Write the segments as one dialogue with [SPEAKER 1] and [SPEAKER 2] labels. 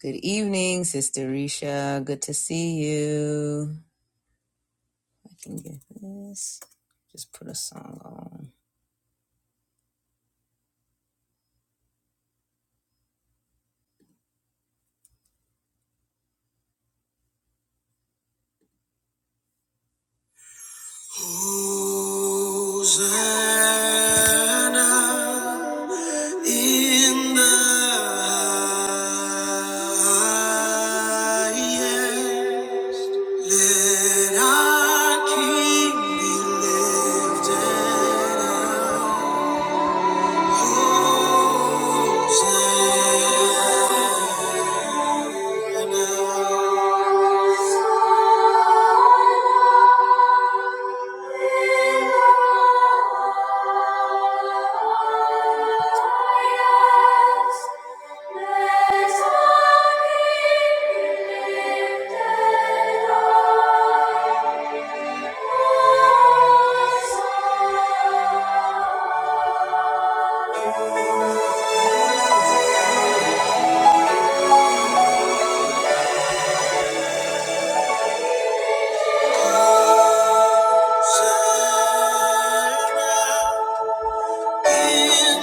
[SPEAKER 1] Good evening, Sister Risha. Good to see you. I can get this. Just put a song on. Hosanna in the highest. Let our King be lifted up. In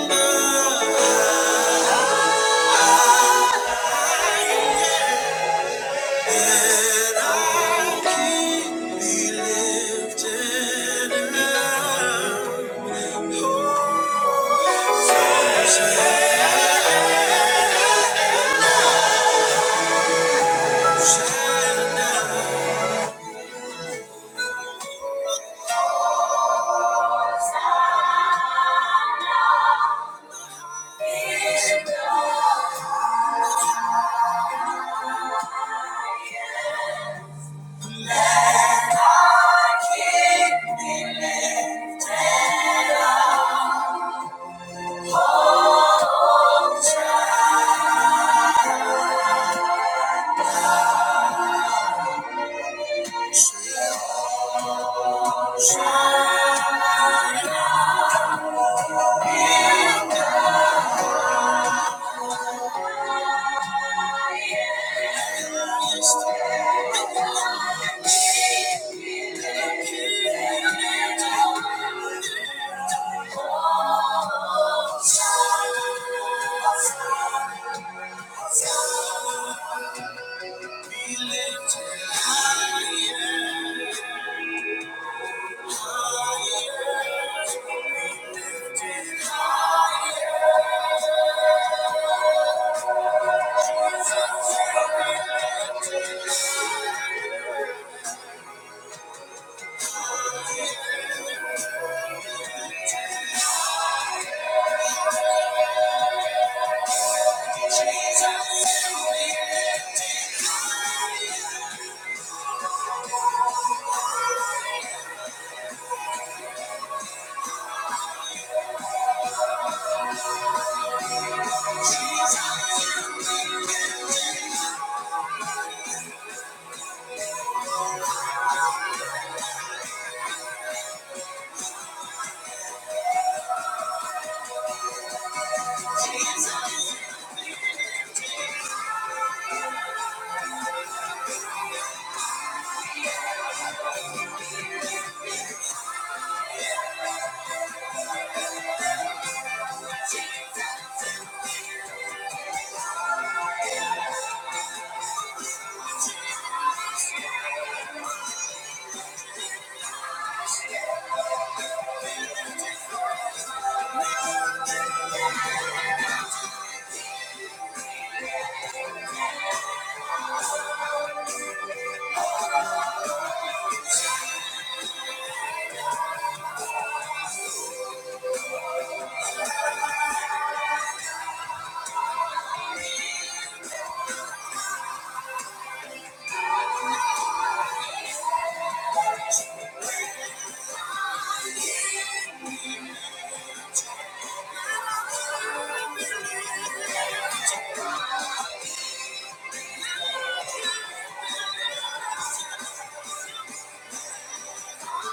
[SPEAKER 1] the Let our King be lifted up. Shaddai. Thank you. Thank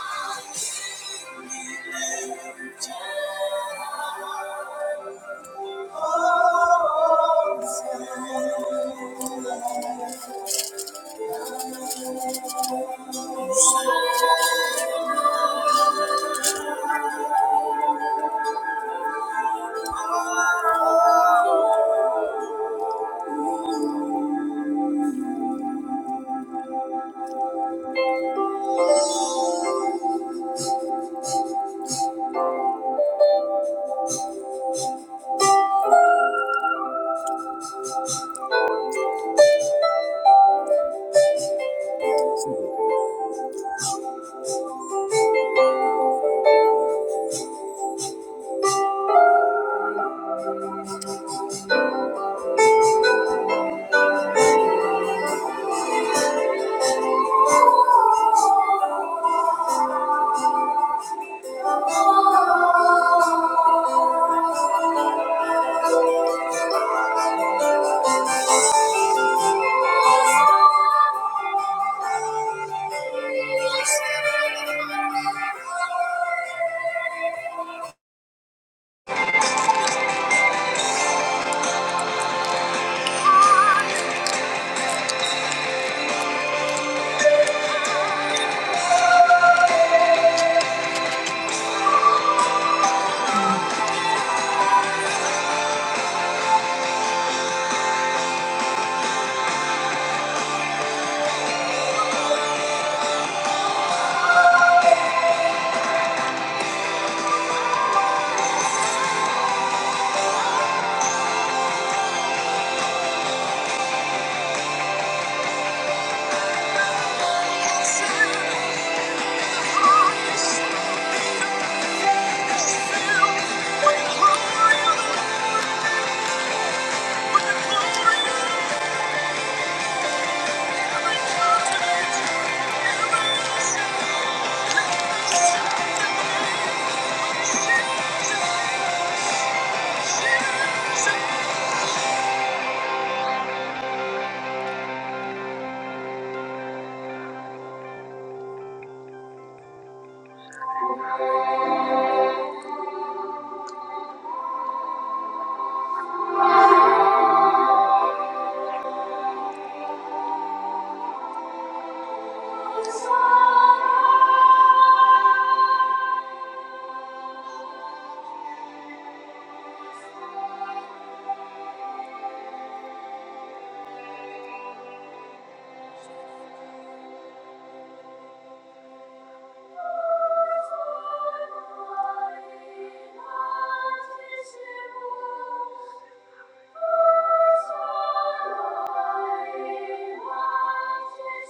[SPEAKER 1] you.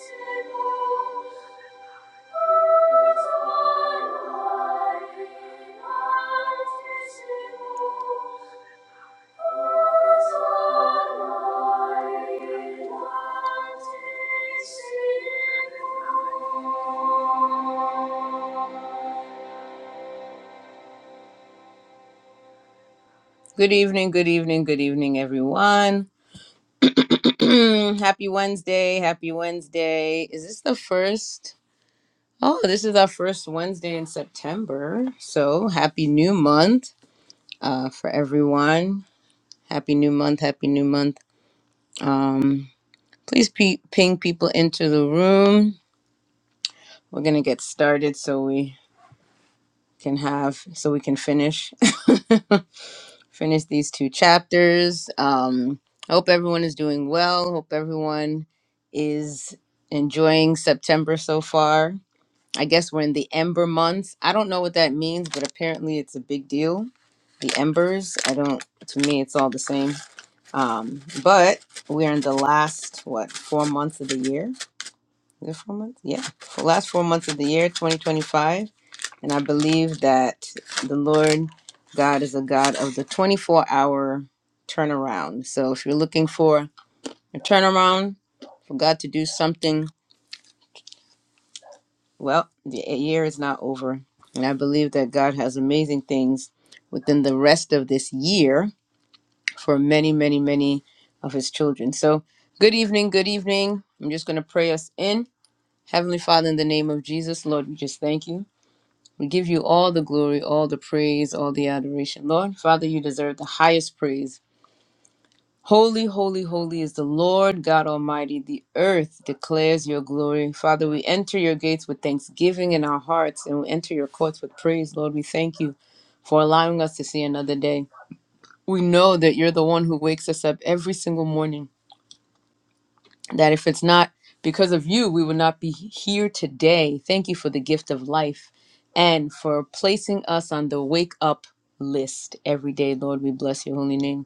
[SPEAKER 1] Thank you. Good evening, good evening, good evening, everyone. happy Wednesday, happy Wednesday. Is this the first? Oh, this is our first Wednesday in September. So happy new month. uh, for everyone. Happy New Month. Happy New Month. Um, please pe- ping people into the room. We're gonna get started so we can have so we can finish finish these two chapters. Um, I hope everyone is doing well. Hope everyone is enjoying September so far. I guess we're in the Ember months. I don't know what that means, but apparently it's a big deal. The embers. I don't. To me, it's all the same. Um, but we're in the last what four months of the year? Is it four months? Yeah, for last four months of the year, 2025. And I believe that the Lord God is a God of the 24 hour turnaround. So if you're looking for a turnaround for God to do something, well, the year is not over. And I believe that God has amazing things within the rest of this year for many, many, many of his children. So, good evening, good evening. I'm just going to pray us in. Heavenly Father, in the name of Jesus, Lord, we just thank you. We give you all the glory, all the praise, all the adoration. Lord, Father, you deserve the highest praise. Holy, holy, holy is the Lord God Almighty. The earth declares your glory. Father, we enter your gates with thanksgiving in our hearts and we enter your courts with praise. Lord, we thank you for allowing us to see another day. We know that you're the one who wakes us up every single morning. that if it's not because of you, we would not be here today. Thank you for the gift of life and for placing us on the wake up list every day, Lord. We bless your holy name.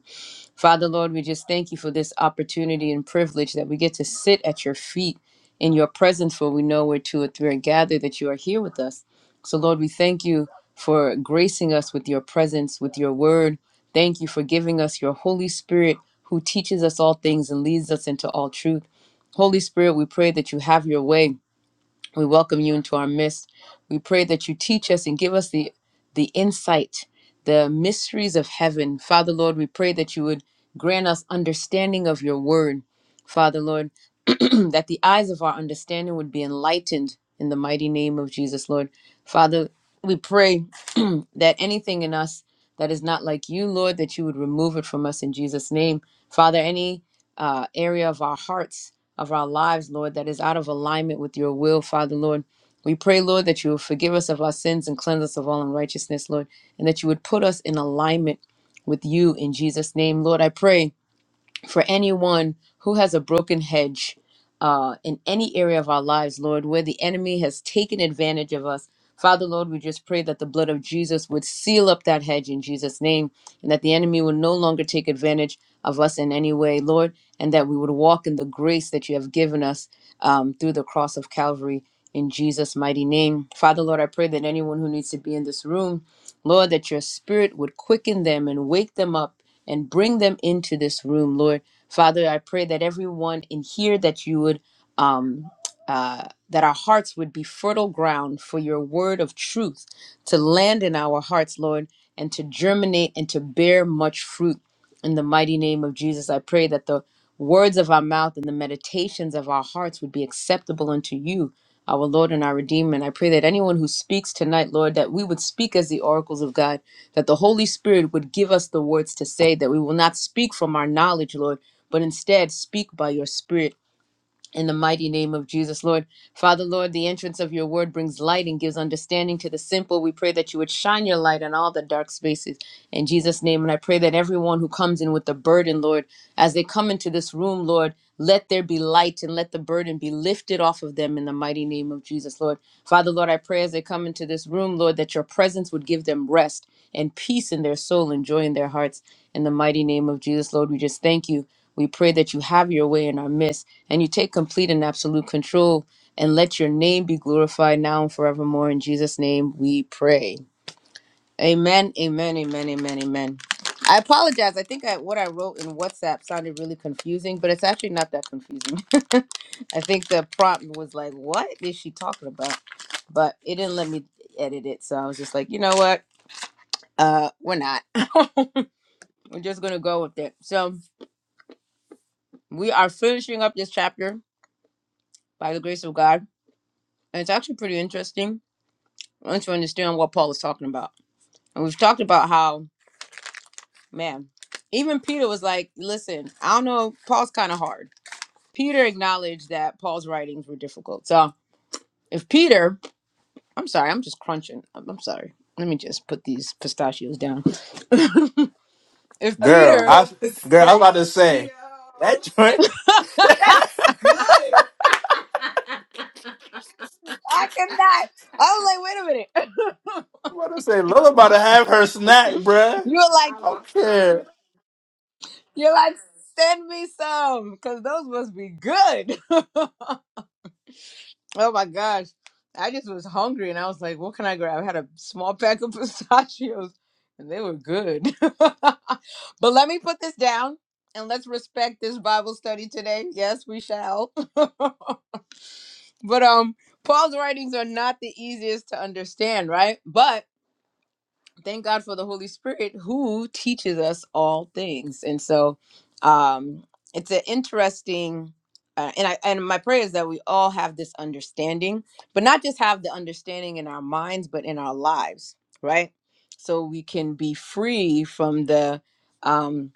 [SPEAKER 1] Father, Lord, we just thank you for this opportunity and privilege that we get to sit at your feet in your presence, for we know where two or three are gathered, that you are here with us. So, Lord, we thank you for gracing us with your presence, with your word. Thank you for giving us your Holy Spirit who teaches us all things and leads us into all truth. Holy Spirit, we pray that you have your way we welcome you into our midst. We pray that you teach us and give us the the insight, the mysteries of heaven. Father Lord, we pray that you would grant us understanding of your word. Father Lord, that the eyes of our understanding would be enlightened in the mighty name of Jesus, Lord. Father, we pray that anything in us that is not like you, Lord, that you would remove it from us in Jesus' name. Father, any uh, area of our hearts of our lives, Lord, that is out of alignment with your will, Father, Lord. We pray, Lord, that you will forgive us of our sins and cleanse us of all unrighteousness, Lord, and that you would put us in alignment with you in Jesus' name. Lord, I pray for anyone who has a broken hedge uh, in any area of our lives, Lord, where the enemy has taken advantage of us. Father, Lord, we just pray that the blood of Jesus would seal up that hedge in Jesus' name and that the enemy would no longer take advantage of us in any way, Lord, and that we would walk in the grace that you have given us um, through the cross of Calvary in Jesus' mighty name. Father, Lord, I pray that anyone who needs to be in this room, Lord, that your spirit would quicken them and wake them up and bring them into this room, Lord. Father, I pray that everyone in here that you would um uh, that our hearts would be fertile ground for your word of truth to land in our hearts, Lord, and to germinate and to bear much fruit. In the mighty name of Jesus, I pray that the words of our mouth and the meditations of our hearts would be acceptable unto you, our Lord and our Redeemer. And I pray that anyone who speaks tonight, Lord, that we would speak as the oracles of God that the Holy Spirit would give us the words to say, that we will not speak from our knowledge, Lord, but instead speak by your Spirit in the mighty name of Jesus, Lord. Father, Lord, the entrance of your word brings light and gives understanding to the simple. We pray that you would shine your light on all the dark spaces in Jesus' name. And I pray that everyone who comes in with the burden, Lord, as they come into this room, Lord, let there be light and let the burden be lifted off of them in the mighty name of Jesus, Lord. Father, Lord, I pray as they come into this room, Lord, that your presence would give them rest and peace in their soul and joy in their hearts. In the mighty name of Jesus, Lord, we just thank you. We pray that you have your way in our midst and you take complete and absolute control and let your name be glorified now and forevermore. In Jesus' name we pray. Amen, amen, amen, amen, amen. I apologize. I think I, what I wrote in WhatsApp sounded really confusing, but it's actually not that confusing. I think the prompt was like, what is she talking about? But it didn't let me edit it. So I was just like, you know what? Uh, we're not. we're just going to go with it. So, We are finishing up this chapter by the grace of God. And it's actually pretty interesting once you understand what Paul is talking about. And we've talked about how, man, even Peter was like, listen, I don't know, Paul's kind of hard. Peter acknowledged that Paul's writings were difficult. So if Peter, I'm sorry, I'm just crunching. I'm, I'm sorry. Let me just put these pistachios down. If
[SPEAKER 2] Girl,
[SPEAKER 1] Peter,
[SPEAKER 2] I girl, I am about to say that joint.
[SPEAKER 1] I cannot. I was like, wait a minute.
[SPEAKER 2] I'm about to say Lola about to have her snack, bruh.
[SPEAKER 1] You're like,
[SPEAKER 2] don't care.
[SPEAKER 1] you're like, send me some because those must be good. Oh my gosh. I just was hungry and I was like, what can I grab? I had a small pack of pistachios and they were good. but let me put this down and let's respect this Bible study today. Yes, we shall. but um Paul's writings are not the easiest to understand, right? But thank God for the Holy Spirit who teaches us all things. And so um it's an interesting uh, and I and my prayer is that we all have this understanding, but not just have the understanding in our minds but in our lives, right? So we can be free from the um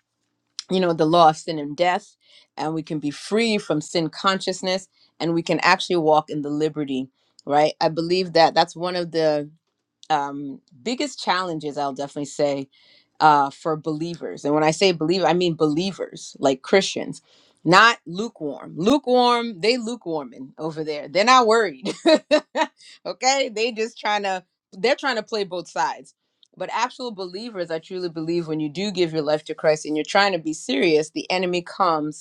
[SPEAKER 1] you know the law of sin and death and we can be free from sin consciousness and we can actually walk in the liberty, right? I believe that that's one of the um, biggest challenges I'll definitely say uh, for believers, and when I say believer, I mean believers like Christians, not lukewarm. Lukewarm, they lukewarming over there. They're not worried. okay, they just trying to they're trying to play both sides. But actual believers, I truly believe, when you do give your life to Christ and you're trying to be serious, the enemy comes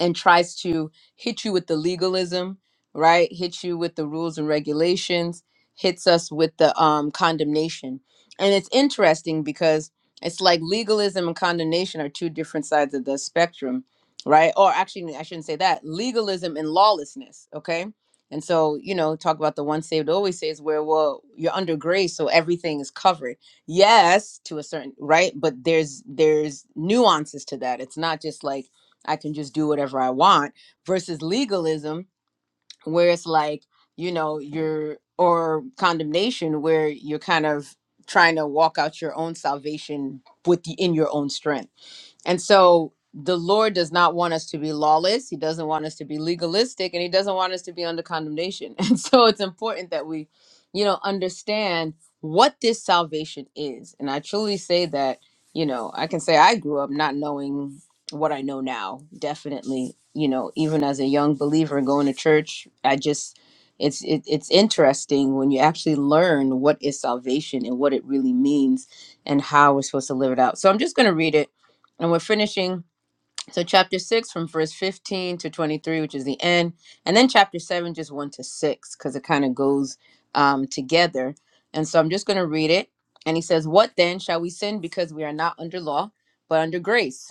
[SPEAKER 1] and tries to hit you with the legalism, right? Hits you with the rules and regulations, hits us with the um, condemnation. And it's interesting because it's like legalism and condemnation are two different sides of the spectrum, right? Or actually, I shouldn't say that. Legalism and lawlessness, okay? And so, you know, talk about the one saved always says where, well, you're under grace, so everything is covered. Yes, to a certain, right? But there's there's nuances to that. It's not just like I can just do whatever I want versus legalism where it's like, you know, you're or condemnation where you're kind of trying to walk out your own salvation with the, in your own strength. And so the Lord does not want us to be lawless. He doesn't want us to be legalistic and he doesn't want us to be under condemnation. And so it's important that we, you know, understand what this salvation is. And I truly say that, you know, I can say I grew up not knowing what I know now, definitely, you know, even as a young believer and going to church, I just it's it, it's interesting when you actually learn what is salvation and what it really means and how we're supposed to live it out. So I'm just going to read it and we're finishing so chapter 6 from verse 15 to 23 which is the end and then chapter 7 just 1 to 6 because it kind of goes um, together and so i'm just going to read it and he says what then shall we sin because we are not under law but under grace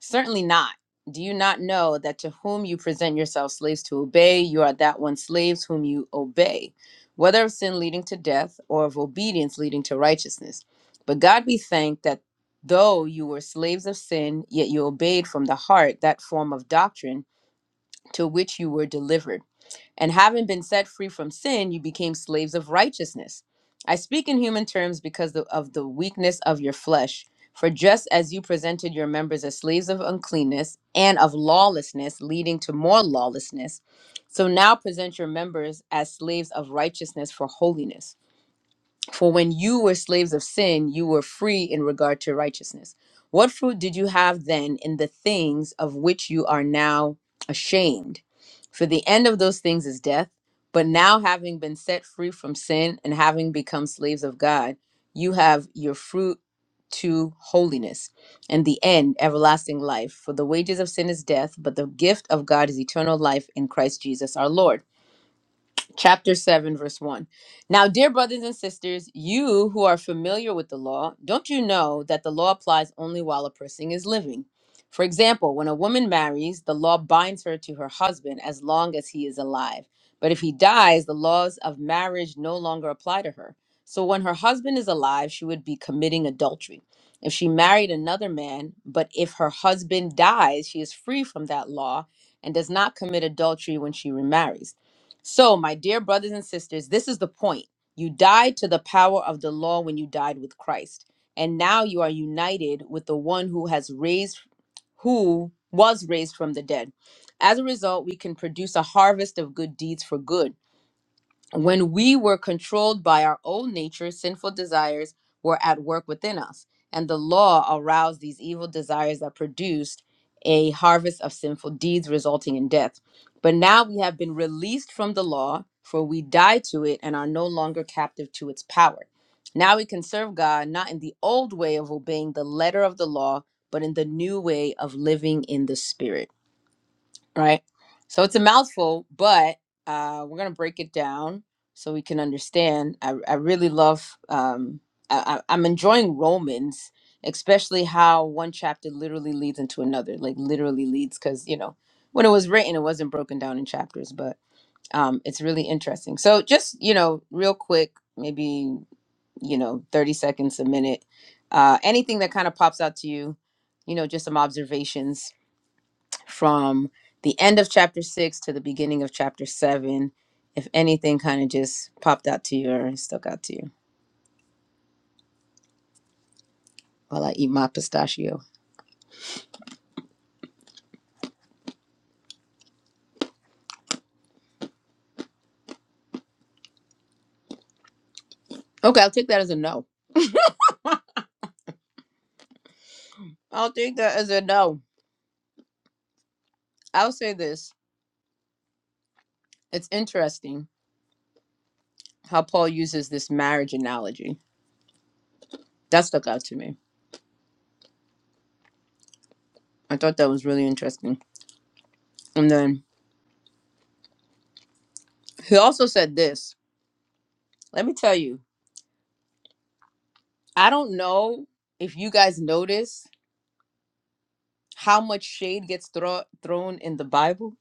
[SPEAKER 1] Certainly not. Do you not know that to whom you present yourselves slaves to obey, you are that one slaves whom you obey, whether of sin leading to death or of obedience leading to righteousness? But God be thanked that though you were slaves of sin, yet you obeyed from the heart that form of doctrine to which you were delivered. And having been set free from sin, you became slaves of righteousness. I speak in human terms because the- of the weakness of your flesh. For just as you presented your members as slaves of uncleanness and of lawlessness, leading to more lawlessness, so now present your members as slaves of righteousness for holiness. For when you were slaves of sin, you were free in regard to righteousness. What fruit did you have then in the things of which you are now ashamed? For the end of those things is death. But now, having been set free from sin and having become slaves of God, you have your fruit to holiness and the end, everlasting life. For the wages of sin is death, but the gift of God is eternal life in Christ Jesus our Lord chapter 7 verse 1 now dear brothers and sisters you who are familiar with the law don't you know that the law applies only while a person is living for example when a woman marries the law binds her to her husband as long as he is alive but if he dies the laws of marriage no longer apply to her so when her husband is alive she would be committing adultery if she married another man but if her husband dies she is free from that law and does not commit adultery when she remarries so, my dear brothers and sisters, this is the point. You died to the power of the law when you died with Christ, and now you are united with the one who has raised who was raised from the dead. As a result, we can produce a harvest of good deeds for good when we were controlled by our own nature, sinful desires were at work within us, and the law aroused these evil desires that produced a harvest of sinful deeds resulting in death. But now we have been released from the law, for we die to it and are no longer captive to its power. Now we can serve God not in the old way of obeying the letter of the law, but in the new way of living in the Spirit right? So it's a mouthful, but uh, we're gonna break it down so we can understand. I, I really love. Um, I, I- I'm enjoying Romans, especially how one chapter literally leads into another. Like literally leads, because you know when it was written, it wasn't broken down in chapters, but um, it's really interesting. So just you know, real quick, maybe you know, 30 seconds, a minute, uh, anything that kind of pops out to you. You know, just some observations from the end of chapter six to the beginning of chapter seven. If anything kind of just popped out to you or stuck out to you while I eat my pistachio. Okay, I'll take that as a no. I'll take that as a no. I'll say this. It's interesting how Paul uses this marriage analogy. That stuck out to me. I thought that was really interesting. And then he also said this. Let me tell you, I don't know if you guys notice how much shade gets thro- thrown in the Bible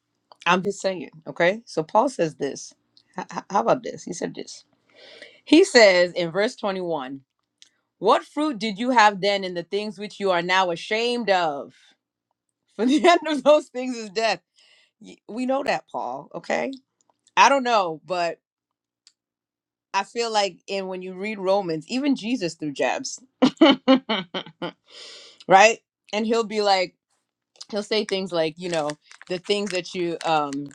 [SPEAKER 1] I'm just saying, okay? So Paul says this. H- h- how about this? He said this. He says in verse 21, What fruit did you have then in the things which you are now ashamed of? For the end of those things is death. Y- We know that, Paul, okay? I don't know, but I feel like in when you read Romans, even Jesus threw jabs, right? And he'll be like, he'll say things like, you know, the things that you um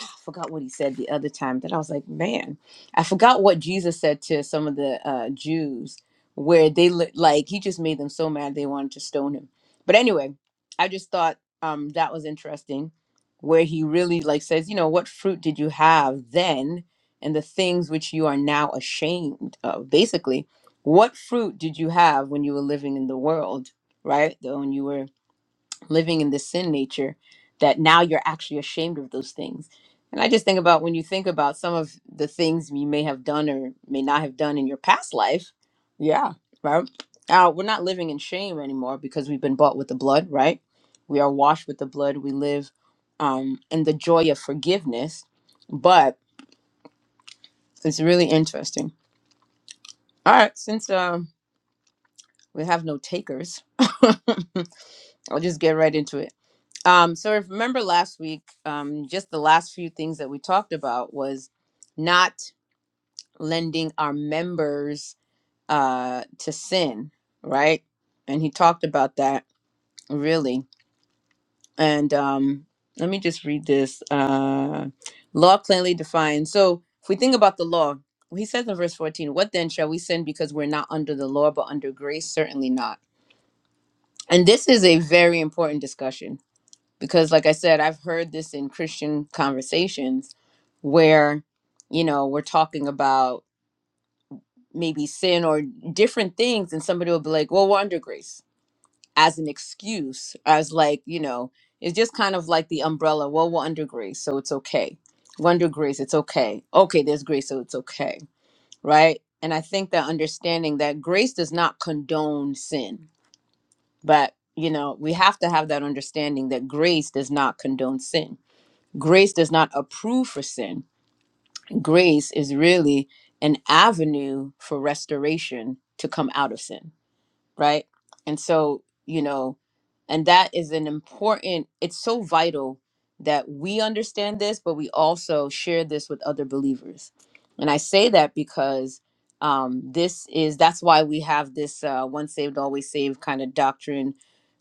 [SPEAKER 1] I forgot what he said the other time that I was like, man, I forgot what Jesus said to some of the uh, Jews where they li- like he just made them so mad they wanted to stone him. But anyway, I just thought um, that was interesting where he really like says, you know, what fruit did you have then and the things which you are now ashamed of? Basically, what fruit did you have when you were living in the world, right? When you were living in this sin nature that now you're actually ashamed of those things. And I just think about when you think about some of the things you may have done or may not have done in your past life. Yeah, right. Uh, we're not living in shame anymore because we've been bought with the blood, right? We are washed with the blood. We live um, in the joy of forgiveness. But it's really interesting. All right, since um, we have no takers, I'll just get right into it. Um, so if- remember last week, um, just the last few things that we talked about was not lending our members uh, to sin, right? And he talked about that really. And um, let me just read this. Uh, law plainly defined. So if we think about the law, he says in verse 14, What then shall we sin because we're not under the law but under grace? Certainly not. And this is a very important discussion because like i said i've heard this in christian conversations where you know we're talking about maybe sin or different things and somebody will be like well we're under grace as an excuse as like you know it's just kind of like the umbrella well we're under grace so it's okay we're under grace it's okay okay there's grace so it's okay right and i think that understanding that grace does not condone sin but you know we have to have that understanding that grace does not condone sin Grace does not approve for sin. Grace is really an avenue for restoration to come out of sin, right? And so, you know, and that is an important, it's so vital that we understand this, but we also share this with other believers. And I say that because um, this is, that's why we have this uh, once saved, always saved kind of doctrine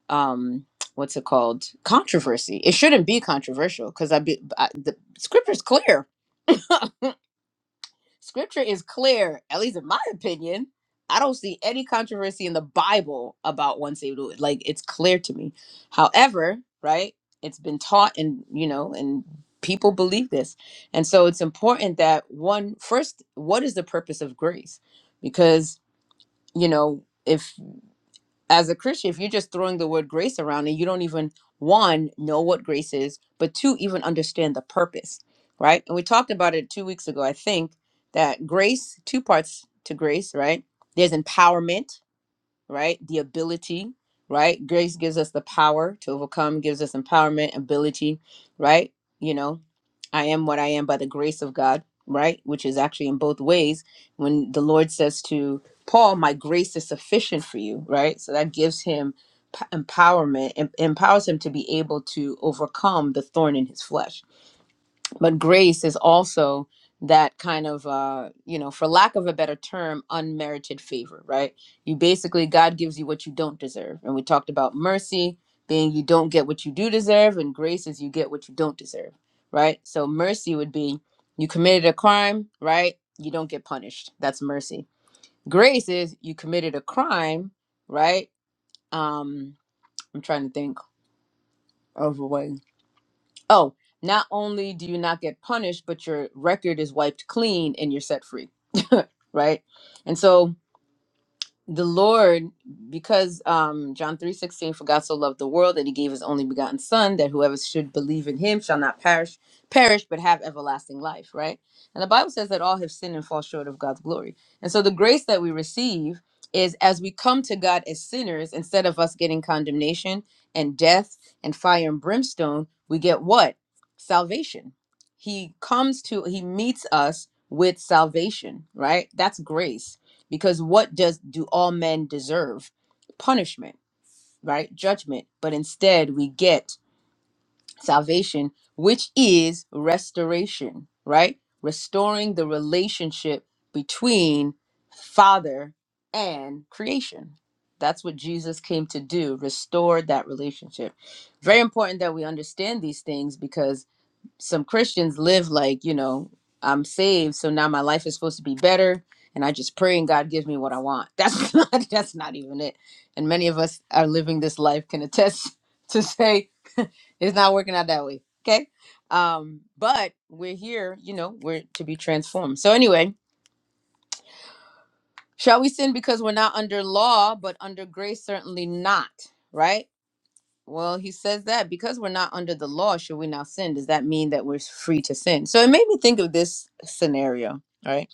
[SPEAKER 1] um what's it called controversy it shouldn't be controversial because i be I, the scripture's clear scripture is clear at least in my opinion i don't see any controversy in the bible about one saved Lord. like it's clear to me however right it's been taught and you know and people believe this and so it's important that one first what is the purpose of grace because you know if as a Christian, if you're just throwing the word grace around and you don't even one know what grace is, but two even understand the purpose, right? And we talked about it two weeks ago, I think, that grace two parts to grace, right? There's empowerment, right? The ability, right? Grace gives us the power to overcome, gives us empowerment, ability, right? You know, I am what I am by the grace of God, right? Which is actually in both ways. When the Lord says to Paul, My grace is sufficient for you, right? So that gives him p- empowerment, em- empowers him to be able to overcome the thorn in his flesh but grace is also that kind of uh you know for lack of a better term unmerited favor right you basically god gives you what you don't deserve and we talked about mercy being you don't get what you do deserve and grace is you get what you don't deserve right so mercy would be you committed a crime right you don't get punished that's mercy grace is you committed a crime right um i'm trying to think of a way Oh, not only do you not get punished, but your record is wiped clean and you're set free, right? And so the Lord, because um, John three sixteen, for God so loved the world that he gave his only begotten Son, that whoever should believe in him shall not perish, perish but have everlasting life. Right, and the Bible says that all have sinned and fall short of God's glory. And so the grace that we receive is as we come to God as sinners, instead of us getting condemnation and death and fire and brimstone, we get what salvation. He comes to, he meets us with salvation. Right, that's grace because what does do all men deserve punishment right judgment but instead we get salvation which is restoration right restoring the relationship between father and creation that's what jesus came to do restore that relationship very important that we understand these things because some Christians live like, you know, I'm saved, so now my life is supposed to be better, and I just pray and God gives me what I want. That's not that's not even it. And many of us are living this life can attest to say it's not working out that way. Okay? Um, but we're here, you know, we're to be transformed. So anyway, shall we sin because we're not under law, but under grace certainly not, right? Well, he says that because we're not under the law, should we now sin? Does that mean that we're free to sin? So it made me think of this scenario, right?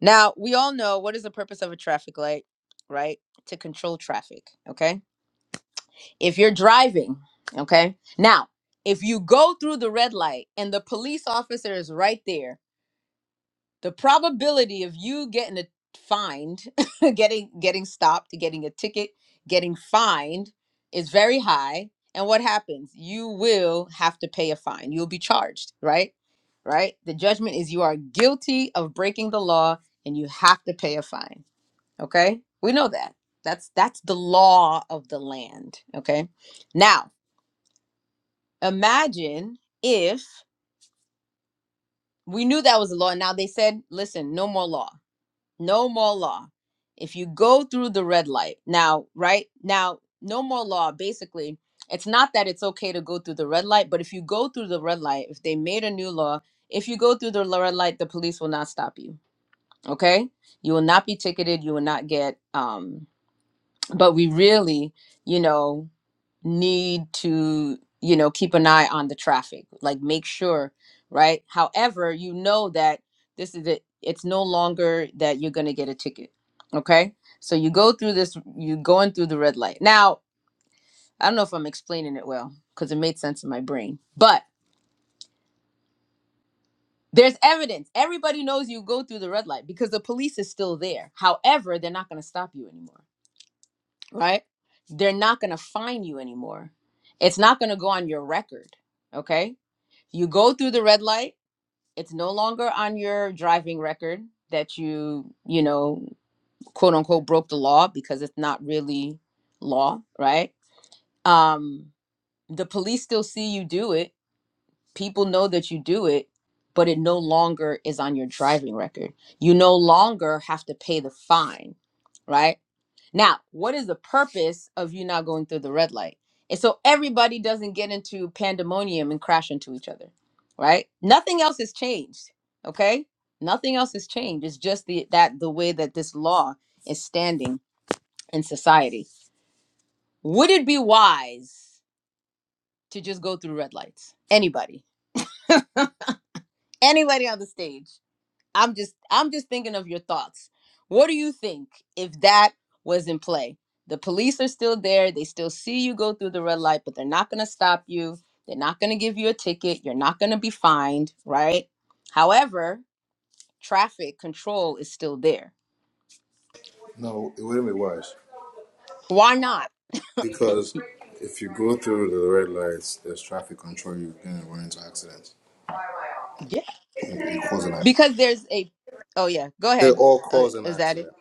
[SPEAKER 1] Now, we all know what is the purpose of a traffic light, right? To control traffic, okay? If you're driving, okay? Now, if you go through the red light and the police officer is right there, the probability of you getting a fined getting getting stopped getting a ticket getting fined is very high and what happens you will have to pay a fine you'll be charged right right the judgment is you are guilty of breaking the law and you have to pay a fine okay we know that that's that's the law of the land okay now imagine if we knew that was the law and now they said listen no more law no more law. If you go through the red light now, right now, no more law. Basically, it's not that it's okay to go through the red light, but if you go through the red light, if they made a new law, if you go through the red light, the police will not stop you. Okay, you will not be ticketed. You will not get. Um, but we really, you know, need to you know keep an eye on the traffic like make sure right however you know that this is it it's no longer that you're going to get a ticket okay so you go through this you going through the red light now i don't know if i'm explaining it well because it made sense in my brain but there's evidence everybody knows you go through the red light because the police is still there however they're not going to stop you anymore right? They're not going to find you anymore. It's not going to go on your record, okay? You go through the red light, it's no longer on your driving record that you, you know, quote unquote broke the law because it's not really law, right? Um the police still see you do it. People know that you do it, but it no longer is on your driving record. You no longer have to pay the fine, right? Now, what is the purpose of you not going through the red light? And so everybody doesn't get into pandemonium and crash into each other, right? Nothing else has changed, okay? Nothing else has changed. It's just the that the way that this law is standing in society. Would it be wise to just go through red lights? Anybody? Anybody on the stage? I'm just I'm just thinking of your thoughts. What do you think if that was in play? The police are still there. They still see you go through the red light, but they're not going to stop you. They're not going to give you a ticket. You're not going to be fined, right? However, traffic control is still there.
[SPEAKER 3] No, it wouldn't be wise
[SPEAKER 1] Why not?
[SPEAKER 3] because if you go through the red lights, there's traffic control. You're gonna run into accidents.
[SPEAKER 1] Yeah.
[SPEAKER 3] It you cause an accident.
[SPEAKER 1] because there's a oh yeah go
[SPEAKER 3] They
[SPEAKER 1] ahead
[SPEAKER 3] all
[SPEAKER 1] uh,
[SPEAKER 3] cause an
[SPEAKER 1] is that it
[SPEAKER 3] accident.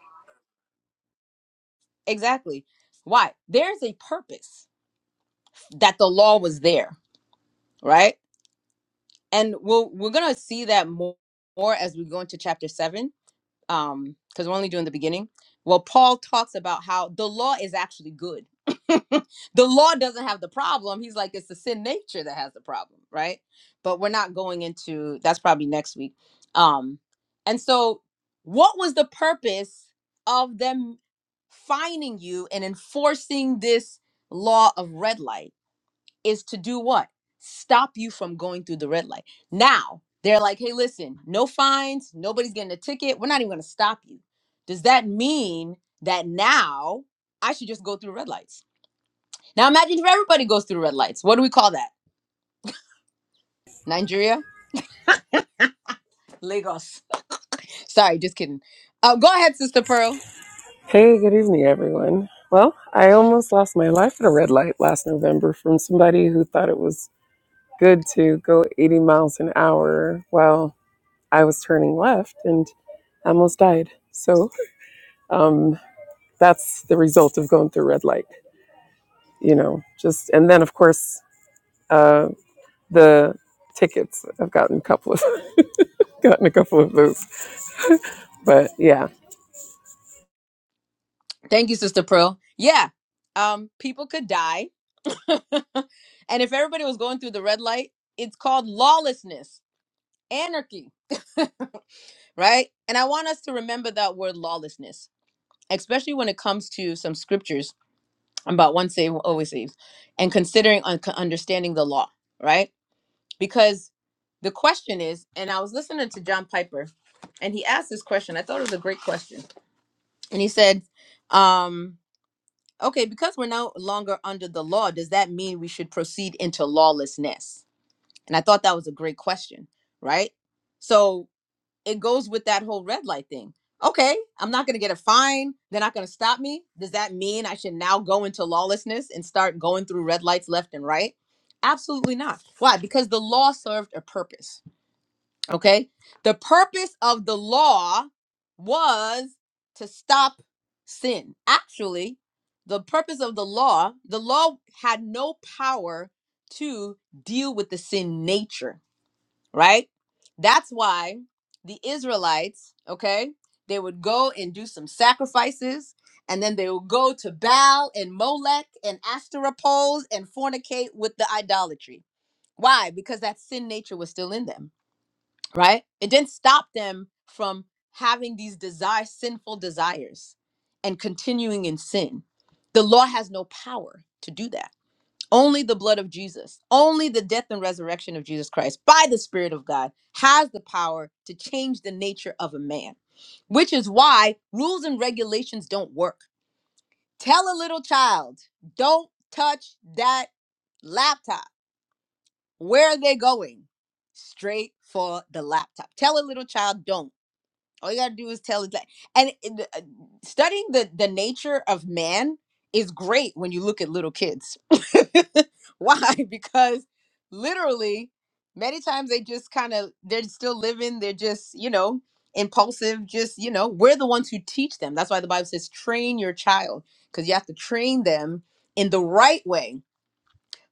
[SPEAKER 1] exactly why there's a purpose that the law was there right and we'll we're gonna see that more, more as we go into chapter seven um because we're only doing the beginning well paul talks about how the law is actually good the law doesn't have the problem he's like it's the sin nature that has the problem right but we're not going into that's probably next week um and so what was the purpose of them finding you and enforcing this law of red light? is to do what? Stop you from going through the red light. Now, they're like, hey, listen, no fines, nobody's getting a ticket. We're not even going to stop you. Does that mean that now I should just go through red lights? Now, imagine if everybody goes through red lights. What do we call that? Nigeria? Lagos. Sorry, just kidding. Uh, go ahead, Sister Pearl.
[SPEAKER 4] Hey, good evening, everyone. Well, I almost lost my life at a red light last November from somebody who thought it was good to go 80 miles an hour while I was turning left and I almost died. So um, that's the result of going through red light, you know, just, and then of course, uh, the tickets, I've gotten a couple of, gotten a couple of those, but yeah,
[SPEAKER 1] Thank you, Sister Pearl. Yeah, um, people could die. and if everybody was going through the red light, it's called lawlessness, anarchy. right? And I want us to remember that word lawlessness, especially when it comes to some scriptures about once saved, always saved, and considering un- understanding the law, right? Because the question is, and I was listening to John Piper, and he asked this question. I thought it was a great question. And he said, um, okay, because we're no longer under the law, does that mean we should proceed into lawlessness? And I thought that was a great question, right? So it goes with that whole red light thing. Okay, I'm not going to get a fine. They're not going to stop me. Does that mean I should now go into lawlessness and start going through red lights left and right? Absolutely not. Why? Because the law served a purpose. Okay. The purpose of the law was to stop sin. Actually, the purpose of the law, the law had no power to deal with the sin nature right? That's why the Israelites, okay, they would go and do some sacrifices and then they would go to Baal and Molech and Ashtoreth poles and fornicate with the idolatry. Why? Because that sin nature was still in them, right? It didn't stop them from having these desire sinful desires and continuing in sin. The law has no power to do that only the blood of Jesus, only the death and resurrection of Jesus Christ by the Spirit of God has the power to change the nature of a man, which is why rules and regulations don't work. Tell a little child, don't touch that laptop. Where are they going? Straight for the laptop. Tell a little child, don't. All you gotta do is tell it that. And it- uh, studying the the nature of man is great when you look at little kids. Why? Because literally, many times they just kind of they're still living. They're just you know impulsive. Just you know, we're the ones who teach them. That's why the Bible says, "Train your child," because you have to train them in the right way.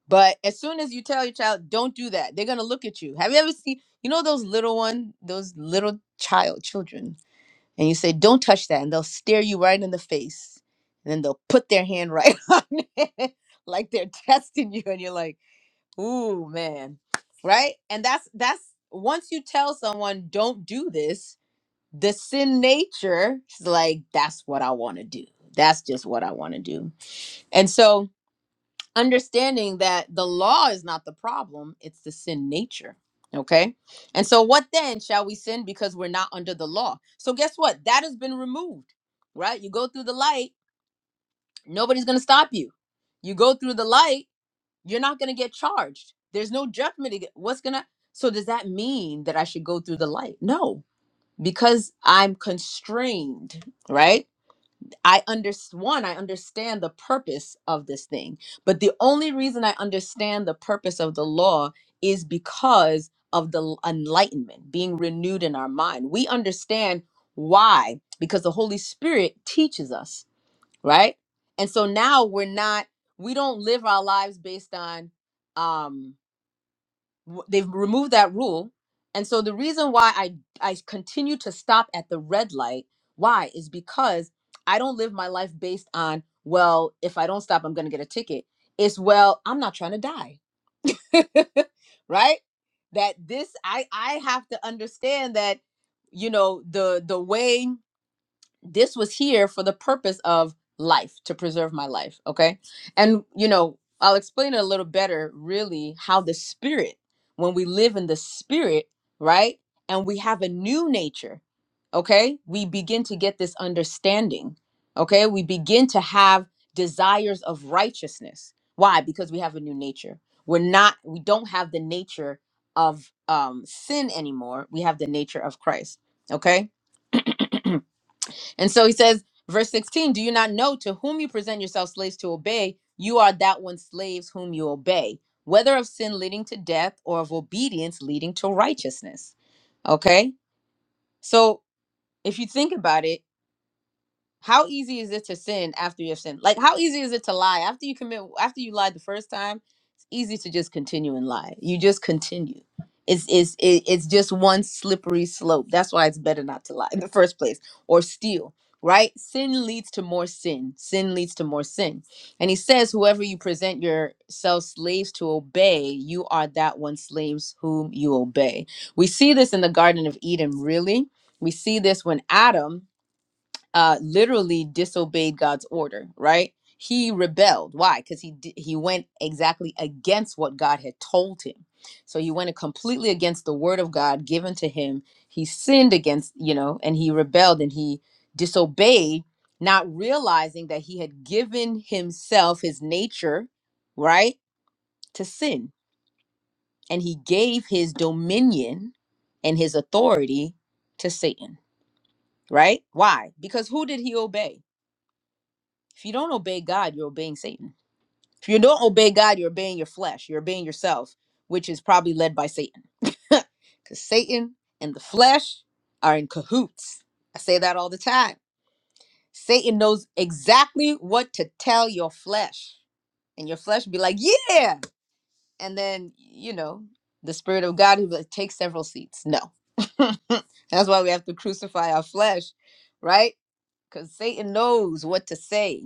[SPEAKER 1] But as soon as you tell your child, "Don't do that," they're gonna look at you. Have you ever seen you know those little one, those little child children? and you say, "Don't touch that," and they'll stare you right in the face, and then they'll put their hand right on it, like they're testing you, and you're like, "Ooh, man," right? And that's that's once you tell someone, "Don't do this," the sin nature is like, "That's what I want to do. That's just what I want to do," and so understanding that the law is not the problem, it's the sin nature. Okay. And so, what then shall we sin because we're not under the law? So, guess what? That has been removed, right? You go through the light, nobody's going to stop you. You go through the light, you're not going to get charged. There's no judgment. ag- What's going to, so does that mean that I should go through the light? No, because I'm constrained, right? I understand one, I understand the purpose of this thing. But the only reason I understand the purpose of the law is because of the l- enlightenment being renewed in our mind. We understand why because the Holy Spirit teaches us, right? And so now we're not we don't live our lives based on um w- they've removed that rule and so the reason why i i continue to stop at the red light why is because i don't live my life based on well if i don't stop i'm going to get a ticket it's well i'm not trying to die right that this i i have to understand that you know the the way this was here for the purpose of life to preserve my life okay and you know i'll explain it a little better really how the spirit when we live in the spirit right and we have a new nature okay we begin to get this understanding okay we begin to have desires of righteousness why because we have a new nature we're not we don't have the nature of um sin anymore we have the nature of christ okay And so he says, verse 16, do you not know to whom you present yourselves slaves to obey? You are that one slaves whom you obey, whether of sin leading to death or of obedience leading to righteousness. Okay? So if you think about it, how easy is it to sin after you have sinned? Like how easy is it to lie after you commit after you lied the first time? It's easy to just continue and lie. You just continue. It's it's it- it's just one slippery slope. That's why it's better not to lie in the first place or steal. Right? Sin leads to more sin. Sin leads to more sin. And he says, Whoever you present yourselves slaves to obey, you are that one slaves whom you obey. We see this in the Garden of Eden, really. We see this when Adam uh, literally disobeyed God's order, right? He rebelled. Why? Because he di- he went exactly against what God had told him. So he went completely against the word of God given to him. He sinned against, you know, and he rebelled and he disobeyed, not realizing that he had given himself his nature, right, to sin, and he gave his dominion and his authority to Satan, right? Why? Because who did he obey? If you don't obey God, you're obeying Satan. If you don't obey God, you're obeying your flesh. You're obeying yourself, which is probably led by Satan. Because Satan and the flesh are in cahoots. I say that all the time. Satan knows exactly what to tell your flesh. And your flesh be like, yeah. And then, you know, the spirit of God who like, take several seats. No. That's why we have to crucify our flesh, right? Because Satan knows what to say.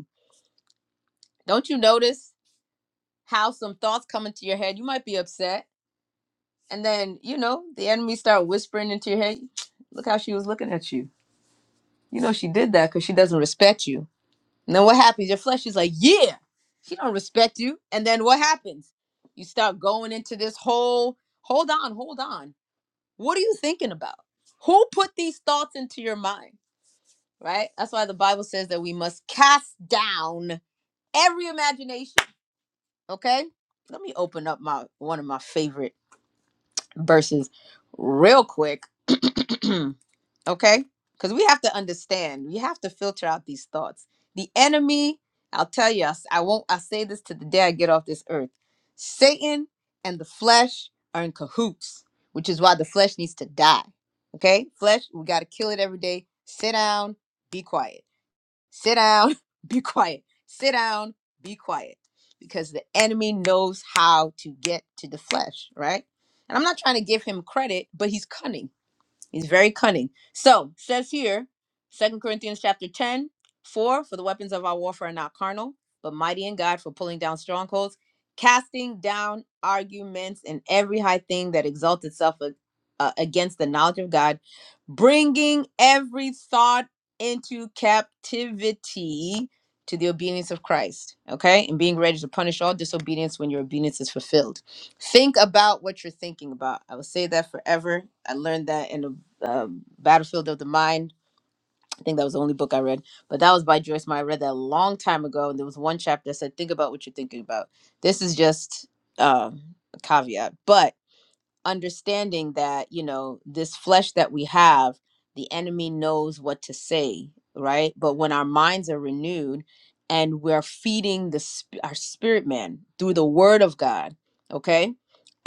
[SPEAKER 1] Don't you notice have some thoughts come into your head. You might be upset, and then you know the enemy start whispering into your head. Look how she was looking at you. You know she did that because she doesn't respect you. And then what happens? Your flesh is like, yeah, she don't respect you. And then what happens? You start going into this whole. Hold on, hold on. What are you thinking about? Who put these thoughts into your mind? Right. That's why the Bible says that we must cast down every imagination. Okay. Let me open up my one of my favorite versus real quick. okay? Because we have to understand, we have to filter out these thoughts. The enemy, I'll tell you, I s- I won't, I say this to the day I get off this earth. Satan and the flesh are in cahoots, which is why the flesh needs to die. Okay? Flesh, we got to kill it every day. Sit down, be quiet sit down, be quiet, sit down, be quiet, because the enemy knows how to get to the flesh, right? And I'm not trying to give him credit, but he's cunning. He's very cunning. So says here, Second Corinthians chapter 10, 4. for the weapons of our warfare are not carnal, but mighty in God for pulling down strongholds, casting down arguments and every high thing that exalts itself a- uh, against the knowledge of God, bringing every thought into captivity to the obedience of Christ, okay? And being ready to punish all disobedience when your obedience is fulfilled think about what you're thinking about. I will say that forever. I learned that in a um, Battlefield of the Mind. I think that was the only book I read, but that was by Joyce Meyer. I read that a long time ago, and there was one chapter that said, "Think about what you're thinking about." This is just um, a caveat, but understanding that you know this flesh that we have the enemy knows what to say right but when our minds are renewed and we're feeding the sp- our spirit man through the word of god okay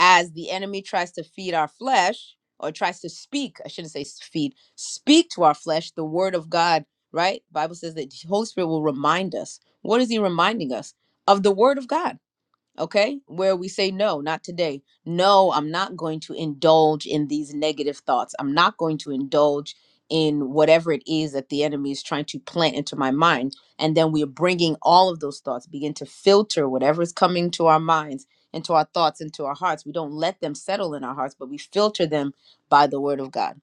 [SPEAKER 1] as the enemy tries to feed our flesh or tries to speak i shouldn't say s- feed speak to our flesh the word of god right bible says that the holy spirit will remind us what is he reminding us of the word of god okay where we say no not today no i'm not going to indulge in these negative thoughts i'm not going to indulge in whatever it is that the enemy is trying to plant into my mind and then we're bringing all of those thoughts begin to filter whatever is coming to our minds into our thoughts into our hearts we don't let them settle in our hearts but we filter them by the word of god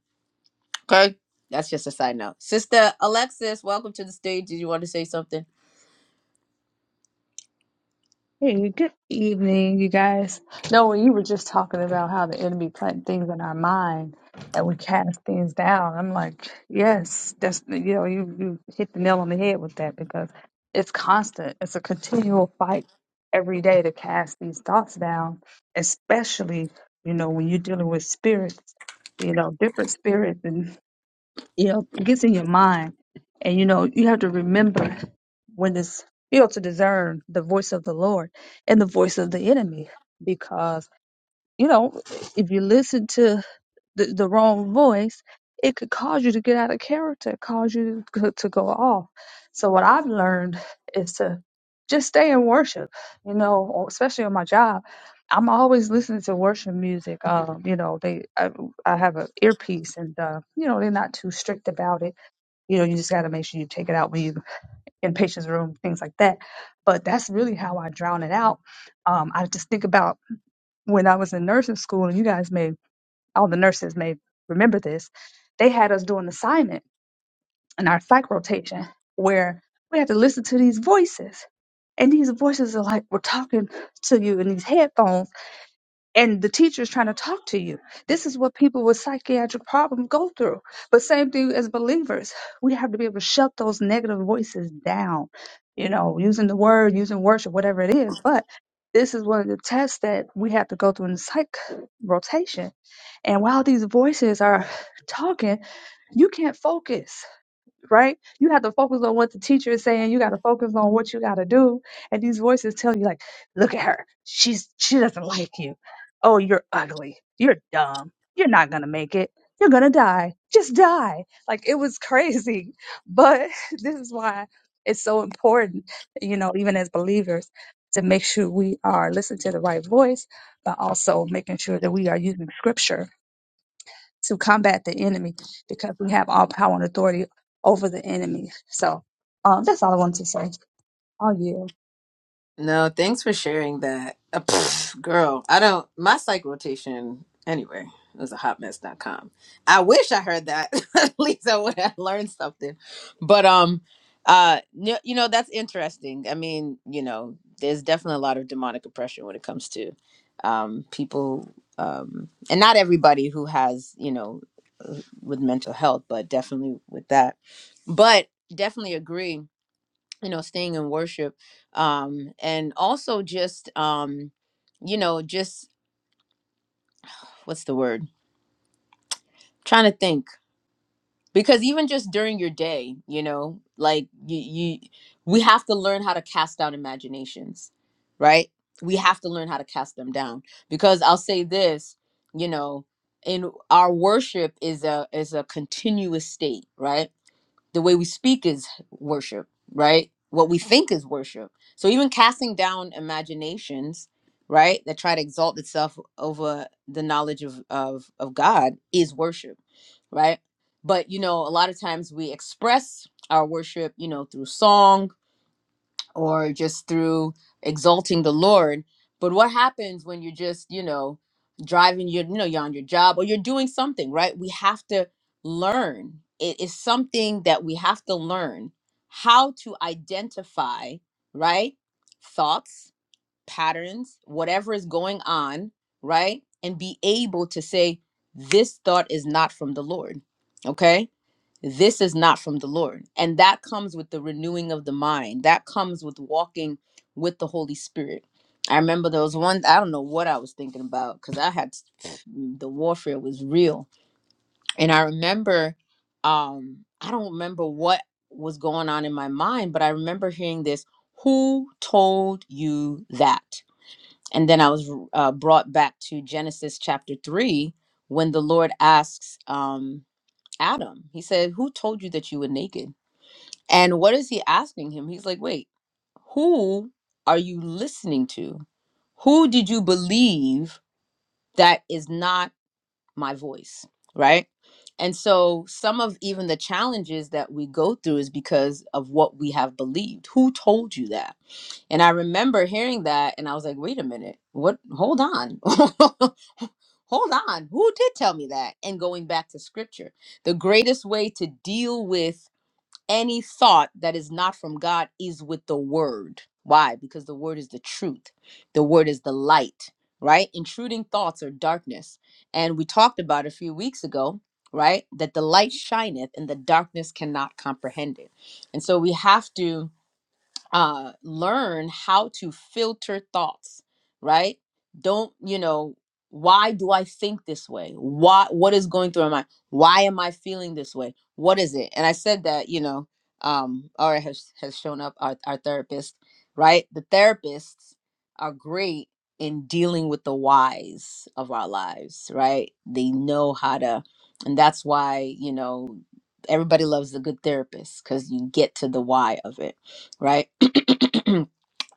[SPEAKER 1] okay that's just a side note sister alexis welcome to the stage did you want to say something
[SPEAKER 5] Hey, good evening, you guys. No, when you were just talking about how the enemy plant things in our mind and we cast things down, I'm like, yes, that's you know, you, you hit the nail on the head with that because it's constant. It's a continual fight every day to cast these thoughts down, especially, you know, when you're dealing with spirits, you know, different spirits you know, it gets in your mind. And, you know, you have to remember when it's, you know, to discern the voice of the Lord and the voice of the enemy because you know, if you listen to the, the wrong voice, it could cause you to get out of character, cause you to, to go off. So what I've learned is to just stay in worship, you know, or especially on my job. I'm always listening to worship music. Um, you know, they I, I have an earpiece, and uh, you know they're not too strict about it. You know, you just got to make sure you take it out when you in patient's room, things like that. But that's really how I drown it out. Um, I just think about when I was in nursing school, and you guys may, all the nurses may remember this, they had us do an assignment in our psych rotation where we had to listen to these voices. And these voices are like, we're talking to you in these headphones and the teacher is trying to talk to you. This is what people with psychiatric problems go through. But same thing as believers, we have to be able to shut those negative voices down, you know, using the word, using worship, whatever it is. But this is one of the tests that we have to go through in the psych rotation. And while these voices are talking, you can't focus right? You have to focus on what the teacher is saying. You got to focus on what you got to do. And these voices tell you, like, look at her. She's she doesn't like you. Oh, you're ugly. You're dumb. You're not gonna make it. You're gonna die. Just die. Like it was crazy. But this is why it's so important, you know, even as believers, to make sure we are listening to the right voice, but also making sure that we are using scripture to combat the enemy because we have all power and authority over the enemy. So um, that's all I wanted to say. Oh, yeah.
[SPEAKER 1] No, thanks for sharing that. Uh, pff, girl, I don't, my psych rotation, anyway, it was a hotmess dot com. I wish I heard that. At least I would have learned something. But, um, uh, n- you know, that's interesting. I mean, you know, there's definitely a lot of demonic oppression when it comes to um, people, um, and not everybody who has, you know, uh, with mental health, but definitely with that. But definitely agree you know staying in worship um and also just um you know just what's the word trying to think because even just during your day you know like you, you we have to learn how to cast down imaginations right we have to learn how to cast them down because i'll say this you know in our worship is a is a continuous state right the way we speak is worship, right? What we think is worship. So even casting down imaginations, right, that try to exalt itself over the knowledge of of of God is worship, right? But you know, a lot of times we express our worship, you know, through song, or just through exalting the Lord. But what happens when you're just, you know, driving your, you know, you're on your job or you're doing something, right? We have to learn. It is something that we have to learn how to identify, right? Thoughts, patterns, whatever is going on, right? And be able to say, this thought is not from the Lord. Okay this is not from the Lord. And that comes with the renewing of the mind. That comes with walking with the Holy Spirit. I remember there was one, I don't know what I was thinking about because I had the warfare was real. And I remember, um, I don't remember what was going on in my mind, but I remember hearing this Who told you that? And then I was uh, brought back to Genesis chapter three when the Lord asks, um, Adam. He said, Who told you that you were naked? And what is he asking him? He's like, Wait, who are you listening to? Who did you believe that is not my voice? Right. And so some of even the challenges that we go through is because of what we have believed. Who told you that? And I remember hearing that and I was like, wait a minute, what? Hold on. hold on. Who did tell me that? And going back to scripture, the greatest way to deal with any thought that is not from God is with the word. Why? Because the word is the truth, the word is the light, right? Intruding thoughts are darkness. And we talked about a few weeks ago. Right, that the light shineth and the darkness cannot comprehend it. And so we have to uh, learn how to filter thoughts right don't you know why do i think this way why what is going through my mind why am i feeling this way what is it and i said that you know um aura has has shown up our, our therapist right the therapists are great in dealing with the whys of our lives right they know how to and that's why you know everybody loves the good therapist because you get to the why of it right?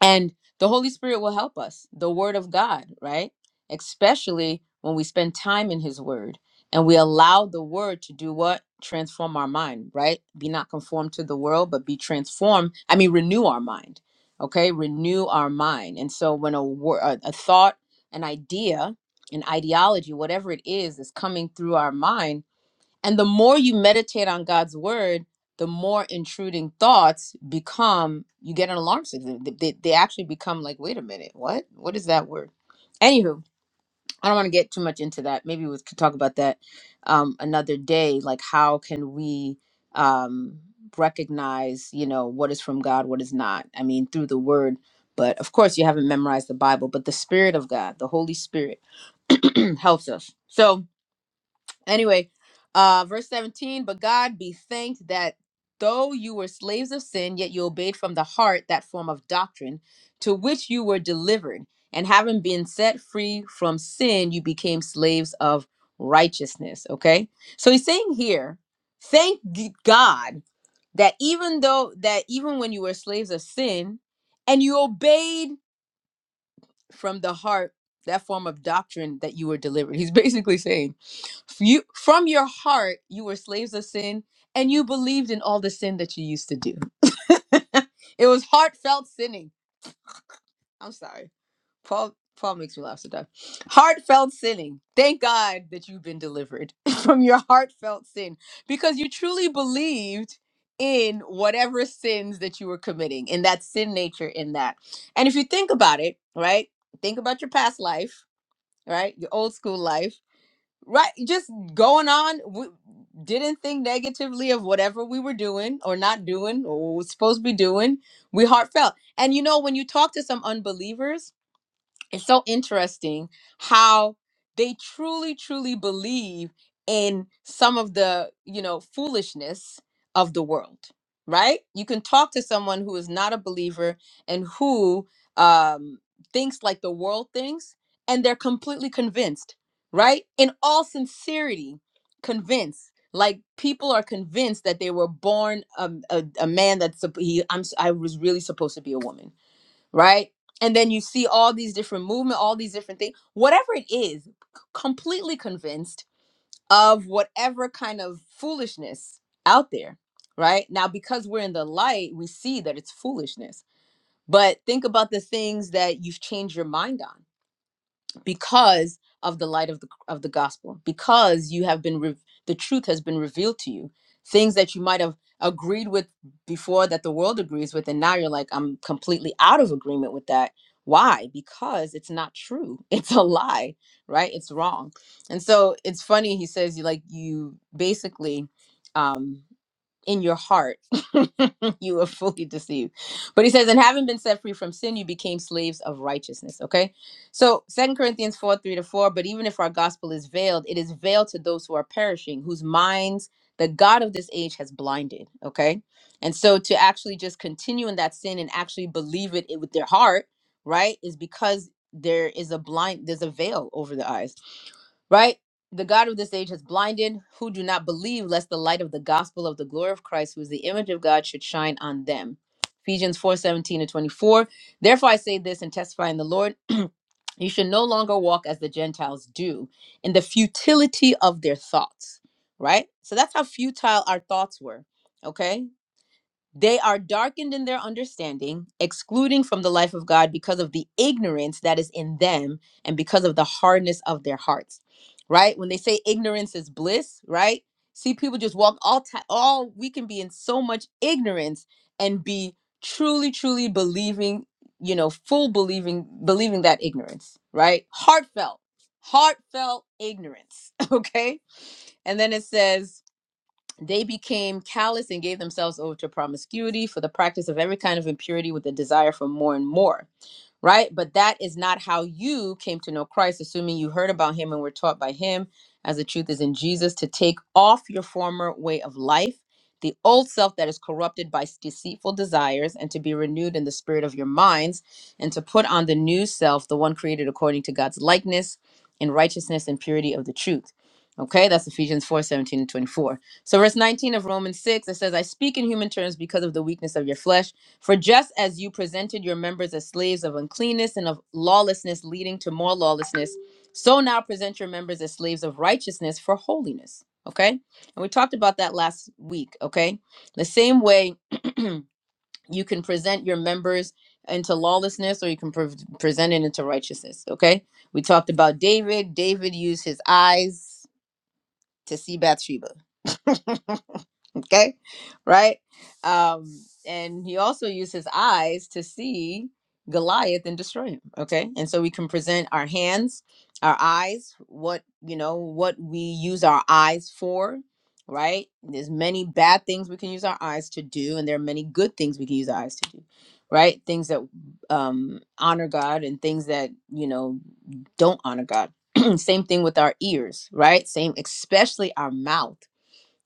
[SPEAKER 1] and the Holy Spirit will help us, the Word of God, right? Especially when we spend time in His Word and we allow the Word to do what? Transform our mind, right? Be not conformed to the world, but be transformed. I mean, renew our mind, okay? Renew our mind. And so when a, wor- a, a thought, an idea, an ideology, whatever it is, is coming through our mind, and the more you meditate on God's word, the more intruding thoughts become, you get an alarm signal. They, they, they actually become like, wait a minute, what? What is that word? Anywho, I don't want to get too much into that. Maybe we could talk about that um, another day. Like, how can we um, recognize, you know, what is from God, what is not? I mean, through the word. But of course, you haven't memorized the Bible, but the Spirit of God, the Holy Spirit, helps us. So, Anyway, uh, verse 17, but God be thanked that though you were slaves of sin, yet you obeyed from the heart that form of doctrine to which you were delivered. And having been set free from sin, you became slaves of righteousness. Okay. So he's saying here, thank g- God that even though, that even when you were slaves of sin and you obeyed from the heart that form of doctrine that you were delivered. He's basically saying, you, from your heart, you were slaves of sin and you believed in all the sin that you used to do. it was heartfelt sinning. I'm sorry. Paul Paul makes me laugh to death. Heartfelt sinning. Thank God that you've been delivered from your heartfelt sin because you truly believed in whatever sins that you were committing, in that sin nature, in that. And if you think about it, right? Think about your past life, right? Your old school life, right? Just going on, we didn't think negatively of whatever we were doing or not doing or what we were supposed to be doing. We heartfelt. And you know, when you talk to some unbelievers, it's so interesting how they truly truly believe in some of the you know foolishness of the world right you can talk to someone who is not a believer and who um thinks like the world thinks and they're completely convinced right in all sincerity convinced like people are convinced that they were born um, a, a man that's supp- he, I'm, s- i was really supposed to be a woman right? And then you see all these different movement, all these different things, whatever it is, c- completely convinced of whatever kind of foolishness out there, right? Now, because we're in the light, we see that it's foolishness. But think about the things that you've changed your mind on because of the light of the of the gospel because you have been re- the truth has been revealed to you things that you might have agreed with before that the world agrees with and now you're like I'm completely out of agreement with that why because it's not true it's a lie right it's wrong and so it's funny he says you like you basically um in your heart you are fully deceived but he says and having been set free from sin you became slaves of righteousness okay so second corinthians 4 3 to 4 but even if our gospel is veiled it is veiled to those who are perishing whose minds the god of this age has blinded okay and so to actually just continue in that sin and actually believe it, it with their heart right is because there is a blind there's a veil over the eyes right? The God of this age has blinded who do not believe, lest the light of the gospel of the glory of Christ, who is the image of God, should shine on them. Ephesians 4 17 to 24. Therefore I say this and testify in the Lord. You should no longer walk as the Gentiles do in the futility of their thoughts, right? So that's how futile our thoughts were, okay? They are darkened in their understanding, excluding from the life of God because of the ignorance that is in them and because of the hardness of their hearts. Right? When they say ignorance is bliss, right? See, people just walk all time, all we can be in so much ignorance and be truly, truly believing, you know, full believing, believing that ignorance, right? Heartfelt, heartfelt ignorance. Okay. And then it says, they became callous and gave themselves over to promiscuity for the practice of every kind of impurity with a desire for more and more right? But that is not how you came to know Christ, assuming you heard about him and were taught by him, as the truth is in Jesus, to take off your former way of life, the old self that is corrupted by deceitful desires, and to be renewed in the spirit of your minds, and to put on the new self, the one created according to God's likeness in righteousness and purity of the truth. Okay, that's Ephesians 4 17 and 24. So, verse 19 of Romans 6, it says, I speak in human terms because of the weakness of your flesh. For just as you presented your members as slaves of uncleanness and of lawlessness, leading to more lawlessness, so now present your members as slaves of righteousness for holiness. Okay? And we talked about that last week. Okay? The same way you can present your members into lawlessness or you can pre- present it into righteousness. Okay? We talked about David. David used his eyes to see Bathsheba. okay right um and he also used his eyes to see goliath and destroy him okay and so we can present our hands our eyes what you know what we use our eyes for right there's many bad things we can use our eyes to do and there are many good things we can use our eyes to do right things that um honor god and things that you know don't honor god same thing with our ears right same especially our mouth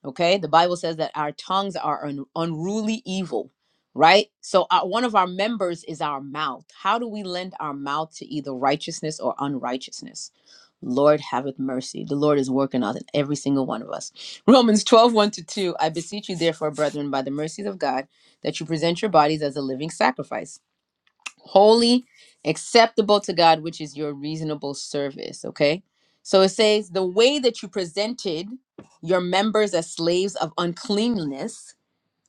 [SPEAKER 1] Okay. The Bible says that our tongues are an unruly evil, right? So, our, one of our members is our mouth. How do we lend our mouth to either righteousness or unrighteousness? Lord, haveth mercy. The Lord is working on every single one of us. Romans twelve one to 2. I beseech you, therefore, brethren, by the mercies of God, that you present your bodies as a living sacrifice holy, acceptable to God, which is your reasonable service. Okay. So it says, the way that you presented your members as slaves of uncleanness,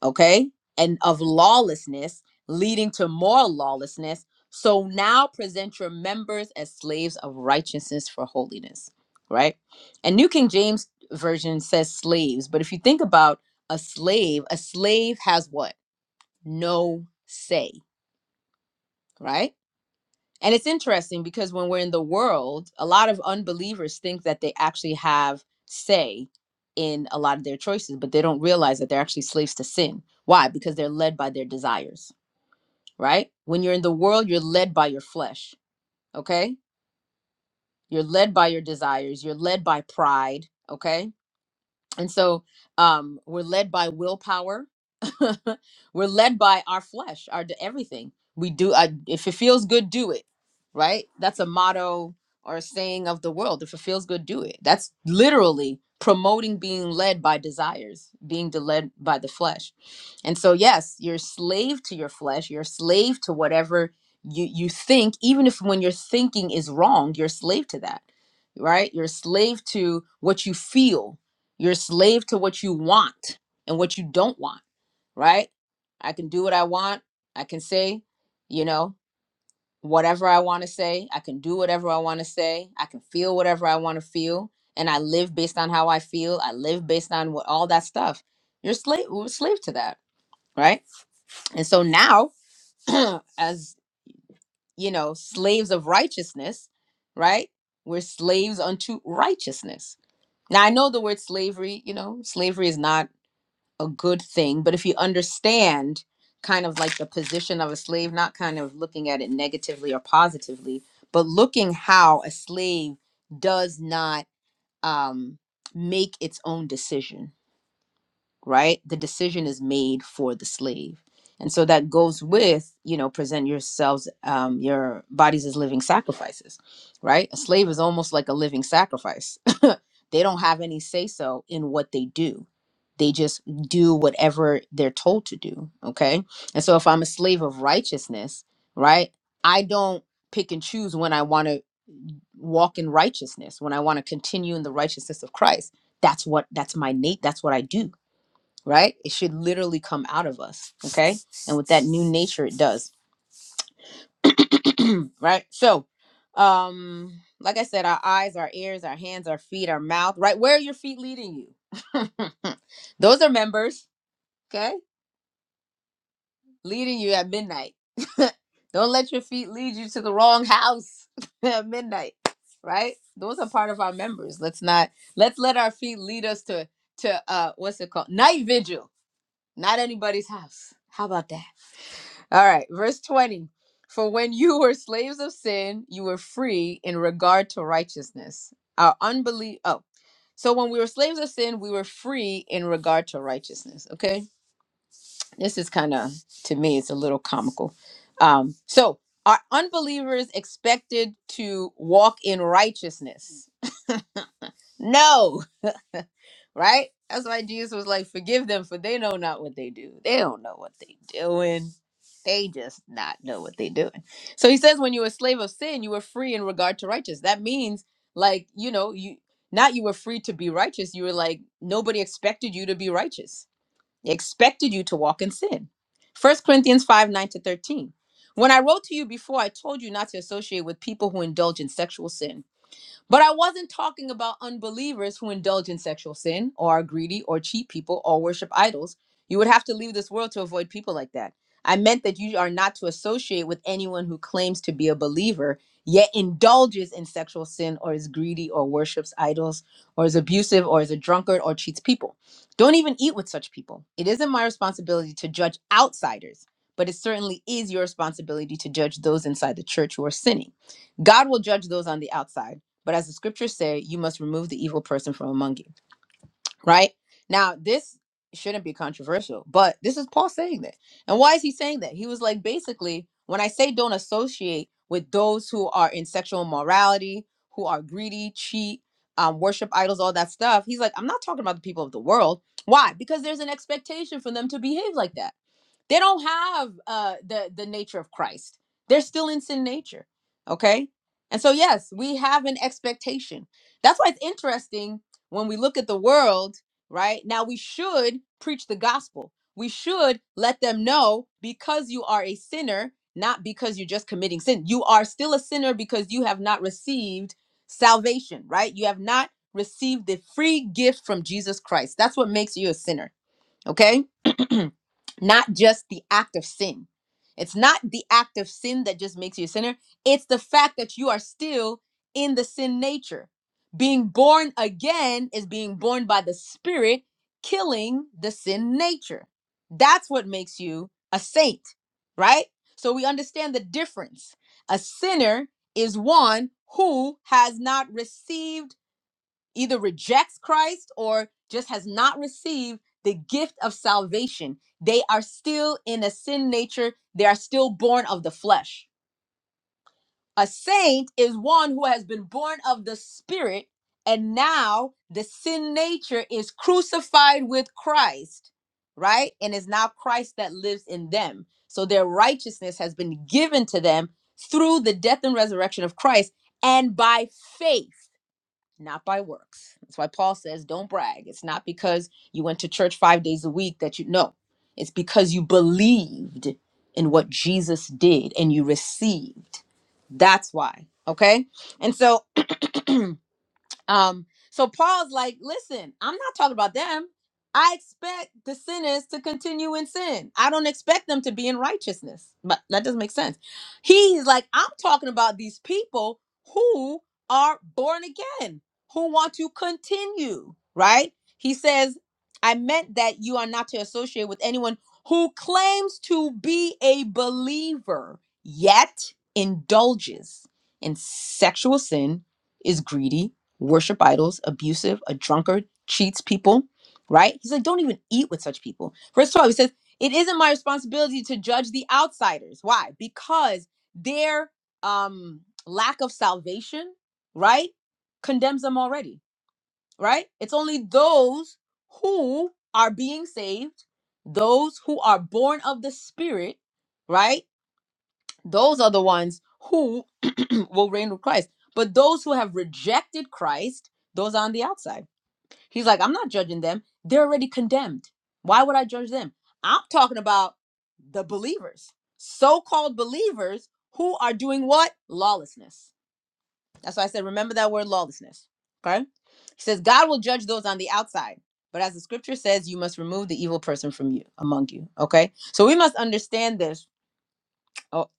[SPEAKER 1] okay, and of lawlessness, leading to more lawlessness. So now present your members as slaves of righteousness for holiness, right? And New King James Version says slaves, but if you think about a slave, a slave has what? No say, right? And it's interesting because when we're in the world, a lot of unbelievers think that they actually have say in a lot of their choices, but they don't realize that they're actually slaves to sin. Why? Because they're led by their desires, right? When you're in the world, you're led by your flesh, okay? You're led by your desires, you're led by pride, okay? and so um, we're led by willpower. we're led by our flesh, our d- everything we do. I, if it feels good, do it. Right? That's a motto or a saying of the world. If it feels good, do it. That's literally promoting being led by desires, being de- led by the flesh. And so, yes, you're a slave to your flesh. You're a slave to whatever you you think. Even if when your thinking is wrong, you're a slave to that. Right? You're a slave to what you feel you're a slave to what you want and what you don't want, right? I can do what I want. I can say, you know, whatever I want to say. I can do whatever I want to say. I can feel whatever I want to feel. And I live based on how I feel. I live based on what all that stuff. You're slave we're a slave to that, right? And so now, as you know, slaves of righteousness, right? We're slaves unto righteousness. Now I know the word slavery, you know, slavery is not a good thing but if you understand kind of like the position of a slave not kind of looking at it negatively or positively but looking how a slave does not um make its own decision right? The decision is made for the slave. And so that goes with, you know, present yourselves, um, your bodies as living sacrifices, right? A slave is almost like a living sacrifice. they don't have any say so in what they do. They just do whatever they're told to do. Okay. And so if I'm a slave of righteousness, right, I don't pick and choose when I want to walk in righteousness, when I want to continue in the righteousness of Christ. That's what, that's my Nate, that's what I do right? It should literally come out of us, okay? And with that new nature, it does, right? So, um, like I said, our eyes, our ears, our hands, our feet, our mouth, right? Where are your feet leading you? Those are members, okay? Leading you at midnight. Don't let your feet lead you to the wrong house at midnight, right? Those are part of our members. Let's not let's let our feet lead us to to uh what's it called? Night vigil, not anybody's house. How about that? All right, verse 20. For when you were slaves of sin, you were free in regard to righteousness. Our unbelief. Oh, so when we were slaves of sin, we were free in regard to righteousness. Okay. This is kind of, to me, it's a little comical. Um, so are unbelievers expected to walk in righteousness? No right? That's why Jesus was like, "Forgive them, for they know not what they do. They don't know what they doing. They just not know what they doing." So he says, when you were a slave of sin, you were free in regard to righteous. That means, like, you know, you not you were free to be righteous. You were like nobody expected you to be righteous. They expected you to walk in sin. First Corinthians five nine to thirteen. When I wrote to you before, I told you not to associate with people who indulge in sexual sin but I wasn't talking about unbelievers who indulge in sexual sin or are greedy or cheat people or worship idols. You would have to leave this world to avoid people like that. I meant that you are not to associate with anyone who claims to be a believer yet indulges in sexual sin or is greedy or worships idols or is abusive or is a drunkard or cheats people. Don't even eat with such people. It isn't my responsibility to judge outsiders, but it certainly is your responsibility to judge those inside the church who are sinning. God will judge those on the outside but as the scriptures say, you must remove the evil person from among you right? Now, this shouldn't be controversial, but this is Paul saying that. And why is he saying that? He was like, basically, when I say don't associate with those who are in sexual immorality, who are greedy, cheat, um, worship idols, all that stuff, he's like, I'm not talking about the people of the world. Why? Because there's an expectation for them to behave like that they don't have uh the the nature of christ they're still in sin nature okay and so yes we have an expectation that's why it's interesting when we look at the world, right? Now we should preach the gospel. We should let them know because you are a sinner, not because you're just committing sin. You are still a sinner because you have not received salvation, right? You have not received the free gift from Jesus Christ. That's what makes you a sinner. Okay? not just the act of sin. It's not the act of sin that just makes you a sinner. It's the fact that you are still in the sin nature. Being born again is being born by the Spirit, killing the sin nature. That's what makes you a saint, right? So we understand the difference. A sinner is one who has not received either rejects Christ or just has not received the gift of salvation. They are still in a sin nature, they are still born of the flesh. A saint is one who has been born of the spirit, and now the sin nature is crucified with Christ, right? And it's now Christ that lives in them. So their righteousness has been given to them through the death and resurrection of Christ and by faith not by works. That's why Paul says, don't brag. It's not because you went to church five days a week that you know. It's because you believed in what Jesus did and you received. That's why. Okay. And so Um, so Paul's like, listen, I'm not talking about them. I expect the sinners to continue in sin. I don't expect them to be in righteousness. But that doesn't make sense. He's like, I'm talking about these people who are born again, who want to continue, right? He says, I meant that you are not to associate with anyone who claims to be a believer, yet indulges in sexual sin, is greedy worship idols, abusive, a drunkard, cheats people, right? He's like, don't even eat with such people. Verse 12, he says, it isn't my responsibility to judge the outsiders. Why? Because their um, lack of salvation, right, condemns them already, right? It's only those who are being saved, those who are born of the Spirit, right? those are the ones who will reign with Christ. But those who have rejected Christ, those are on the outside. He's like, I'm not judging them. They're already condemned. Why would I judge them? I'm talking about the believers, so called believers who are doing what? Lawlessness. That's why I said, remember that word lawlessness. Okay? He says, God will judge those on the outside. But as the scripture says, you must remove the evil person from you, among you. Okay? So we must understand this oh,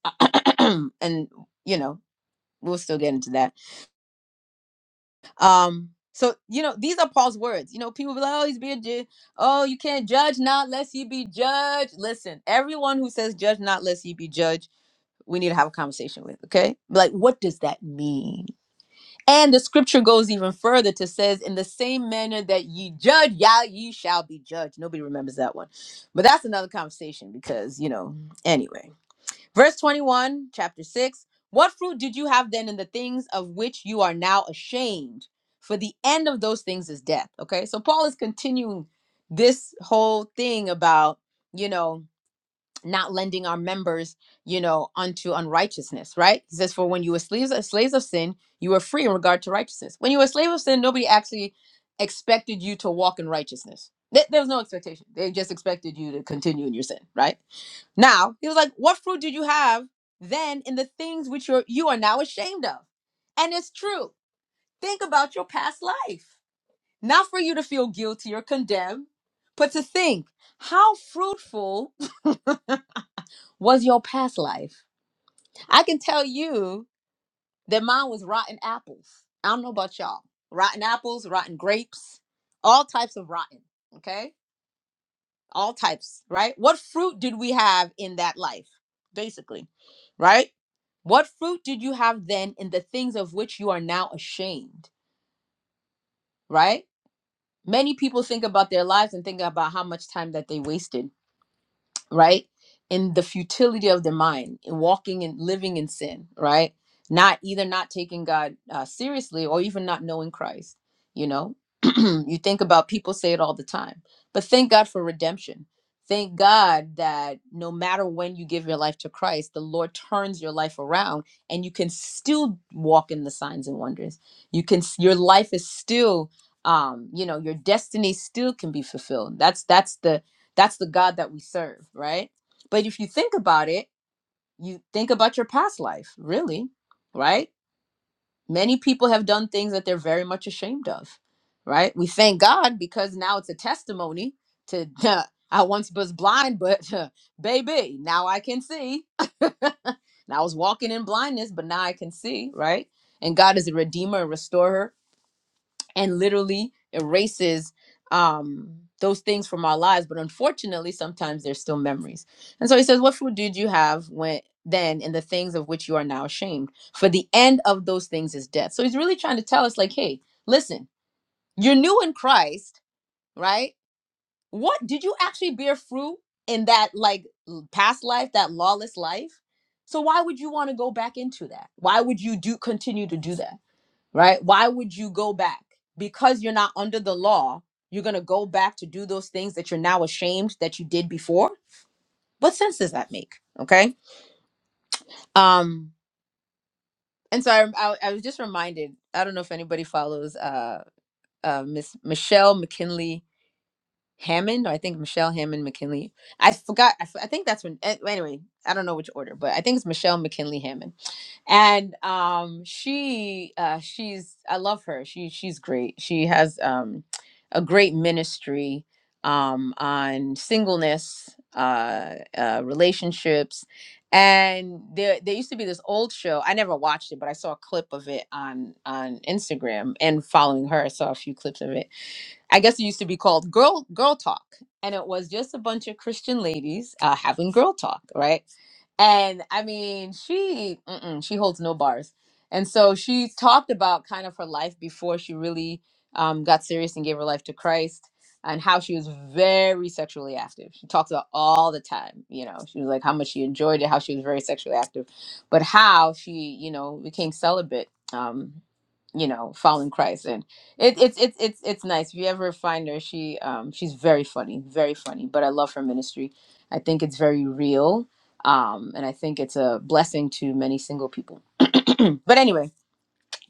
[SPEAKER 1] and you know we'll still get into that um so you know these are paul's words you know people be like oh he's being ju- oh you can't judge not lest you be judged listen everyone who says judge not lest you be judged we need to have a conversation with okay like what does that mean and the scripture goes even further to says in the same manner that ye judge yeah ye shall be judged nobody remembers that one but that's another conversation because you know anyway Verse 21, chapter 6 What fruit did you have then in the things of which you are now ashamed? For the end of those things is death. Okay, so Paul is continuing this whole thing about, you know, not lending our members, you know, unto unrighteousness, right? He says, For when you were slaves, uh, slaves of sin, you were free in regard to righteousness. When you were a slave of sin, nobody actually expected you to walk in righteousness. There there was no expectation. They just expected you to continue in your sin, right? Now, he was like, What fruit did you have then in the things which you're, you are now ashamed of? And it's true. Think about your past life. Not for you to feel guilty or condemned, but to think, How fruitful was your past life? I can tell you that mine was rotten apples. I don't know about y'all. Rotten apples, rotten grapes, all types of rotten. Okay. all types, right? What fruit did we have in that life, basically, right? What fruit did you have then in the things of which you are now ashamed, right? Many people think about their lives and think about how much time that they wasted right? And the futility of their mind and walking and living in sin, right? Not either not taking God uh, seriously or even not knowing Christ. You know, you think about people say it all the time, but thank God for redemption. Thank God that no matter when you give your life to Christ, the Lord turns your life around and you can still walk in the signs and wonders. You can, s- your life is still, um, you know, your destiny still can be fulfilled. That's, that's the, that's the God that we serve, right? But if you think about it, you think about your past life, really, right? Many people have done things that they're very much ashamed of, right? We thank God because now it's a testimony to, I once was blind, but baby, now I can see. And I was walking in blindness, but now I can see, right? And God is a redeemer and restorer and literally erases um those things from our lives but unfortunately sometimes they're still memories and so he says what fruit did you have when then in the things of which you are now ashamed for the end of those things is death so he's really trying to tell us like hey listen you're new in christ right what did you actually bear fruit in that like l- past life that lawless life so why would you want to go back into that why would you do continue to do that right? Why would you go back? Because you're not under the law, you're going to go back to do those things that you're now ashamed that you did before. What sense does that make? Okay. Um, and so I, I, I was just reminded, I don't know if anybody follows uh, uh, Miss Michelle McKinley Hammond, or I think Michelle Hammond McKinley. I forgot. I, f- I think that's when, eh, anyway, I don't know which order, but I think it's Michelle McKinley Hammond and um she uh she's i love her she she's great she has um a great ministry um on singleness uh, uh relationships and there there used to be this old show i never watched it but i saw a clip of it on on instagram and following her i saw a few clips of it i guess it used to be called girl girl talk and it was just a bunch of christian ladies uh having girl talk right and I mean, she mm-mm, she holds no bars, and so she talked about kind of her life before she really um, got serious and gave her life to Christ, and how she was very sexually active. She talks about all the time, you know. She was like how much she enjoyed it, how she was very sexually active, but how she, you know, became celibate. Um, you know, following Christ, and it, it's it's it's it's nice. If you ever find her, she um she's very funny, very funny. But I love her ministry. I think it's very real um, and I think it's a blessing to many single people. but anyway,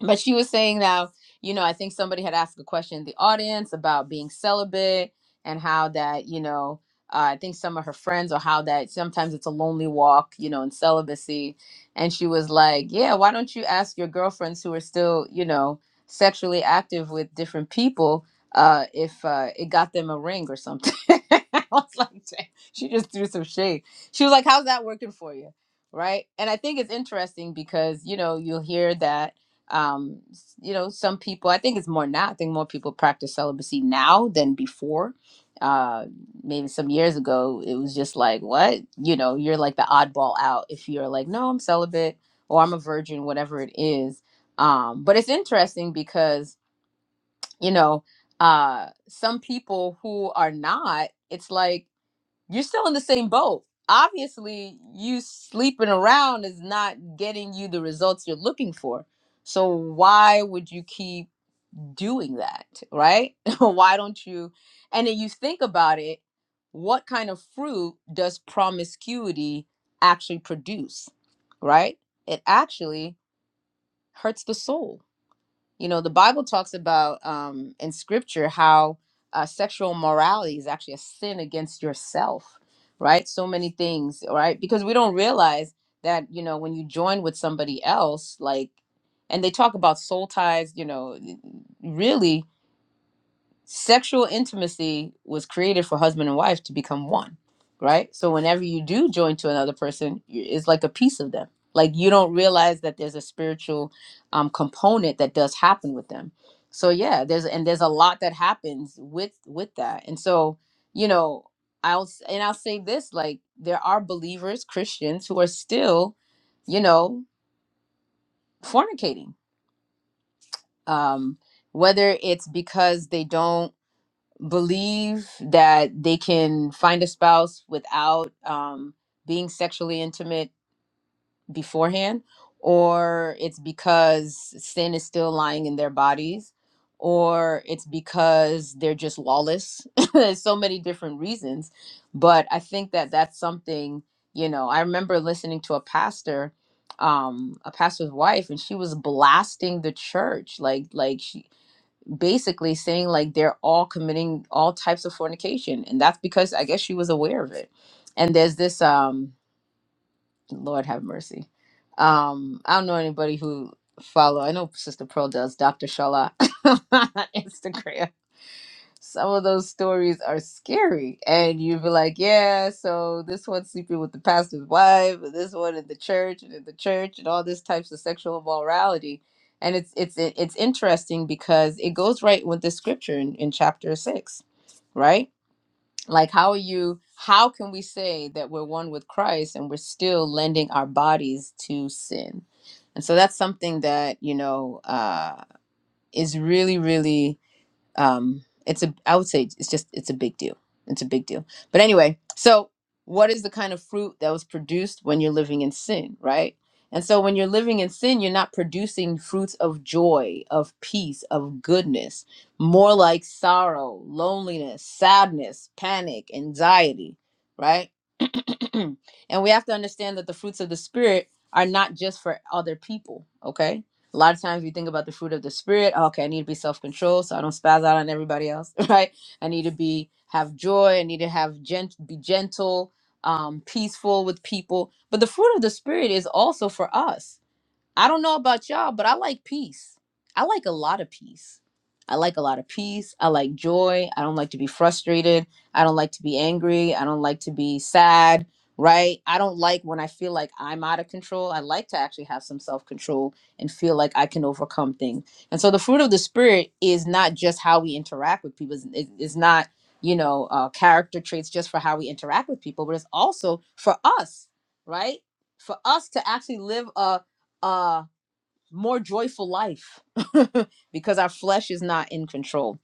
[SPEAKER 1] but she was saying now you know i think somebody had asked a question in the audience about being celibate and how that you know uh, i think some of her friends or how that sometimes it's a lonely walk you know in celibacy and she was like yeah why don't you ask your girlfriends who are still you know sexually active with different people uh, if uh, it got them a ring or something I was like, "Damn." she just threw some shade she was like how's that working for you right and i think it's interesting because you know you'll hear that um you know some people i think it's more now i think more people practice celibacy now than before uh maybe some years ago it was just like what you know you're like the oddball out if you're like no i'm celibate or i'm a virgin whatever it is um but it's interesting because you know uh some people who are not it's like you're still in the same boat. Obviously, you sleeping around is not getting you the results you're looking for. So why would you keep doing that, right? why don't you? And then you think about it, what kind of fruit does promiscuity actually produce, right? It actually hurts the soul you know, the Bible talks about um, in scripture how uh, sexual morality is actually a sin against yourself, right? So many things, right? Because we don't realize that, you know, when you join with somebody else, like, and they talk about soul ties, you know, really sexual intimacy was created for husband and wife to become one, right? So whenever you do join to another person, you- it's like a piece of them. Like you don't realize that there's a spiritual um, component that does happen with them. So yeah, there's and there's a lot that happens with with that. And so you know, I'll s- and I'll say this: like there are believers, Christians, who are still, you know, fornicating. Um, whether it's because they don't believe that they can find a spouse without um, being sexually intimate beforehand, or it's because sin is still lying in their bodies, or it's because they're just lawless. There's so many different reasons. But I think that that's something, you know, I remember listening to a pastor um a pastor's wife and she was blasting the church like like she basically saying like they're all committing all types of fornication and that's because i guess she was aware of it and there's this um lord have mercy um i don't know anybody who follow i know sister pearl does dr shala on instagram some of those stories are scary and you'd be like yeah so this one's sleeping with the pastor's wife and this one in the church and in the church and all this types of sexual morality and it's it's it's interesting because it goes right with the scripture in, in chapter six right like how are you how can we say that we're one with christ and we're still lending our bodies to sin and so that's something that you know uh is really really um it's a i would say it's just it's a big deal it's a big deal but anyway so what is the kind of fruit that was produced when you're living in sin right and so when you're living in sin you're not producing fruits of joy of peace of goodness more like sorrow loneliness sadness panic anxiety right and we have to understand that the fruits of the spirit are not just for other people okay a lot of times we think about the fruit of the spirit oh, okay i need to be self-controlled so i don't spaz out on everybody else right i need to be have joy i need to have gent be gentle um peaceful with people but the fruit of the spirit is also for us I don't know about y'all, but I like peace. I like a lot of peace. I like a lot of peace. I like joy. I don't like to be frustrated. I don't like to be angry. I don't like to be sad, right? I don't like when I feel like I'm out of control. I like to actually have some self control and feel like I can overcome things. And so the fruit of the Spirit is not just how we interact with people, it's it- it's not, you know, uh, character traits just for how we interact with people, but it's also for us, right? For us to actually live a, a more joyful life because our flesh is not in control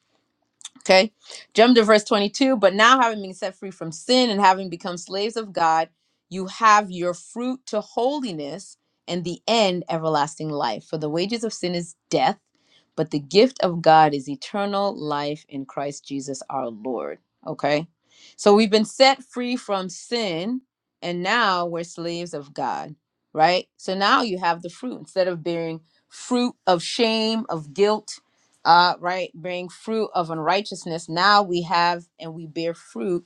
[SPEAKER 1] Okay, jump to verse 22. But now, having been set free from sin and having become slaves of God, you have your fruit to holiness and the end everlasting life. For the wages of sin is death, but the gift of God is eternal life in Christ Jesus our Lord. Okay, so we've been set free from sin and now we're slaves of God, right? So now you have the fruit instead of bearing fruit of shame, of guilt uh, right, bearing fruit of unrighteousness. Now we have and we bear fruit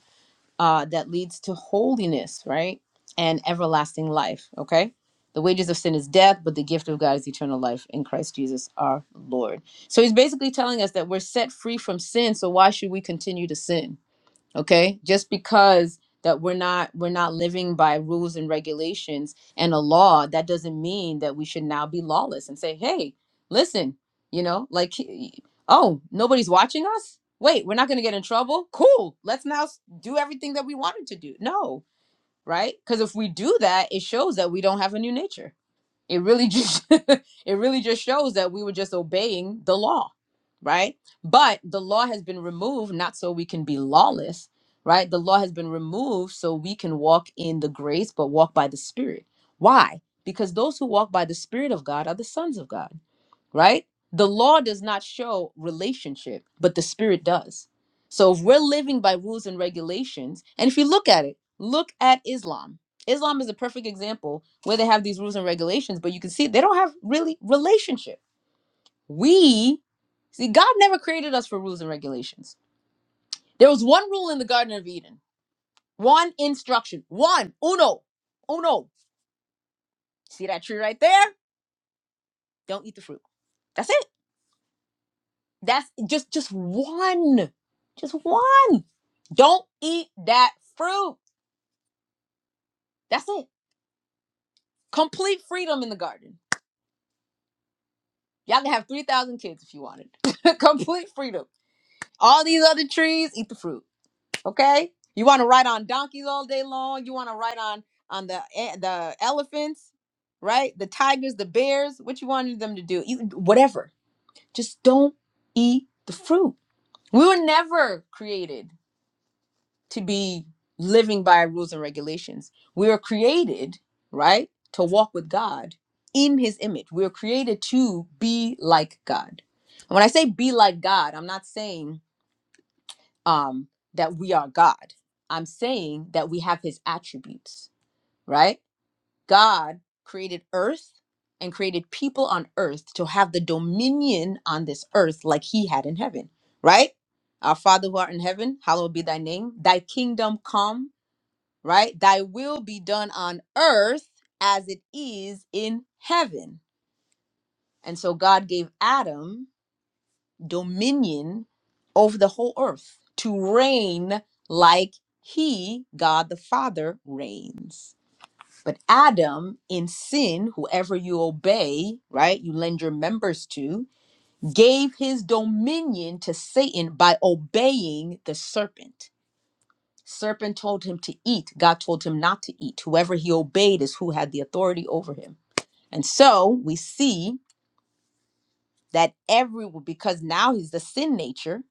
[SPEAKER 1] uh, that leads to holiness, right, and everlasting life. Okay, the wages of sin is death, but the gift of God is eternal life in Christ Jesus our Lord. So he's basically telling us that we're set free from sin. So why should we continue to sin? okay just because that we're not we're not living by rules and regulations and a law that doesn't mean that we should now be lawless and say hey listen you know like oh nobody's watching us wait we're not going to get in trouble cool let's now s- do everything that we wanted to do no right because if we do that it shows that we don't have a new nature it really just it really just shows that we were just obeying the law right but the law has been removed not so we can be lawless right the law has been removed so we can walk in the grace but walk by the spirit why because those who walk by the spirit of god are the sons of god right? The law does not show relationship, but the spirit does. So if we're living by rules and regulations, and if you look at it, look at Islam. Islam is a perfect example where they have these rules and regulations, but you can see they don't have really relationship. We see God never created us for rules and regulations. There was one rule in the Garden of Eden, one instruction, one uno, uno. See that tree right there? Don't eat the fruit. That's it. That's just just one. Just one. Don't eat that fruit. That's it. Complete freedom in the garden. Y'all can have 3,000 kids if you wanted. Complete freedom. All these other trees, eat the fruit. Okay? You want to ride on donkeys all day long? You want to ride on on the e- the elephants, right? The tigers, the bears, what you wanted them to do? You whatever. Just don't eat the fruit. We were never created to be living by rules and regulations. We are created, right, to walk with God in his image. We are created to be like God. And when I say be like God, I'm not saying um that we are God. I'm saying that we have his attributes, right? God created earth and created people on earth to have the dominion on this earth like he had in heaven, right? Our Father who art in heaven, hallowed be thy name. Thy kingdom come right? Thy will be done on earth as it is in heaven. And so God gave Adam dominion over the whole earth to reign like he, God the Father, reigns. But Adam, in sin, whoever you obey, right, you lend your members to, gave his dominion to Satan by obeying the serpent. Serpent told him to eat. God told him not to eat. Whoever he obeyed is who had the authority over him. And so we see that every because now he's the sin nature,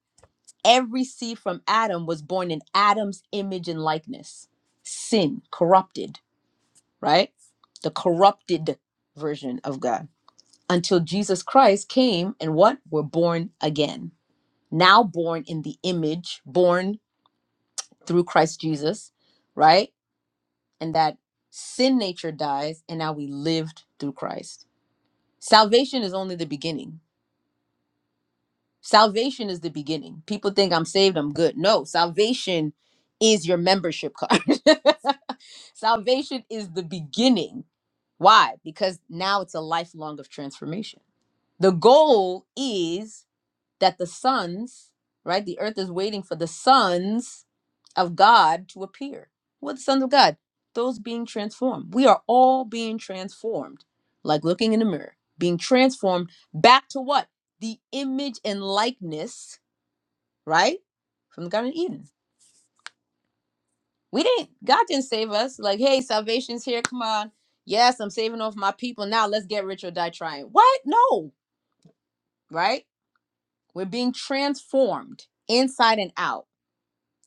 [SPEAKER 1] every seed from Adam was born in Adam's image and likeness. Sin, corrupted, right? The corrupted version of God. Until Jesus Christ came and what? We're born again. Now born in the image, born through Christ Jesus, right? and that sin nature dies and now we lived through Christ. Salvation is only the beginning. Salvation is the beginning. People think I'm saved, I'm good. No, salvation is your membership card. salvation is the beginning. Why? Because now it's a lifelong of transformation. The goal is that the sons, right? The earth is waiting for the sons of God to appear. We're the sons of God, those being transformed. We are all being transformed, like looking in the mirror, being transformed back to what? The image and likeness, right? From the Garden of Eden. We didn't, God didn't save us. Like, hey, salvation's here. Come on. Yes, I'm saving off my people. Now let's get rich or die trying. What? No, right? We're being transformed inside and out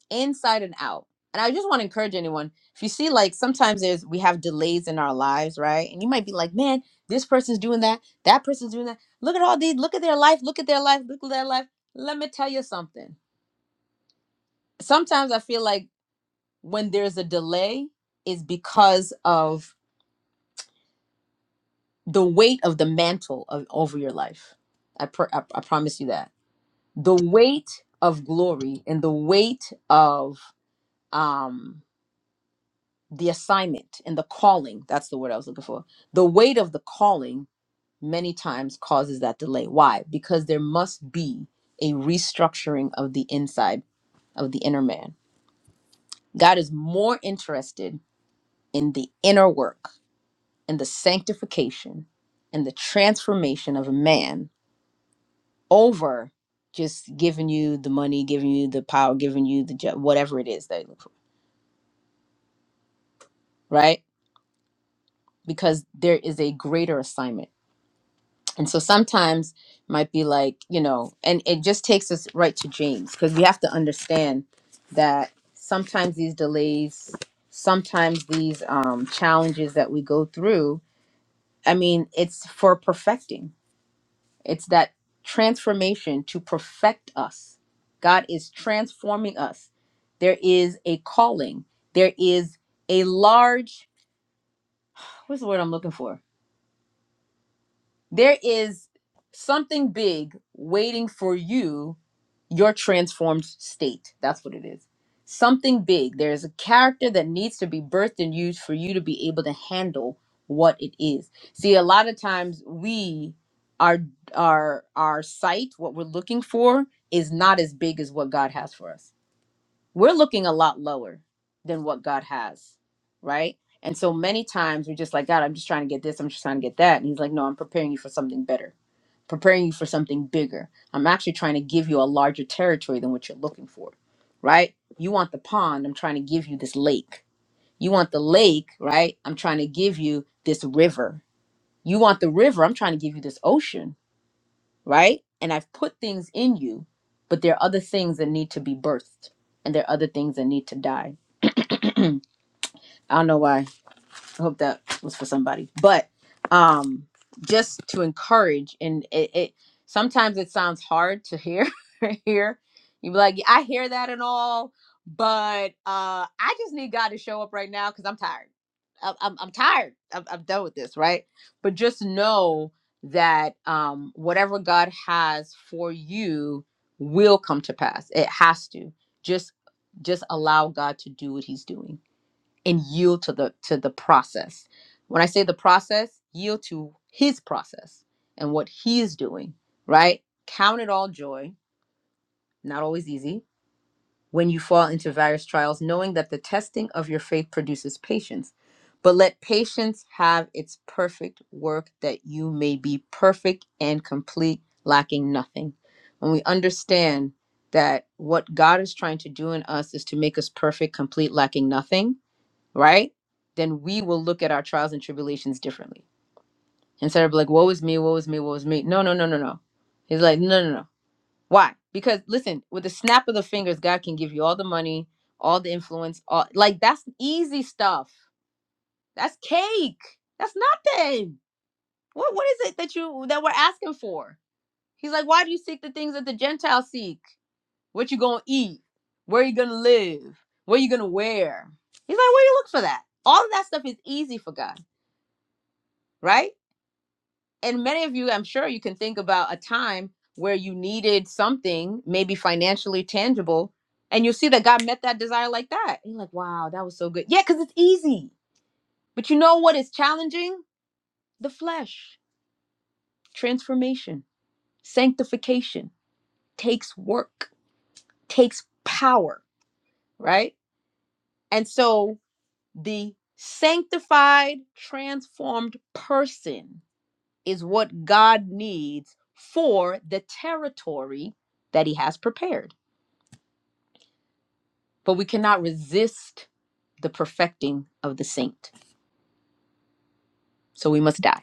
[SPEAKER 1] inside and out. And I just want to encourage anyone if you see, like, sometimes there's we have delays in our lives, right? And you might be like, man, this person's doing that, that person's doing that. Look at all these, look at their life, look at their life, look at their life. Let me tell you something. Sometimes I feel like when there's a delay, is because of the weight of the mantle of, over your life. I, pr- I, I promise you that. The weight of glory and the weight of um the assignment and the calling that's the word i was looking for the weight of the calling many times causes that delay why because there must be a restructuring of the inside of the inner man god is more interested in the inner work and the sanctification and the transformation of a man over just giving you the money giving you the power giving you the jo- whatever it is that you look for right because there is a greater assignment And so sometimes might be like, you know, and it just takes us right to James because we have to understand that sometimes these delays, sometimes these um, challenges that we go through, I mean, it's for perfecting. It's that transformation to perfect us. God is transforming us. There is a calling, there is a large, what's the word I'm looking for? There is something big waiting for you, your transformed state. That's what it is. Something big. There is a character that needs to be birthed and used for you to be able to handle what it is. See, a lot of times we our our our sight, what we're looking for, is not as big as what God has for us we're looking a lot lower than what God has, right? And so many times we're just like, God, I'm just trying to get this, I'm just trying to get that. And He's like, No, I'm preparing you for something better, preparing you for something bigger. I'm actually trying to give you a larger territory than what you're looking for, right? You want the pond, I'm trying to give you this lake. You want the lake, right? I'm trying to give you this river. You want the river, I'm trying to give you this ocean right? And I've put things in you, but there are other things that need to be birthed and there are other things that need to die. I don't know why I hope that was for somebody. But um just to encourage and it, it sometimes it sounds hard to hear hear. You be like, "Yeah, I hear that and all, but uh I just need God to show up right now because I'm tired. I'm, I'm, I'm tired. I'm, I'm done with this, right? But just know that um whatever God has for you will come to pass. It has to. Just just allow God to do what he's doing and yield to the to the process. When I say the process, yield to his process and what he is doing, right? Count it all joy, not always easy, when you fall into various trials, knowing that the testing of your faith produces patience. But let patience have its perfect work that you may be perfect and complete, lacking nothing. When we understand that what God is trying to do in us is to make us perfect, complete, lacking nothing, right? Then we will look at our trials and tribulations differently. Instead of like, woe is me, woe is me, woe is me. No, no, no, no, no. He's like, no, no, no. Why? Because listen, with the snap of the fingers, God can give you all the money, all the influence, all like that's easy stuff. That's cake. That's nothing. What what is it that you that we're asking for? He's like, why do you seek the things that the Gentiles seek? What you gonna eat? Where you gonna live? What you gonna wear? He's like, where you look for that? All of that stuff is easy for God right? and many of you i'm sure you can think about a time where you needed something maybe financially tangible and you'll see that god met that desire like that and you're like wow that was so good yeah because it's easy but you know what is challenging the flesh transformation sanctification takes work takes power right and so the sanctified transformed person is what God needs for the territory that he has prepared. But we cannot resist the perfecting of the saint. So we must die,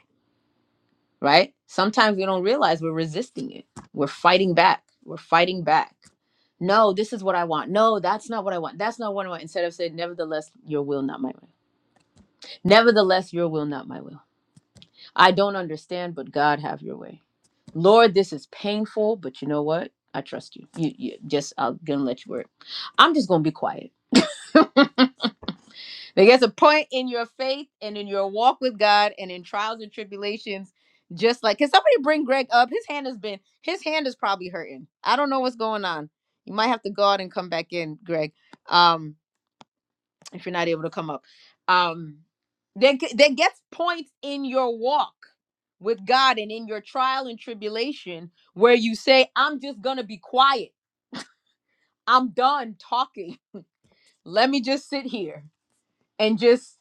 [SPEAKER 1] right? Sometimes we don't realize we're resisting it. We're fighting back. We're fighting back. No, this is what I want. No, that's not what I want. That's not what I want. Instead of saying, nevertheless, your will, not my will. Nevertheless, your will, not my will. I don't understand, but God have your way. Lord, this is painful, but you know what? I trust you. You, you just I'm gonna let you work. I'm just gonna be quiet. There's a point in your faith and in your walk with God and in trials and tribulations. Just like, can somebody bring Greg up? His hand has been, his hand is probably hurting. I don't know what's going on. You might have to go out and come back in, Greg. Um if you're not able to come up. Um, then then gets points in your walk with God and in your trial and tribulation where you say, "I'm just gonna be quiet. I'm done talking. Let me just sit here and just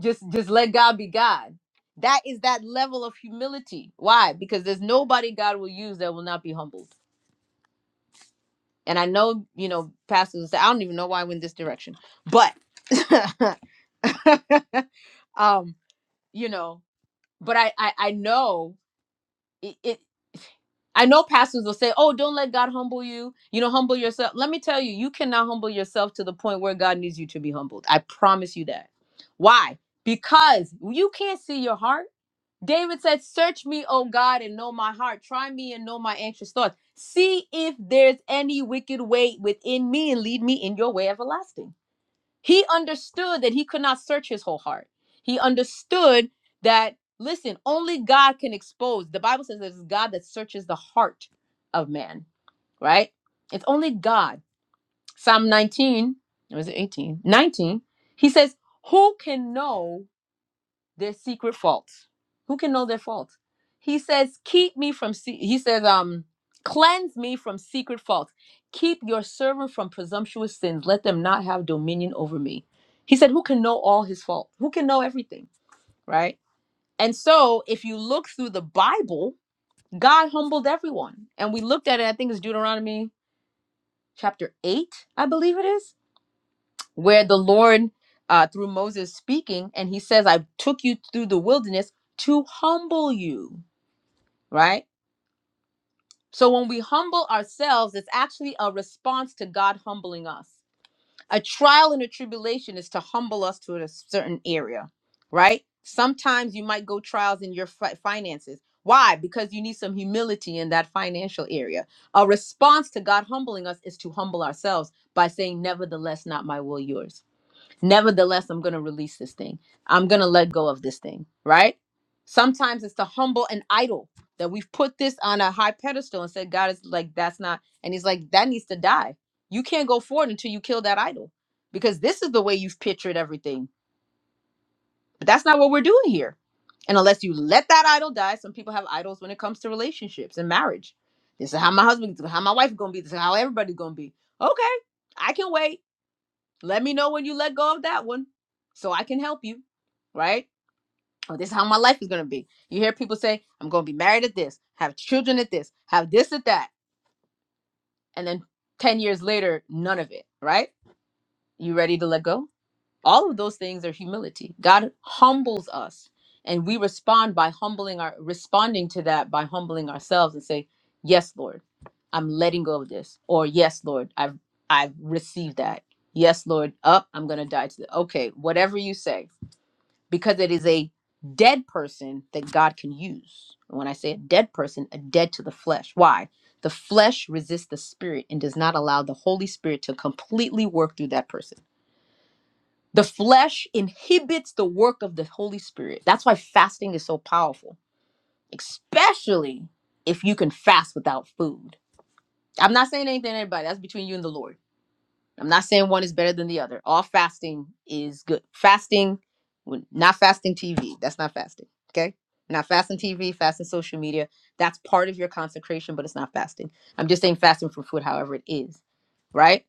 [SPEAKER 1] just just let God be God." That is that level of humility. Why? Because there's nobody God will use that will not be humbled. And I know, you know, pastors will say, I don't even know why I went this direction. But um, you know, but I I, I know it, it. I know pastors will say, "Oh, don't let God humble you. You know, humble yourself." Let me tell you, you cannot humble yourself to the point where God needs you to be humbled. I promise you that. Why? Because you can't see your heart. David said, "Search me, O God, and know my heart. Try me and know my anxious thoughts. See if there's any wicked way within me, and lead me in your way everlasting." He understood that he could not search his whole heart. He understood that, listen, only God can expose. The Bible says that it's God that searches the heart of man, right? It's only God. Psalm 19, or was it 18? 19, he says, Who can know? their secret faults. Who can know their faults? He says, "Keep me from." Se-, he says, "Um, cleanse me from secret faults. Keep your servant from presumptuous sins. Let them not have dominion over me." He said, "Who can know all his faults? Who can know everything?" Right. And so, if you look through the Bible, God humbled everyone, and we looked at it. I think it's Deuteronomy chapter eight, I believe it is where the Lord, uh, through Moses speaking, and he says, I took you through the wilderness to humble you, right? So when we humble ourselves, it's actually a response to God humbling us. A trial and a tribulation is to humble us to a certain area, right? Sometimes you might go trials in your fi- finances. Why? Because you need some humility in that financial area. A response to God humbling us is to humble ourselves by saying, Nevertheless, not my will, yours Nevertheless, I'm going to release this thing. I'm going to let go of this thing, right? Sometimes it's to humble an idol that we've put this on a high pedestal and said, God is like, that's not. And he's like, that needs to die. You can't go forward until you kill that idol because this is the way you've pictured everything. But that's not what we're doing here. And unless you let that idol die, some people have idols when it comes to relationships and marriage. This is how my husband, how my wife gonna be, this is how everybody's gonna be. Okay, I can wait. Let me know when you let go of that one so I can help you, right? Oh, this is how my life is going to be. You hear people say, I'm going to be married at this, have children at this, have this at that. And then 10 years later, none of it, right? You ready to let go? All of those things are humility. God humbles us and we respond by humbling our responding to that by humbling ourselves and say, "Yes, Lord. I'm letting go of this." Or, "Yes, Lord. I've I've received that. Yes, Lord. Up, I'm going to die to the Okay, whatever you say, because it is a dead person that God can use. And When I say a dead person, a dead to the flesh. Why? The flesh resists the spirit and does not allow the Holy Spirit to completely work through that person the flesh inhibits the work of the Holy Spirit. That's why fasting is so powerful, especially if you can fast without food. I'm not saying anything to anybody. That's between you and the Lord. I'm not saying one is better than the other. All fasting is good. Fasting, when- not fasting TV. That's not fasting. Okay? Not fasting TV, fasting social media. That's part of your consecration, but it's not fasting. I'm just saying fasting from food, however it is. Right?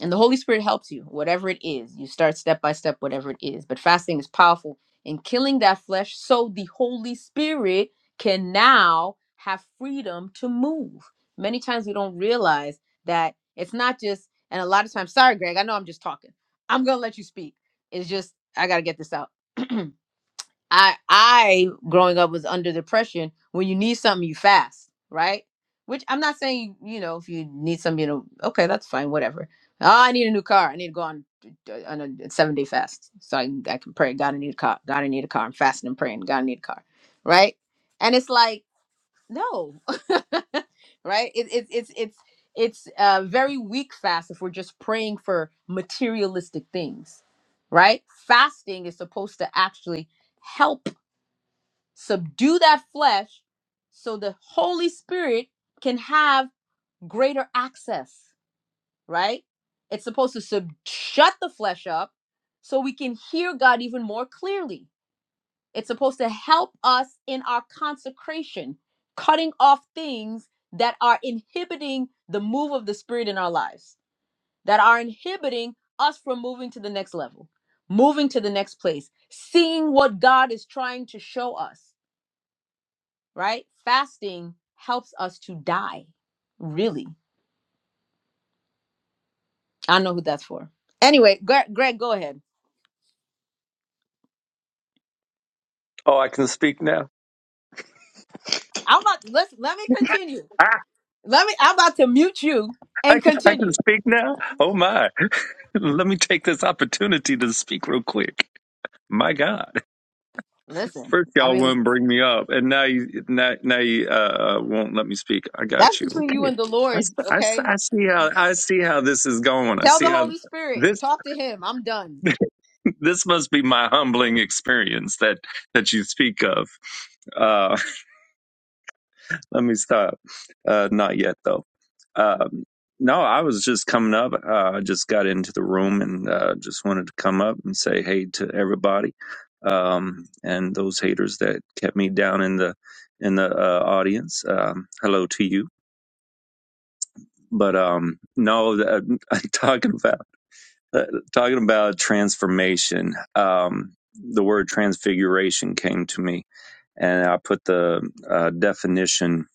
[SPEAKER 1] And the Holy Spirit helps you, whatever it is. You start step by step, whatever it is. But fasting is powerful in killing that flesh so the Holy Spirit can now have freedom to move. Many times we don't realize that it's not just, and a lot of times, sorry, Greg, I know I'm just talking. I'm going to let you speak. It's just, I got to get this out. I I growing up was under depression. When you need something, you fast, right? Which I'm not saying you know if you need something, you know, okay, that's fine, whatever. Oh, I need a new car. I need to go on on a seven day fast, so I, can- I can pray. God, I need a car. God, I need a car. I'm fasting and praying. God, I need a car, right? And it's like no, right? It, it it's it's it's a very weak fast if we're just praying for materialistic things, right? Fasting is supposed to actually help subdue that flesh so the Holy Spirit can have greater access, right? It's supposed to sub- shut the flesh up so we can hear God even more clearly. It's supposed to help us in our consecration, cutting off things that are inhibiting the move of the Spirit in our lives, that are inhibiting us from moving to the next level, moving to the next place, seeing what God is trying to show us right? Fasting helps us to die. Really, I don't know who that's for. Anyway, Greg, Greg go ahead.
[SPEAKER 6] Oh, I can speak now.
[SPEAKER 1] I'm about let let me continue.
[SPEAKER 6] Ah,
[SPEAKER 1] Let me. I'm about to mute you
[SPEAKER 6] I,
[SPEAKER 1] and
[SPEAKER 6] can- I can
[SPEAKER 1] continue.
[SPEAKER 6] speak now. Oh my! Let me take this opportunity to speak real quick. My God!
[SPEAKER 1] Listen,
[SPEAKER 6] First,
[SPEAKER 1] I
[SPEAKER 6] y'all
[SPEAKER 1] mean
[SPEAKER 6] wouldn't bring me up, and now you now, now you uh, won't let me speak. I
[SPEAKER 1] that's
[SPEAKER 6] got you.
[SPEAKER 1] between you
[SPEAKER 6] Okay.
[SPEAKER 1] and the
[SPEAKER 6] I,
[SPEAKER 1] Lord.
[SPEAKER 6] s- I s-
[SPEAKER 1] Okay,
[SPEAKER 6] I see how I see how this is going. I
[SPEAKER 1] tell
[SPEAKER 6] see
[SPEAKER 1] the
[SPEAKER 6] how
[SPEAKER 1] Holy Spirit,
[SPEAKER 6] this
[SPEAKER 1] talk to Him. I'm done.
[SPEAKER 6] this must be my humbling experience that that you speak of. Uh, Let me stop. Uh, not yet though. Um, no, I was just coming up. Uh, I just got into the room and uh, just wanted to come up and say hey to everybody, um, and those haters that kept me down in the in the uh, audience. Um, hello to you. But um, no, that, talking about uh, talking about transformation. Um, the word transfiguration came to me, and I put the uh, definition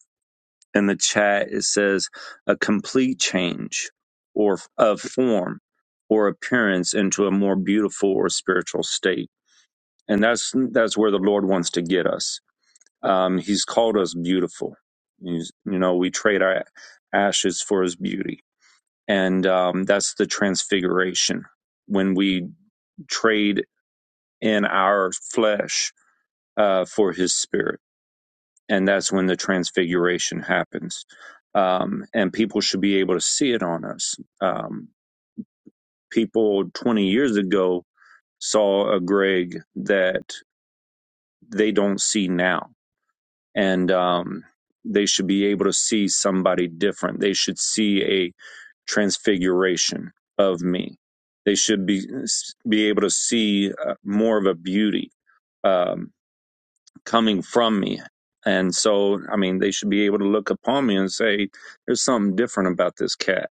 [SPEAKER 6] in the chat it says a complete change or of form or appearance into a more beautiful or spiritual state and that's that's where the lord wants to get us um, he's called us beautiful He's- you know we trade our ashes for his beauty and um, that's the transfiguration when we trade in our flesh uh, for his spirit and that's when the transfiguration happens. Um, and people should be able to see it on us. Um, people 20 years ago saw a Greg that they don't see now, and um, they should be able to see somebody different. They should see a transfiguration of me. They should be be able to see uh, more of a beauty. Um, coming from me. And so, I mean, they should be able to look upon me and say, there's something different about this cat.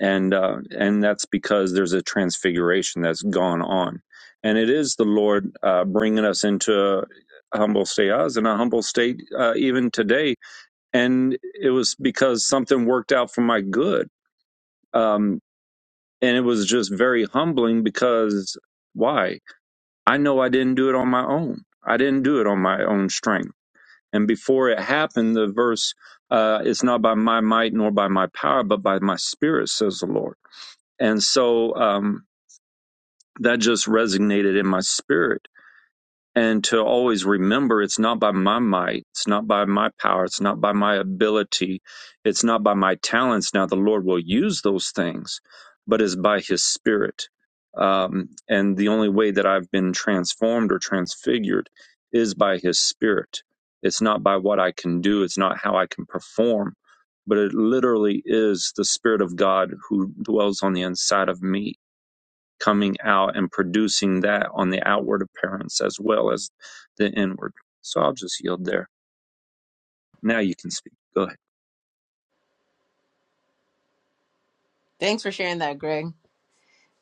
[SPEAKER 6] And, uh, and that's because there's a transfiguration that's gone on. And it is the Lord, uh, bringing us into a humble state. I was in a humble state, uh, even today. And it was because something worked out for my good. Um, and it was just very humbling because why? I know I didn't do it on my own. I didn't do it on my own strength. And before it happened, the verse, uh, it's not by my might nor by my power, but by my spirit, says the Lord. And so um, that just resonated in my spirit and to always remember it's not by my might, it's not by my power, it's not by my ability, it's not by my talents. Now, the Lord will use those things, but it's by His Spirit. Um, and the only way that I've been transformed or transfigured is by His Spirit. It's not by what I can do, it's not how I can perform, but it literally is the Spirit of God who dwells on the inside of me coming out and producing that on the outward appearance as well as the inward. So I'll just yield there. Now you can speak. Go ahead.
[SPEAKER 1] Thanks for sharing that, Greg.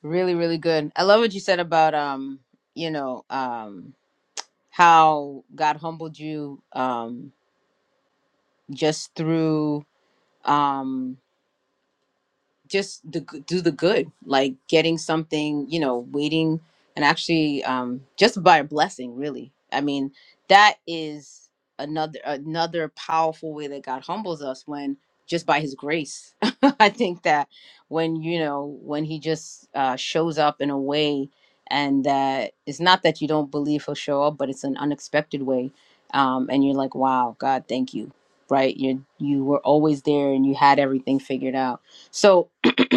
[SPEAKER 1] Really, really good. I love what you said about um, you know, um, how God humbled you um just through um just the, g- do the good, like getting something, you know, waiting and actually um, just by a blessing, really. I mean, that is another another powerful way that God humbles us when just by His grace. I think that when you know when He just uh, shows up in a way, and that it's not that you don't believe He'll show up, but it's an unexpected way, um, and you're like, wow, God, thank you, right? You you were always there, and you had everything figured out. So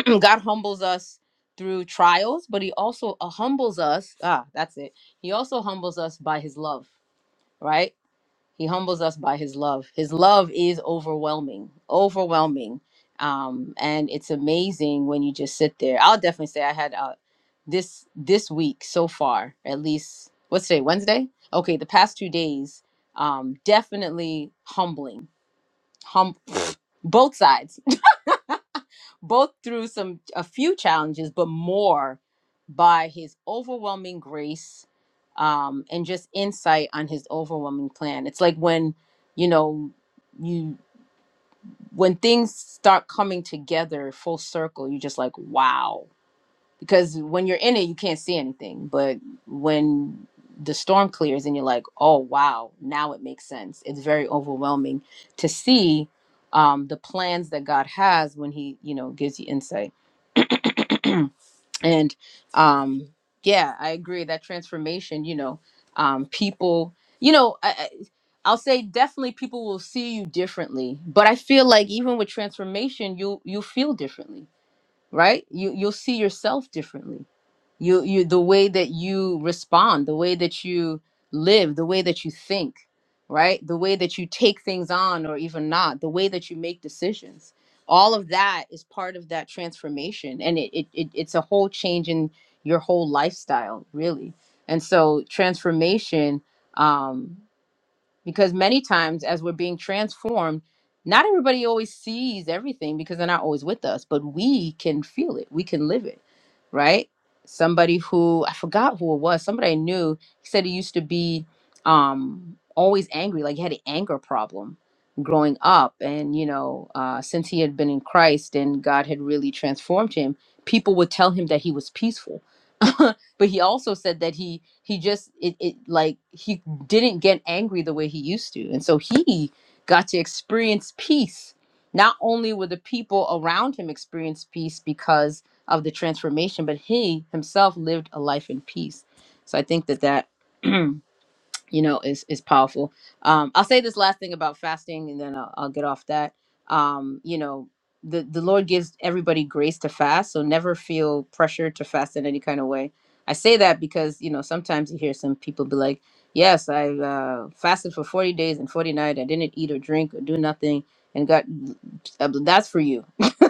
[SPEAKER 1] God humbles us through trials, but he also uh, humbles us. Ah, that's it. He also humbles us by his love, right? He humbles us by his love. His love is overwhelming, overwhelming. Um, and it's amazing when you just sit there. I'll definitely say I had uh, this this week so far, at least what's today, Wednesday? Okay, the past two days, um, definitely humbling. Hum both sides both through some a few challenges, but more by his overwhelming grace um, and just insight on his overwhelming plan. It's like when you know you when things start coming together full circle, you're just like wow. Because when you're in it, you can't see anything, but when the storm clears and you're like, oh wow, now it makes sense. It's very overwhelming to see um, the plans that God has when He, you know, gives you insight. and um yeah i agree that transformation you know um people you know I, I, i'll say definitely people will see you differently but i feel like even with transformation you you feel differently right you you'll see yourself differently you you the way that you respond the way that you live the way that you think right the way that you take things on or even not the way that you make decisions all of that is part of that transformation and it, it, it it's a whole change in your whole lifestyle really and so transformation um, because many times as we're being transformed not everybody always sees everything because they're not always with us but we can feel it we can live it right somebody who i forgot who it was somebody i knew he said he used to be um always angry like he had an anger problem growing up and you know uh since he had been in christ and god had really transformed him people would tell him that he was peaceful but he also said that he he just it, it like he didn't get angry the way he used to and so he got to experience peace not only were the people around him experience peace because of the transformation but he himself lived a life in peace so i think that that you know is is powerful um i'll say this last thing about fasting and then i'll, I'll get off that um you know the the lord gives everybody grace to fast so never feel pressure to fast in any kind of way i say that because you know sometimes you hear some people be like yes i uh, fasted for 40 days and 40 nights i didn't eat or drink or do nothing and got that's for you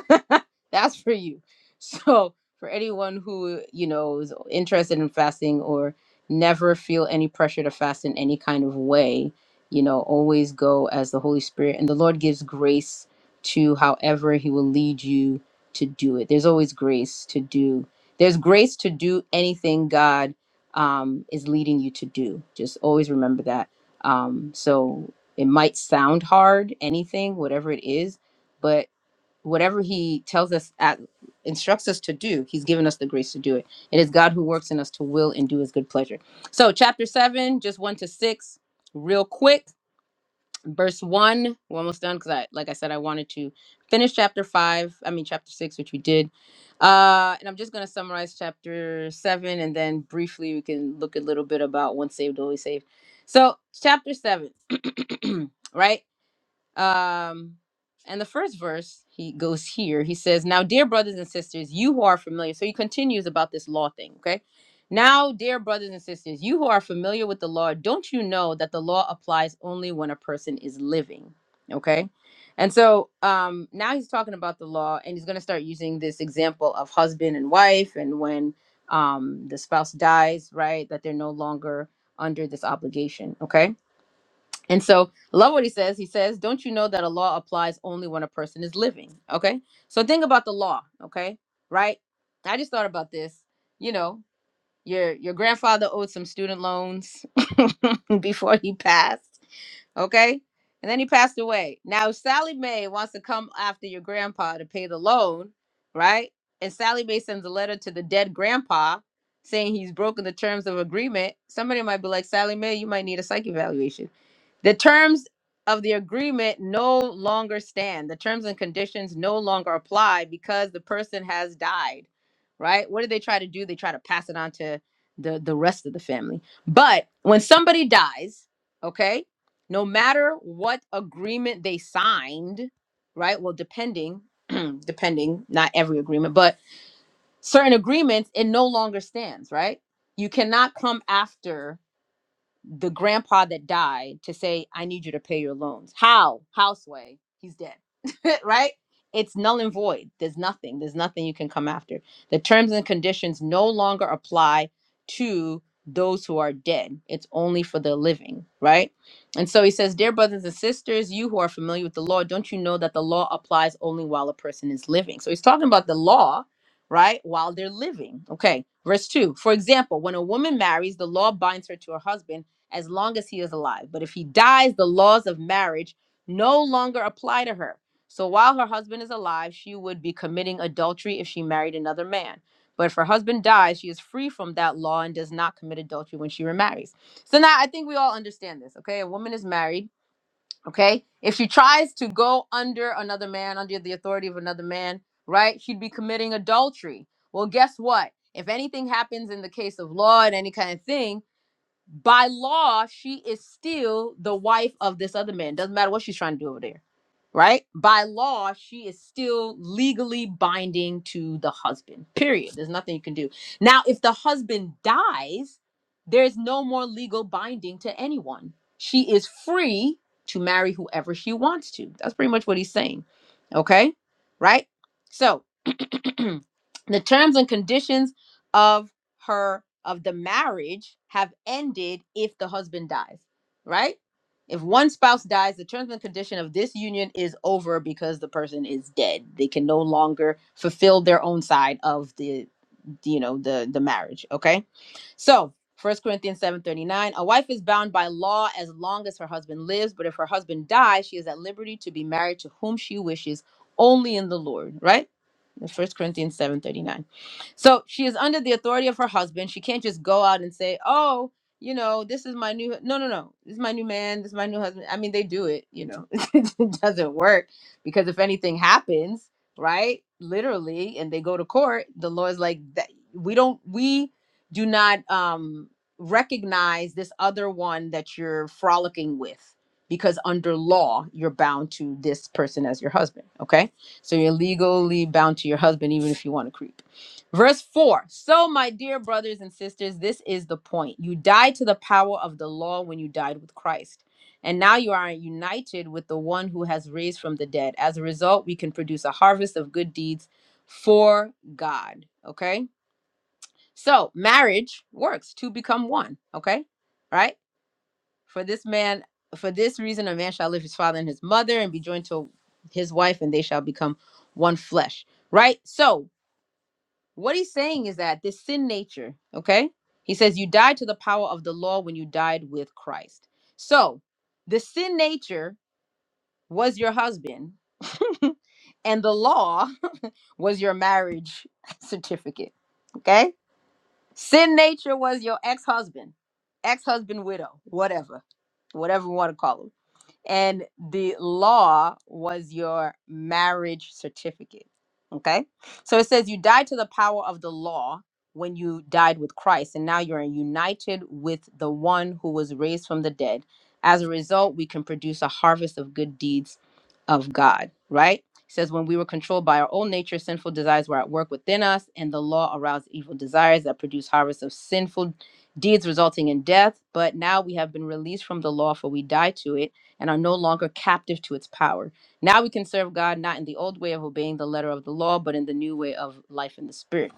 [SPEAKER 1] that's for you so for anyone who you know is interested in fasting or never feel any pressure to fast in any kind of way you know always go as the holy spirit and the lord gives grace to however he will lead you to do it there's always grace to do there's grace to do anything god um, is leading you to do just always remember that um, so it might sound hard anything whatever it is but whatever he tells us at, instructs us to do he's given us the grace to do it it is god who works in us to will and do his good pleasure so chapter 7 just 1 to 6 real quick verse 1 we're almost done because i like i said i wanted to finish chapter 5 i mean chapter 6 which we did uh and i'm just going to summarize chapter 7 and then briefly we can look a little bit about once saved always saved so chapter 7 right um, and the first verse he goes here. He says, "Now, dear brothers and sisters, you who are familiar." So he continues about this law thing. Okay. Now, dear brothers and sisters, you who are familiar with the law, don't you know that the law applies only when a person is living? Okay. And so um, now he's talking about the law, and he's going to start using this example of husband and wife, and when um, the spouse dies, right, that they're no longer under this obligation. Okay and so, I love what he says. He says, Don't you know that a law applies only when a person is living? Okay. So, think about the law. Okay. Right. I just thought about this. You know, your, your grandfather owed some student loans before he passed. Okay. And then he passed away. Now, Sally Mae wants to come after your grandpa to pay the loan. Right. And Sally Mae sends a letter to the dead grandpa saying he's broken the terms of agreement. Somebody might be like, Sally Mae, you might need a psych evaluation the terms of the agreement no longer stand. The terms and conditions no longer apply because the person has died, right? What do they try to do? They try to pass it on to the, the rest of the family. But when somebody dies, okay, no matter what agreement they signed, right? Well, depending, depending, not every agreement, but certain agreements, it no longer stands, right? You cannot come after the grandpa that died to say, I need you to pay your loans. How? Houseway. He's dead. right? It's null and void. There's nothing. There's nothing you can come after. The terms and conditions no longer apply to those who are dead. It's only for the living, right? And so he says, Dear brothers and sisters, you who are familiar with the law, don't you know that the law applies only while a person is living? So he's talking about the law, right? While they're living. Okay. Verse 2. For example, when a woman marries, the law binds her to her husband as long as he is alive. But if he dies, the laws of marriage no longer apply to her. So while her husband is alive, she would be committing adultery if she married another man. But if her husband dies, she is free from that law and does not commit adultery when she remarries. So now I think we all understand this, okay? A woman is married, okay? If she tries to go under another man, under the authority of another man, right? She'd be committing adultery. Well, guess what? If anything happens in the case of law and any kind of thing, by law, she is still the wife of this other man. Doesn't matter what she's trying to do over there, right? By law, she is still legally binding to the husband. Period. There's nothing you can do. Now, if the husband dies, there's no more legal binding to anyone. She is free to marry whoever she wants to. That's pretty much what he's saying. Okay? Right? So, the terms and conditions of her of the marriage have ended if the husband dies, right? If one spouse dies, the terms and condition of this union is over because the person is dead. They can no longer fulfill their own side of the, you know, the the marriage. Okay so, First Corinthians 7:39, a wife is bound by law as long as her husband lives, but if her husband dies, she is at liberty to be married to whom she wishes, only in the Lord, right? First Corinthians 7:39. So, she is under the authority of her husband. She can't just go out and say, "Oh, you know, this is my new no, no, no. This is my new man, this is my new husband." I mean, they do it, you know. it doesn't work because if anything happens, right? Literally, and they go to court, the law is like that we don't we do not um recognize this other one that you're frolicking with because under law you're bound to this person as your husband okay so you're legally bound to your husband even if you want to creep verse 4 so my dear brothers and sisters this is the point you died to the power of the law when you died with christ and now you are united with the one who has raised from the dead as a result we can produce a harvest of good deeds for god okay so marriage works to become one. Okay. All Right? For this man, for this reason, a man shall leave his father and his mother and be joined to his wife, and they shall become one flesh. Right? So what he's saying is that this sin nature, okay? He says, You died to the power of the law when you died with Christ. So the sin nature was your husband, and the law was your marriage certificate. Okay? Sin nature was your ex husband, ex husband widow, whatever, whatever you want to call him and the law was your marriage certificate. Okay. So it says you died to the power of the law when you died with Christ, and now you're united with the one who was raised from the dead. As a result, we can produce a harvest of good deeds of God, right? It says, when we were controlled by our own nature, sinful desires were at work within us, and the law aroused evil desires that produce harvests of sinful deeds resulting in death. But now we have been released from the law, for we die to it and are no longer captive to its power. Now we can serve God not in the old way of obeying the letter of the law, but in the new way of life in the spirit.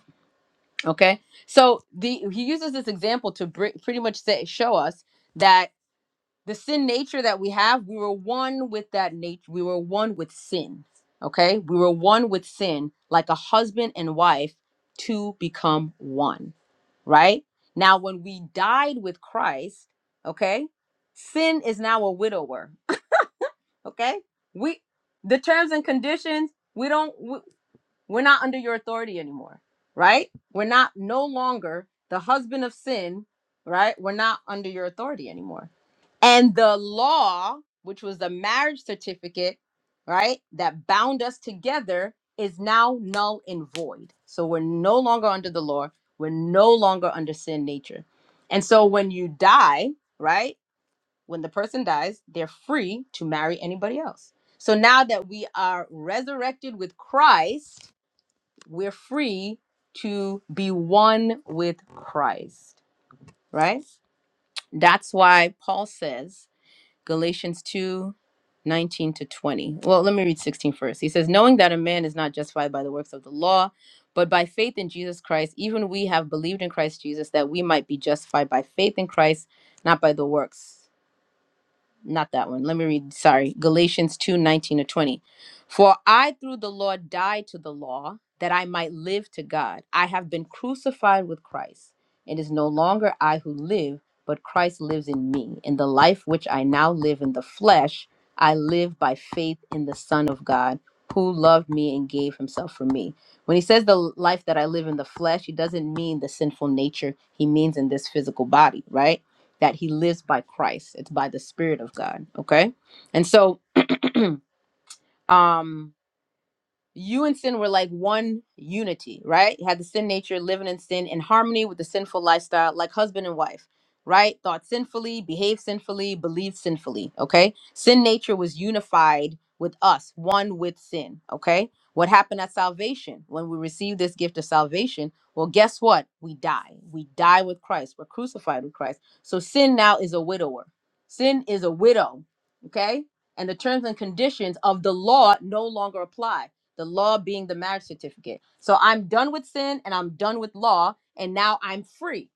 [SPEAKER 1] Okay? So the he uses this example to br- pretty much say show us that the sin nature that we have, we were one with that nature. We were one with sin. Okay? We were one with sin like a husband and wife to become one, right? Now when we died with Christ, okay? Sin is now a widower okay we the terms and conditions we don't we, we're not under your authority anymore right we're not no longer the husband of sin right we're not under your authority anymore and the law which was the marriage certificate right that bound us together is now null and void so we're no longer under the law we're no longer under sin nature and so when you die right when the person dies, they're free to marry anybody else. So now that we are resurrected with Christ, we're free to be one with Christ, right? That's why Paul says, Galatians two, nineteen to 20. Well, let me read 16 first. He says, Knowing that a man is not justified by the works of the law, but by faith in Jesus Christ, even we have believed in Christ Jesus that we might be justified by faith in Christ, not by the works not that one. Let me read, sorry. Galatians two nineteen 19 to 20. For I through the law died to the law that I might live to God. I have been crucified with Christ. It is no longer I who live, but Christ lives in me. In the life which I now live in the flesh, I live by faith in the Son of God who loved me and gave himself for me. When he says the life that I live in the flesh, he doesn't mean the sinful nature, he means in this physical body, right? that he lives by Christ. It's by the Spirit of God. Okay. And so um you and sin were like one unity, right? You had the sin nature living in sin in harmony with the sinful lifestyle, like husband and wife, right? Thought sinfully, behaved sinfully, believed sinfully, okay? Sin nature was unified with us, one with sin, okay? What happened at salvation when we received this gift of salvation? Well, guess what? We die. We die with Christ. We're crucified with Christ. So sin now is a widower. Sin is a widow, okay? And the terms and conditions of the law no longer apply the law being the marriage certificate. So I'm done with sin and I'm done with law, and now I'm free.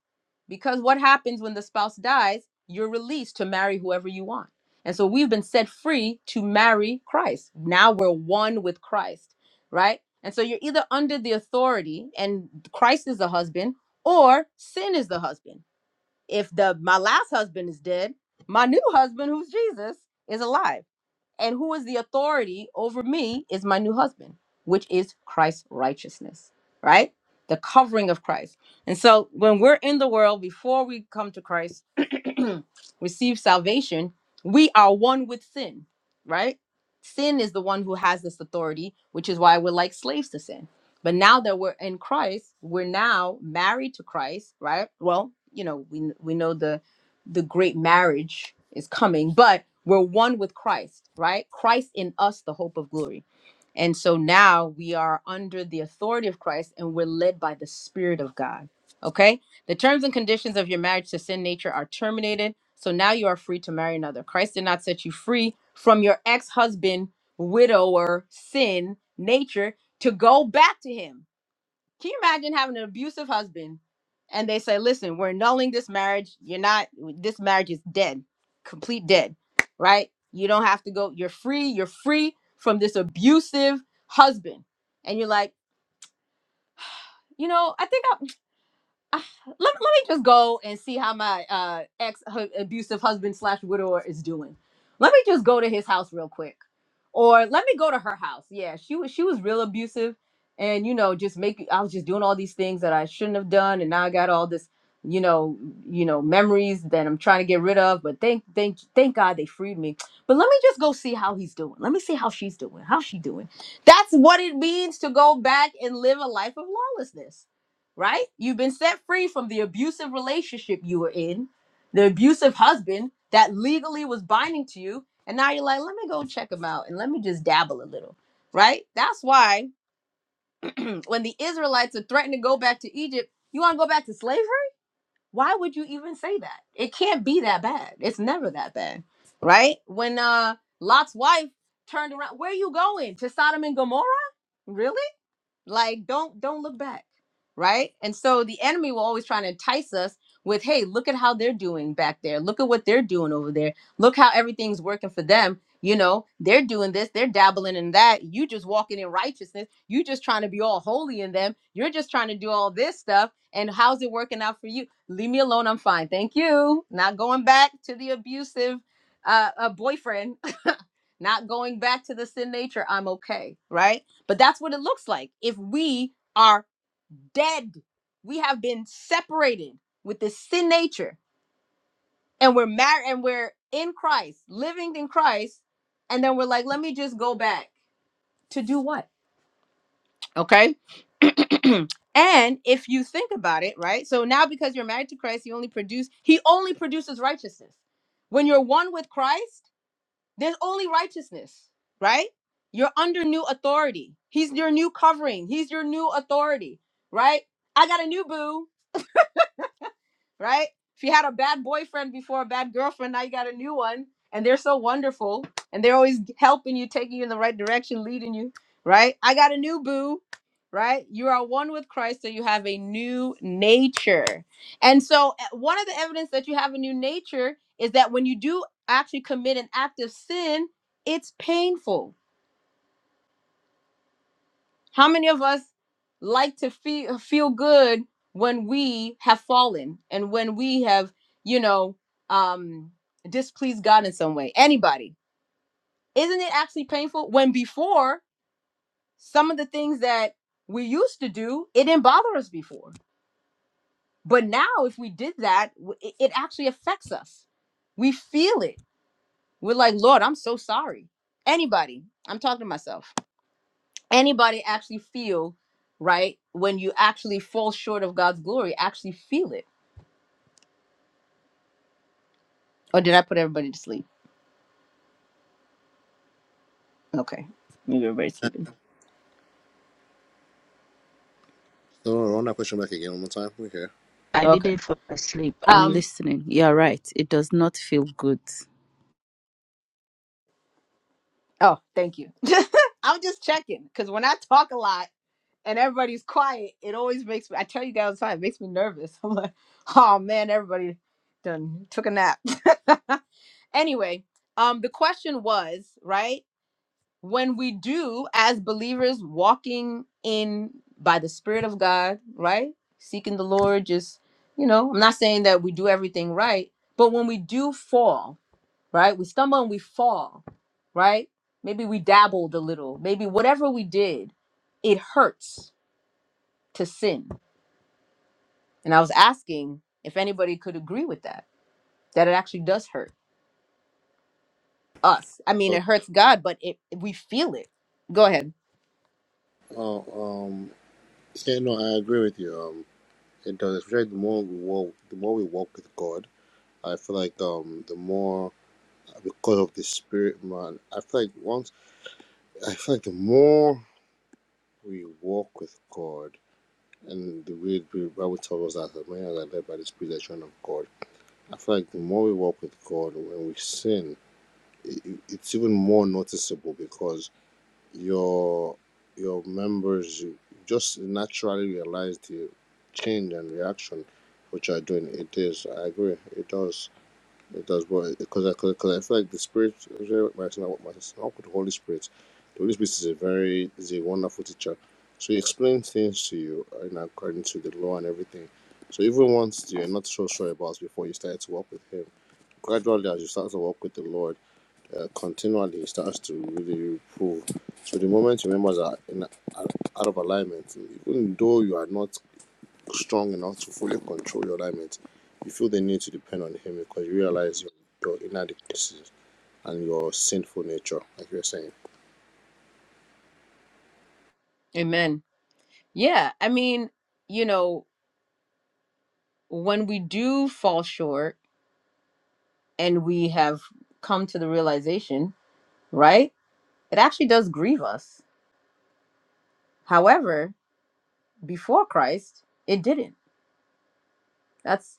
[SPEAKER 1] Because what happens when the spouse dies? You're released to marry whoever you want. And so we've been set free to marry Christ. Now we're one with Christ, right? And so you're either under the authority and Christ is the husband or sin is the husband. If the my last husband is dead, my new husband who's Jesus is alive and who is the authority over me is my new husband, which is Christ's righteousness, right? The covering of Christ. And so when we're in the world, before we come to Christ, receive salvation, we are one with sin, right? Sin is the one who has this authority, which is why we're like slaves to sin. But now that we're in Christ, we're now married to Christ, right? Well, you know, we we know the the great marriage is coming, but we're one with Christ, right? Christ in us, the hope of glory. And so now we are under the authority of Christ and we're led by the Spirit of God. Okay? The terms and conditions of your marriage to sin nature are terminated. So now you are free to marry another. Christ did not set you free from your ex husband, widower, sin nature to go back to him. Can you imagine having an abusive husband and they say, listen, we're annulling this marriage. You're not, this marriage is dead, complete dead, right? You don't have to go. You're free. You're free from this abusive husband. And you're like, you know, I think I." Ah, let, let me just go and see how my uh ex hu- abusive husband slash widower is doing. Let me just go to his house real quick, or let me go to her house. Yeah, she was she was real abusive, and you know just make I was just doing all these things that I shouldn't have done, and now I got all this you know you know memories that I'm trying to get rid of. But thank thank thank God they freed me. But let me just go see how he's doing. Let me see how she's doing. How she doing? That's what it means to go back and live a life of lawlessness right? You've been set free from the abusive relationship you were in, the abusive husband that legally was binding to you. And now you're like, let me go check him out and let me just dabble a little, right? That's why when the Israelites are threatening to go back to Egypt, you want to go back to slavery? Why would you even say that? It can't be that bad. It's never that bad, right? When uh, Lot's wife turned around, where are you going? To Sodom and Gomorrah? Really? like don't don't look back right and so the enemy will always try to entice us with hey look at how they're doing back there look at what they're doing over there look how everything's working for them you know they're doing this they're dabbling in that you just walking in righteousness you just trying to be all holy in them you're just trying to do all this stuff and how's it working out for you leave me alone i'm fine thank you not going back to the abusive uh, uh boyfriend not going back to the sin nature i'm okay right but that's what it looks like if we are dead. We have been separated with this sin nature and we're married and we're in Christ, living in Christ. And then we're like, let me just go back to do what? Okay. and if you think about it, right? So now because you're married to Christ, he only produce he only produces righteousness. When you're one with Christ, There's only righteousness, right? You're under new authority. He's your new covering. He's your new authority, right? I got a new boo right? If you had a bad boyfriend before, a bad girlfriend, now you got a new one, and they're so wonderful, and they're always helping you, taking you in the right direction, leading you, right? I got a new boo, right? You are one with Christ, so you have a new nature. And so, eh, one of the evidence that you have a new nature is that when you do actually commit an act of sin, it's painful how many of us like to feel feel good when we have fallen and when we have, you know, um displeased God in some way? Anybody? Isn't it actually painful when before some of the things that we used to do, it didn't bother us before. But now if we did that, w- it it actually affects us. We feel it. We're like, "Lord, I'm so sorry." Anybody? I'm talking to myself. anybody actually feel right when you actually fall short of God's glory, actually feel it. Or did I put everybody to sleep? Okay. Maybe everybody's sleeping.
[SPEAKER 3] No, no, run that question back again one more time. Okay.
[SPEAKER 7] I didn't
[SPEAKER 1] Okay.
[SPEAKER 7] fall asleep. I'm
[SPEAKER 1] Um
[SPEAKER 7] listening. You're right. It does not feel good.
[SPEAKER 1] oh, thank you. I'm just checking because when I talk a lot and everybody's quiet, it always makes me I tell you guys all the time, it makes me nervous. I'm like, oh man, everybody done took a nap. anyway, um the question was, right? when we do as believers walking in by the spirit of god right seeking the lord just you know i'm not saying that we do everything right but when we do fall right we stumble and we fall right maybe we dabbled a little maybe whatever we did it hurts to sin and i was asking if anybody could agree with that that it actually does hurt us i mean
[SPEAKER 3] So
[SPEAKER 1] it hurts god but it we feel it go ahead
[SPEAKER 3] Oh, um, yeah, no, I agree with you. Um, it does. Especially the more we walk, the more we walk with God, I feel like um, the more because of the Spirit, man. I feel like once, I feel like the more we walk with God. And the way the Bible tells us that as many as are led by the Spirit, they are children of God. I feel like the more we walk with God, when we sin, it, it- it's even more noticeable because your your members you just naturally realize the change and reaction which you are doing. It is. I agree. It does. It does but because I because I cause I feel like the spirit actually, my son what my son called the Holy Spirit. The Holy Spirit is a very is a wonderful teacher. So he explains things to you in according to the law and everything. So even once you're not so sure about before you start to walk with him, gradually as you start to walk with the Lord, uh, continually he starts to really improve. So the moment your members are in, are out of alignment, even though you are not strong enough to fully control your alignment, you feel the need to depend on Him because you realize your, your inadequacies and your sinful nature, like you were saying.
[SPEAKER 1] Amen. Yeah, I mean, you know, when we do fall short and we have come to the realization, right? It actually does grieve us. However, before Christ, it didn't. That's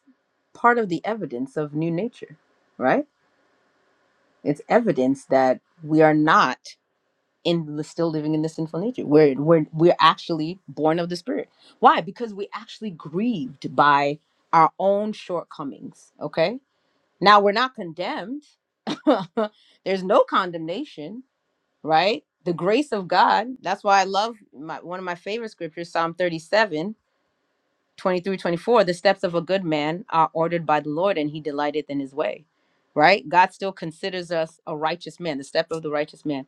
[SPEAKER 1] part of the evidence of new nature, right? It's evidence that we are not in still living in the sinful nature. We're we're we're actually born of the spirit. Why? Because we actually grieved by our own shortcomings, okay? Now we're not condemned. There's no condemnation, right? The grace of God. That's why I love my, one of my favorite scriptures, Psalm 37, 23, 24. The steps of a good man are ordered by the Lord, and he delighteth in his way, right? God still considers us a righteous man, the step of the righteous man.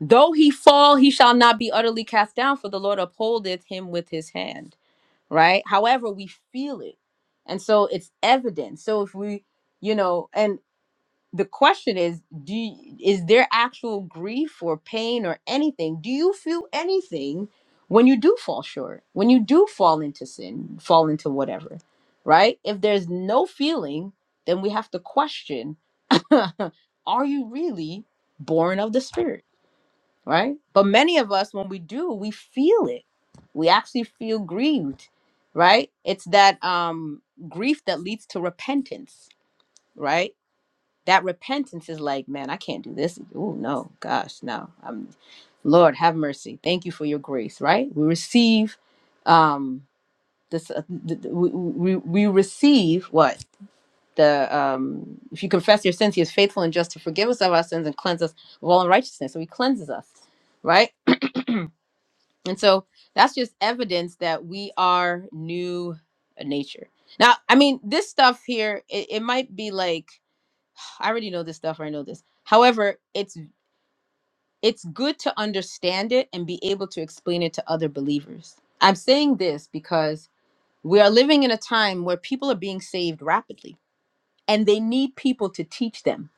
[SPEAKER 1] Though he fall, he shall not be utterly cast down, for the Lord upholdeth him with his hand, right? However, we feel it. And so it's evident. So if we you know and the question is do you, is there actual grief or pain or anything do you feel anything when you do fall short when you do fall into sin fall into whatever right if there's no feeling then we have to question are you really born of the spirit right but many of us when we do we feel it we actually feel grieved right it's that um grief that leads to repentance right that repentance is like, man, I can't do this. Oh no, gosh, no. I'm Lord, have mercy. Thank you for your grace, right? We receive um this uh, th- th- we, we we receive what? The um if you confess your sins, he is faithful and just to forgive us of our sins and cleanse us of all unrighteousness. So he cleanses us, right? And so that's just evidence that we are new nature. Now, I mean, this stuff here, it, it might be like I already know this stuff. I know this. However, it's it's good to understand it and be able to explain it to other believers. I'm saying this because we are living in a time where people are being saved rapidly and they need people to teach them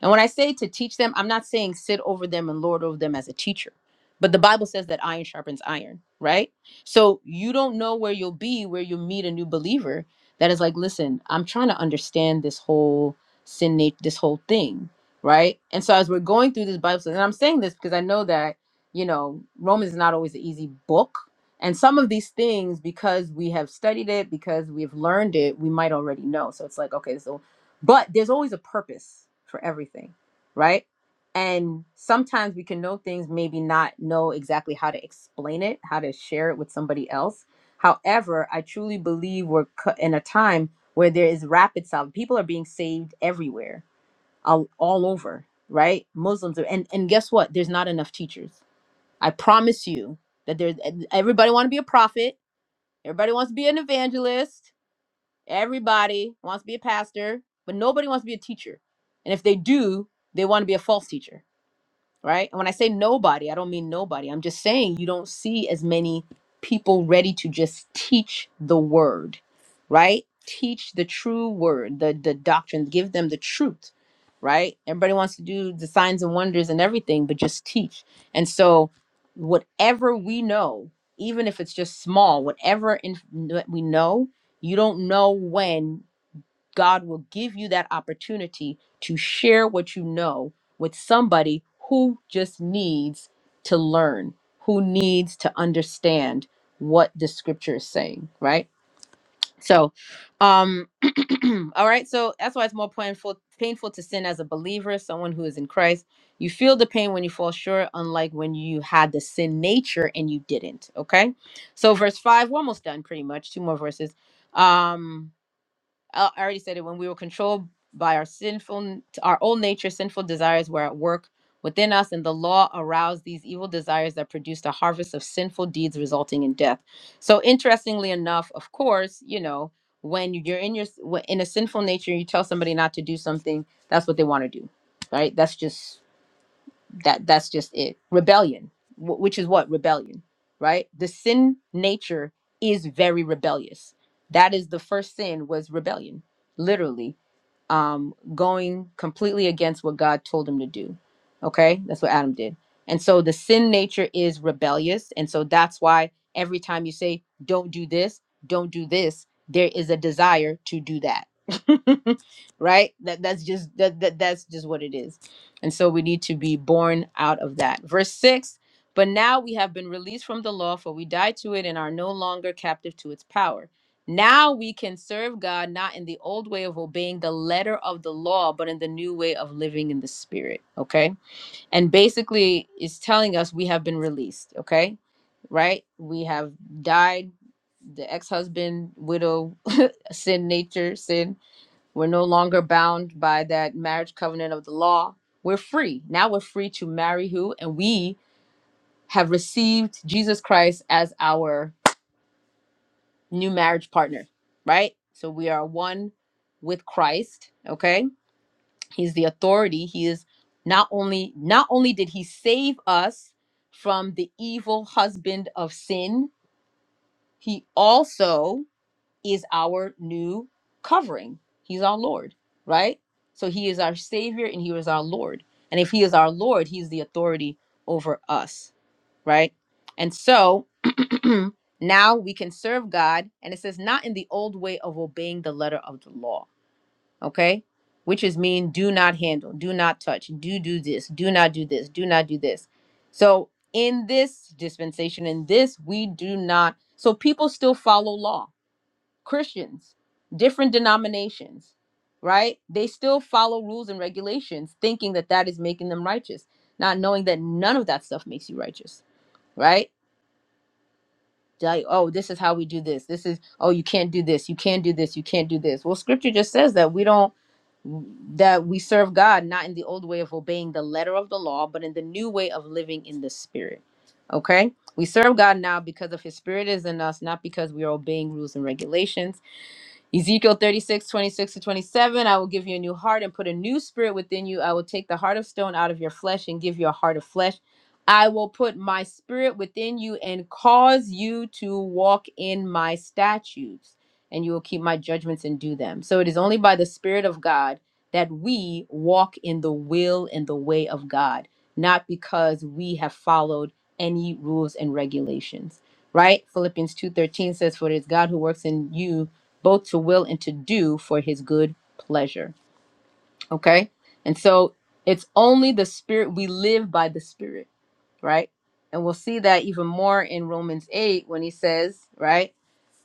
[SPEAKER 1] and when I say to teach them, I'm not saying sit over them and lord over them as a teacher. But the Bible says that iron sharpens iron, right? So you don't know where you'll be where you meet a new believer that is like, listen, I'm trying to understand this whole sin nature, this whole thing, right? And so as we're going through this Bible, and I'm saying this because I know that, you know, Romans is not always an easy book. And some of these things, because we have studied it, because we've learned it, we might already know. So it's like, okay, so but there's always a purpose for everything right and sometimes we can know things maybe not know exactly how to explain it how to share it with somebody else however i truly believe we're cu- in a time where there is rapid salvation people are being saved everywhere all, all over right muslims are, and and guess what there's not enough teachers i promise you that there's everybody want to be a prophet everybody wants to be an evangelist Everybody wants to be a pastor, but nobody wants to be a teacher. And if they do, they want to be a false teacher right? And when I say nobody, I don't mean nobody. I'm just saying you don't see as many people ready to just teach the word, right? Teach the true word, the the doctrine, give them the truth, right? Everybody wants to do the signs and wonders and everything, but just teach. And so whatever we know, even if it's just small, whatever in, that we know, you don't know when God will give you that opportunity to share what you know with somebody who just needs to learn, who needs to understand what the scripture is saying, right? So, um all right, so that's why it's more painful painful to sin as a believer, someone who is in Christ. You feel the pain when you fall short, unlike when you had the sin nature and you didn't, okay? So verse 5, we're almost done pretty much, two more verses. Um I I already said it when we were controlled by our sinful, our old nature, sinful desires were at work within us, and the law aroused these evil desires that produced a harvest of sinful deeds resulting in death. So, interestingly enough, of course, you know, when you're in your in a sinful nature, you tell somebody not to do something, that's what they want to do, right? That's just that that's just it rebellion wh- which is what rebellion right the sin nature is very rebellious that is the first sin was rebellion literally um going completely against what god told him to do okay that's what adam did and so the sin nature is rebellious and so that's why every time you say don't do this don't do this there is a desire to do that right that that's just that, that that's just what it is and so we need to be born out of that. Verse 6 But now we have been released from the law, for we died to it and are no longer captive to its power. Now we can serve God not in the old way of obeying the letter of the law, but in the new way of living in the spirit. Okay. And basically, it's telling us we have been released. Okay. Right? We have died, the ex husband, widow, sin nature, sin we're no longer bound by that marriage covenant of the law. We're free. Now we're free to marry who? And we have received Jesus Christ as our new marriage partner, right? So we are one with Christ, okay? He's the authority. He is not only not only did he save us from the evil husband of sin, he also is our new covering. He's our Lord, right? So he is our Savior and he is our Lord. And if he is our Lord, he's the authority over us, right? And so now we can serve God. And it says, not in the old way of obeying the letter of the law, okay? Which is mean do not handle, do not touch, do do this, do not do this, do not do this. So in this dispensation, in this, we do not. So people still follow law Christians, different denominations, right? They still follow rules and regulations, thinking that that is making them righteous, not knowing that none of that stuff makes you righteous, right? Like, oh, this is how we do this. This is, oh, you can't do this. You can't do this. You can't do this. Well, scripture just says that we don't, that we serve God not in the old way of obeying the letter of the law, but in the new way of living in the spirit. Okay? We serve God now because of his spirit is in us, not because we are obeying rules and regulations Ezekiel 36 26 to 27. I will give you a new heart and put a new spirit within you. I will take the heart of stone out of your flesh and give you a heart of flesh. I will put my spirit within you and cause you to walk in my statutes, and you will keep my judgments and do them. So it is only by the spirit of God that we walk in the will and the way of God, not because we have followed any rules and regulations. Right? Philippians 2:13 says for it is God who works in you both to will and to do for his good pleasure. Okay? And so it's only the spirit we live by the spirit, right? And we'll see that even more in Romans 8 when he says, right?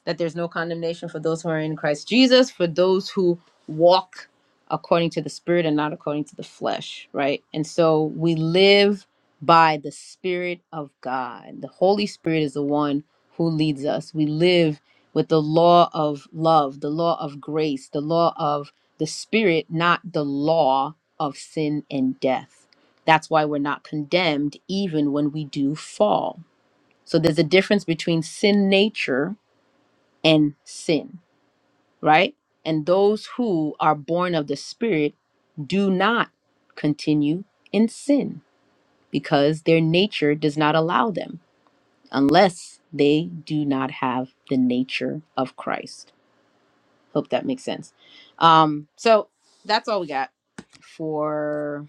[SPEAKER 1] that there's no condemnation for those who are in Christ Jesus, for those who walk according to the Spirit and not according to the flesh, right? And so we live by the Spirit of God. The Holy Spirit is the one who leads us. We live with the law of love, the law of grace, the law of the Spirit, not the law of sin and death. That's why we're not condemned even when we do fall. So there's a difference between sin nature and sin, right? And those who are born of the Spirit do not continue in sin because their nature does not allow them unless they do not have the nature of Christ. Hope that makes sense. Um, so that's all we got for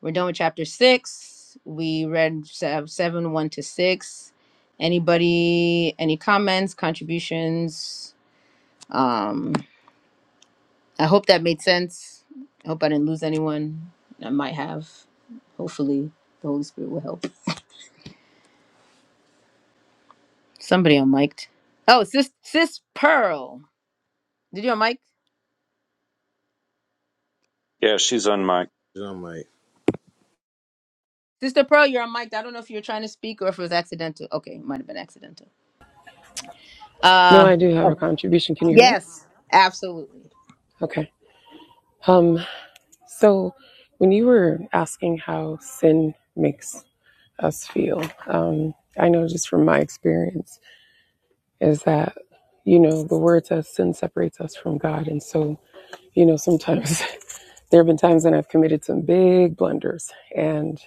[SPEAKER 1] we're done with chapter six. We read sev- seven, one to six. Anybody, any comments, contributions? Um, I hope that made sense. I hope I didn't lose anyone. I might have. Hopefully, the Holy Spirit will help. Somebody unmiked. Oh, sis, sis Pearl. Did you unmic?
[SPEAKER 6] Yeah, she's on mic.
[SPEAKER 3] These are my
[SPEAKER 1] Sister Pearl, you're unmiked. I don't know if you're trying to speak or if it was accidental. Okay, it might have been accidental.
[SPEAKER 4] no,
[SPEAKER 1] Uh,
[SPEAKER 4] I do have a contribution. Can you hear me?
[SPEAKER 1] yes, absolutely.
[SPEAKER 4] Okay. Um. So, when you were asking how sin makes us feel, um, I know just from my experience is that, you know, the word says sin separates us from God. And so, you know, sometimes there have been times when I've committed some big blunders and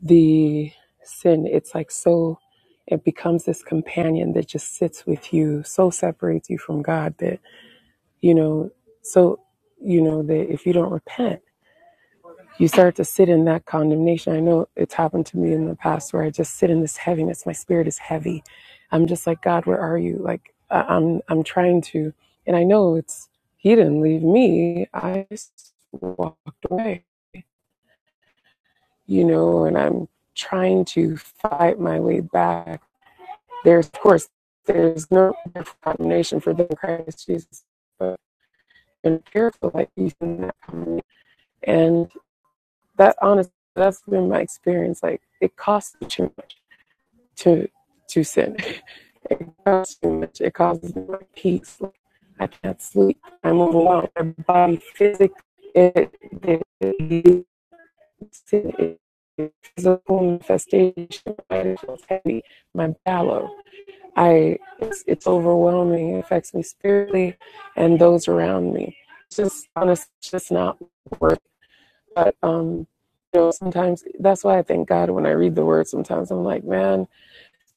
[SPEAKER 4] the sin, it's like so, it becomes this companion that just sits with you, so separates you from God that, you know, so, you know, that if you don't repent, you start to sit in that condemnation. I know it's happened to me in the past where I just sit in this heaviness. My spirit is heavy. I'm just like, God, where are you? Like I- I'm I'm trying to and I know it's he didn't leave me. I just walked away. You know, and I'm trying to fight my way back. There's of course there's no condemnation for the Christ Jesus, but in fearful like you in that condemnation. And That honestly, that's been my experience. Like it costs too much to to sin. It costs too much. It causes my peace. Like, I can't sleep. I'm overwhelmed. My body physically, it, it, it, it, it physical manifestation. My feels heavy. My bellow. I it's, it's overwhelming. It affects me spiritually and those around me. It's just honestly, it's just not worth. But um, you know, sometimes that's why I thank God when I read the word. Sometimes I'm like, man,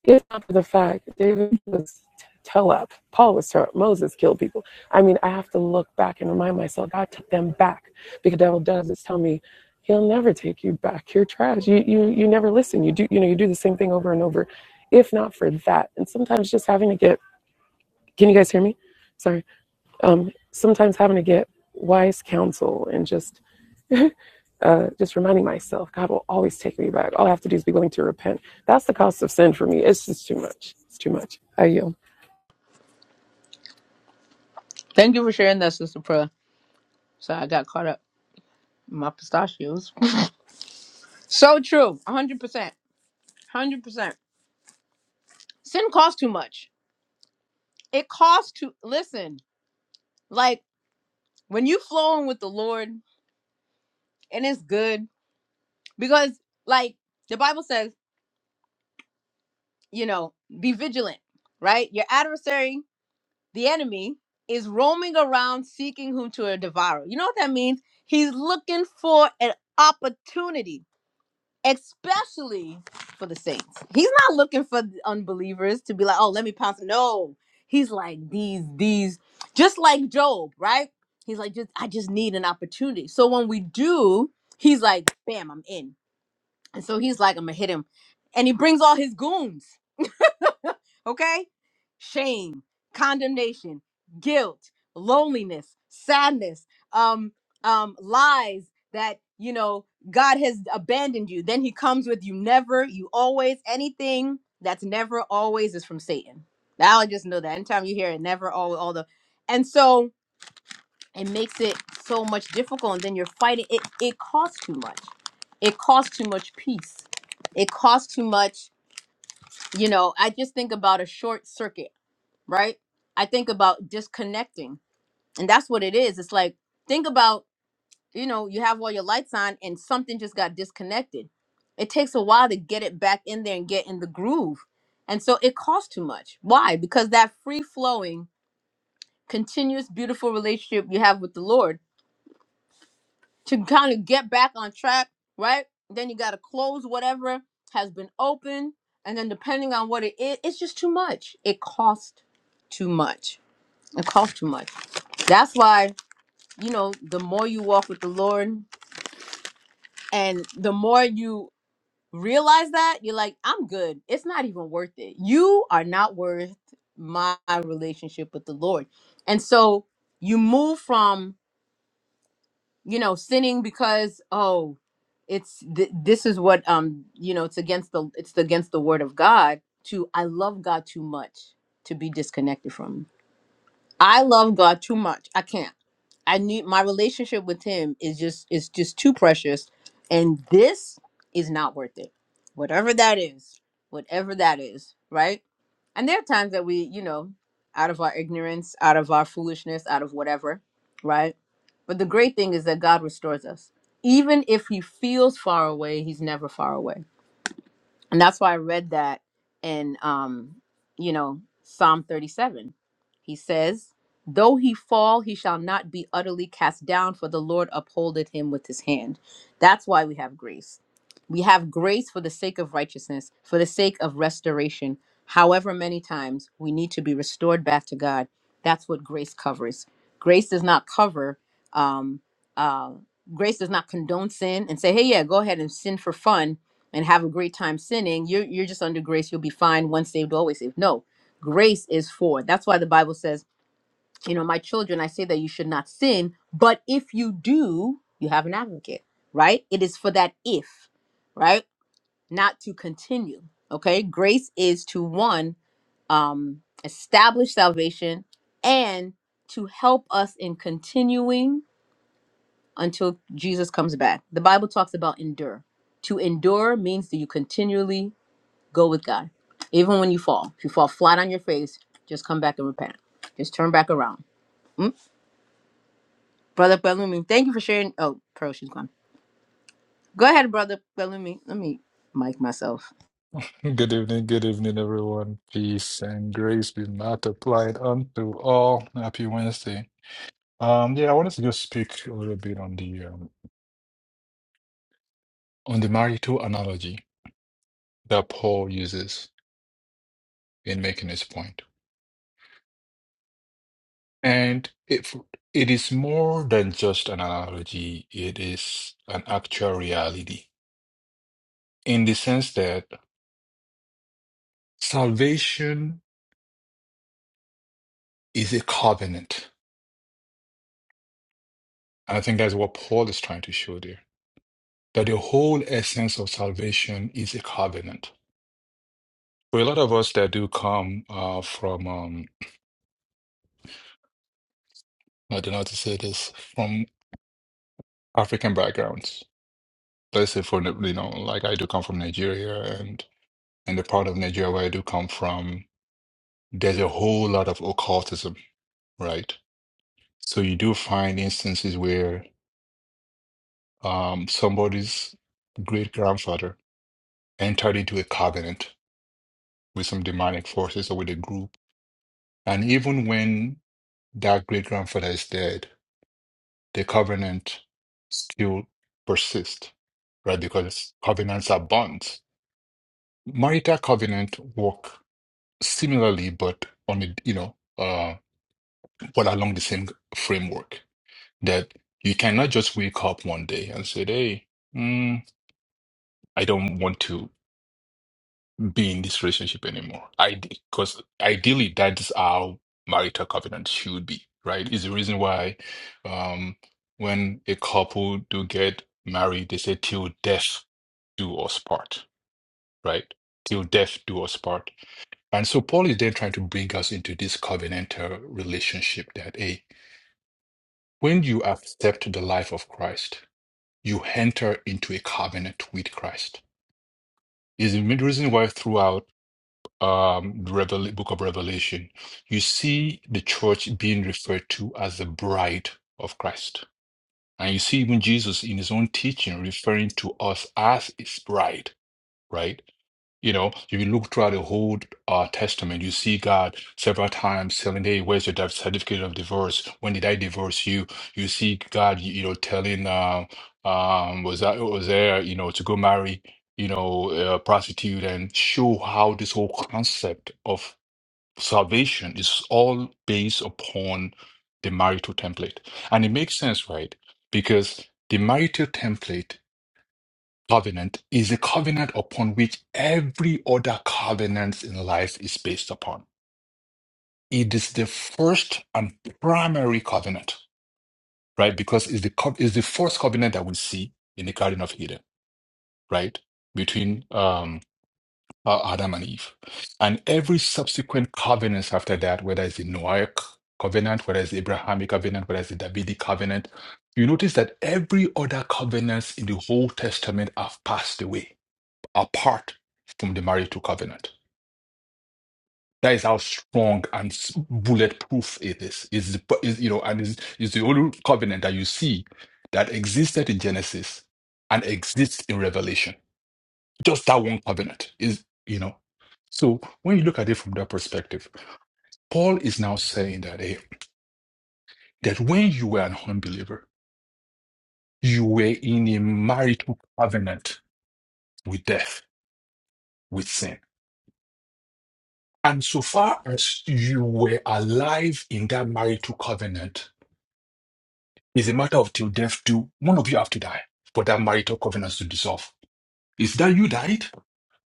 [SPEAKER 4] it's not for the fact David was tell up, Paul was tell up, Moses killed people. I mean, I have to look back and remind myself God took them back because the devil does is tell me. He'll never take you back. You're trash. You you you never listen. You do you know you do the same thing over and over, if not for that. And sometimes just having to get. Can you guys hear me? Sorry. Um. Sometimes having to get wise counsel and just uh, just reminding myself, God will always take me back. All I have to do is be willing to repent. That's the cost of sin for me. It's just too much. It's too much. I yield.
[SPEAKER 1] Thank you for sharing that, Sister Pearl. So I got caught up in my pistachios. So true. 100%. 100%. Sin costs too much. It costs to listen. Like when you flowing with the Lord. and it's good because like the bible says you know be vigilant right your adversary the enemy is roaming around seeking whom to devour you know what that means he's looking for an opportunity especially for the saints he's not looking for the unbelievers to be like oh let me pounce no he's like these these just like job right he's like just i just need an opportunity so when we do he's like bam i'm in And so he's like, I'm gonna hit him. And he brings all his goons. Okay? Shame, condemnation, guilt, loneliness, sadness, um, um, lies that you know God has abandoned you. Then he comes with you never, you always, anything that's never always is from Satan. Now I just know that anytime you hear it, never always all the and so it makes it so much difficult and then you're fighting it it costs too much it costs too much peace it costs too much you know i just think about a short circuit right i think about disconnecting and that's what it is it's like think about you know you have all your lights on and something just got disconnected it takes a while to get it back in there and get in the groove and so it costs too much why because that free flowing continuous beautiful relationship you have with the lord to kind of get back on track, right? Then you got to close whatever has been open. And then depending on what it is, it's just too much. It costs too much. It costs too much. That's why, you know, the more you walk with the Lord and the more you realize that, you're like, I'm good. It's not even worth it. You are not worth my relationship with the Lord. And so you move from you know sinning because oh it's th- this is what um you know it's against the it's against the word of god to i love god too much to be disconnected from him. i love god too much i can't I need my relationship with him is just is just too precious, and this is not worth it. Whatever that is, whatever that is, right? And there are times that we, you know, out of our ignorance, out of our foolishness, out of whatever, right? But the great thing is that God restores us. Even if he feels far away, he's never far away and that's why I read that in um, you know, Psalm 37. He says, Though he fall, he shall not be utterly cast down, for the Lord upholdeth him with his hand. That's why we have grace. We have grace for the sake of righteousness, for the sake of restoration. However, many times we need to be restored back to God. That's what grace covers. Grace does not cover, um, uh, grace does not condone sin and say, hey, yeah, go ahead and sin for fun and have a great time sinning, you're you're just under grace. You'll be fine. Once saved, always saved. No, grace is for. That's why the Bible says, you know, my children, I say that you should not sin, but if you do, you have an advocate, right? It is for that if, right? Not to continue. Okay, grace is to one um, establish salvation and to help us in continuing until Jesus comes back. The Bible talks about endure. To endure means that you continually Go with God. Even when you fall, if you fall flat on your face, just come back and repent. Just turn back around. Mm? Brother Bellumi, thank you for sharing. Oh, Pearl, she's gone. Go ahead, Brother Bellumi. Let me mic myself.
[SPEAKER 8] Good evening, good evening, everyone. Peace and grace be multiplied unto all. Happy Wednesday. Um, yeah, I wanted to just speak a little bit on the um, on the marital analogy that Paul uses in making his point. And if it is more than just an analogy, it is an actual reality in the sense that salvation is a covenant. And I think that's what Paul is trying to show there that the whole essence of salvation is a covenant. For a lot of us that do come uh, from, um, I don't know how to say this, from African backgrounds. Let's say for you know, like I do come from Nigeria, and and the part of Nigeria where I do come from, there's a whole lot of occultism, right? So you do find instances where um, somebody's great grandfather entered into a covenant with some demonic forces or with a group, and even when that great grandfather is dead, the covenant still persists, right? Because covenants are bonds. Marital covenant work similarly, but on a you know, uh, but along the same framework that you cannot just wake up one day and say, "Hey, mm, I don't want to." be in this relationship anymore. I because ideally that's how marital covenant should be, right? Is the reason why um when a couple do get married, they say till death do us part, right? Till death do us part. And so Paul is then trying to bring us into this covenantal relationship that a when you accept the life of Christ, you enter into a covenant with Christ. Is the main reason why throughout um, Revel Book of Revelation, you see the church being referred to as the bride of Christ. And you see even Jesus in his own teaching referring to us as his bride, right? You know, if you look throughout the whole uh, Testament, you see God several times telling, "Hey, where's your div- certificate of divorce? When did I divorce you?" You see God, you, you know, telling, uh, um, was that was there, you know, to go marry, you know, a prostitute, and show how this whole concept of salvation is all based upon the marital template, and it makes sense, right? Because the marital template covenant is a covenant upon which every other covenant in life is based upon. It is the first and primary covenant, right? Because it's the co- it's the first covenant that we see in the Garden of Eden, right? Between um, uh, Adam and Eve, and every subsequent covenants after that, whether it's the Noahic covenant, whether it's the Abrahamic covenant, whether it's the Davidic covenant, you notice that every other covenants in the Old Testament have passed away apart from the marital covenant. That is how strong and s- bulletproof it is. Is the is you know, and is is the only covenant that you see that existed in Genesis and exists in Revelation. Just that one covenant is you know. So when you look at it from that perspective, Paul is now saying that hey, that when you were an unbeliever, you were in a marital covenant with death, with sin. And so far as you were alive in that marital covenant, it's a matter of till death do one of you have to die for that marital covenant to dissolve. Is that you died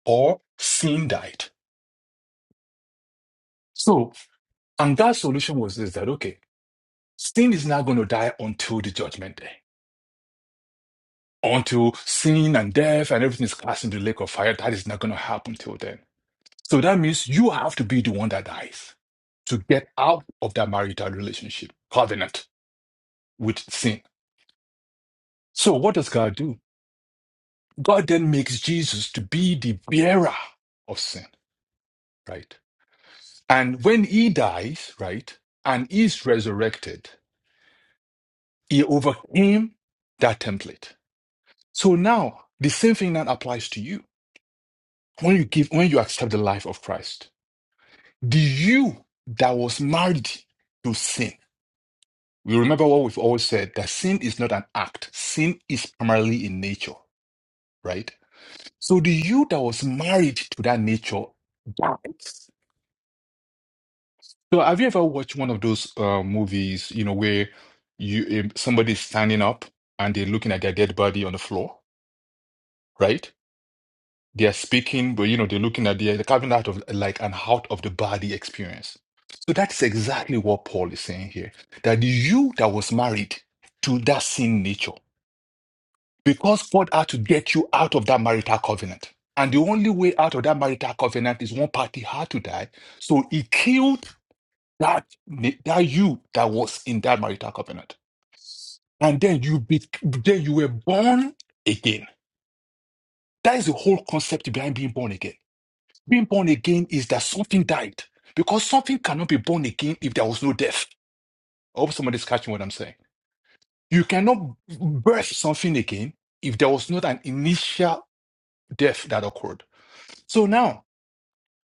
[SPEAKER 8] or sin died? So, and that solution was this that okay, sin is not going to die until the judgment day. Until sin and death and everything is cast into the lake of fire, that is not going to happen till then. So that means you have to be the one that dies to get out of that marital relationship covenant with sin. So what does God do? God then makes Jesus to be the bearer of sin, right? And when he dies, right, and is resurrected, he overcame that template. So now the same thing that applies to you. When you give, when you accept the life of Christ, the you that was married to sin. We remember what we've always said that sin is not an act. Sin is primarily in nature, right? So the you that was married to that nature dies. So have you ever watched one of those uh, movies, you know, where you um, somebody's standing up and they're looking at their dead body on the floor, right? They're speaking, but you know, they're looking at the they're having out of like an out of the body experience. So that's exactly what Paul is saying here. That the you that was married to that sin nature. Because God had to get you out of that marital covenant. And the only way out of that marital covenant is one party had to die. So he killed that, that you that was in that marital covenant. And then you be, then you were born again. That is the whole concept behind being born again. Being born again is that something died. Because something cannot be born again if there was no death. I hope somebody's catching what I'm saying. You cannot birth something again if there was not an initial death that occurred. So now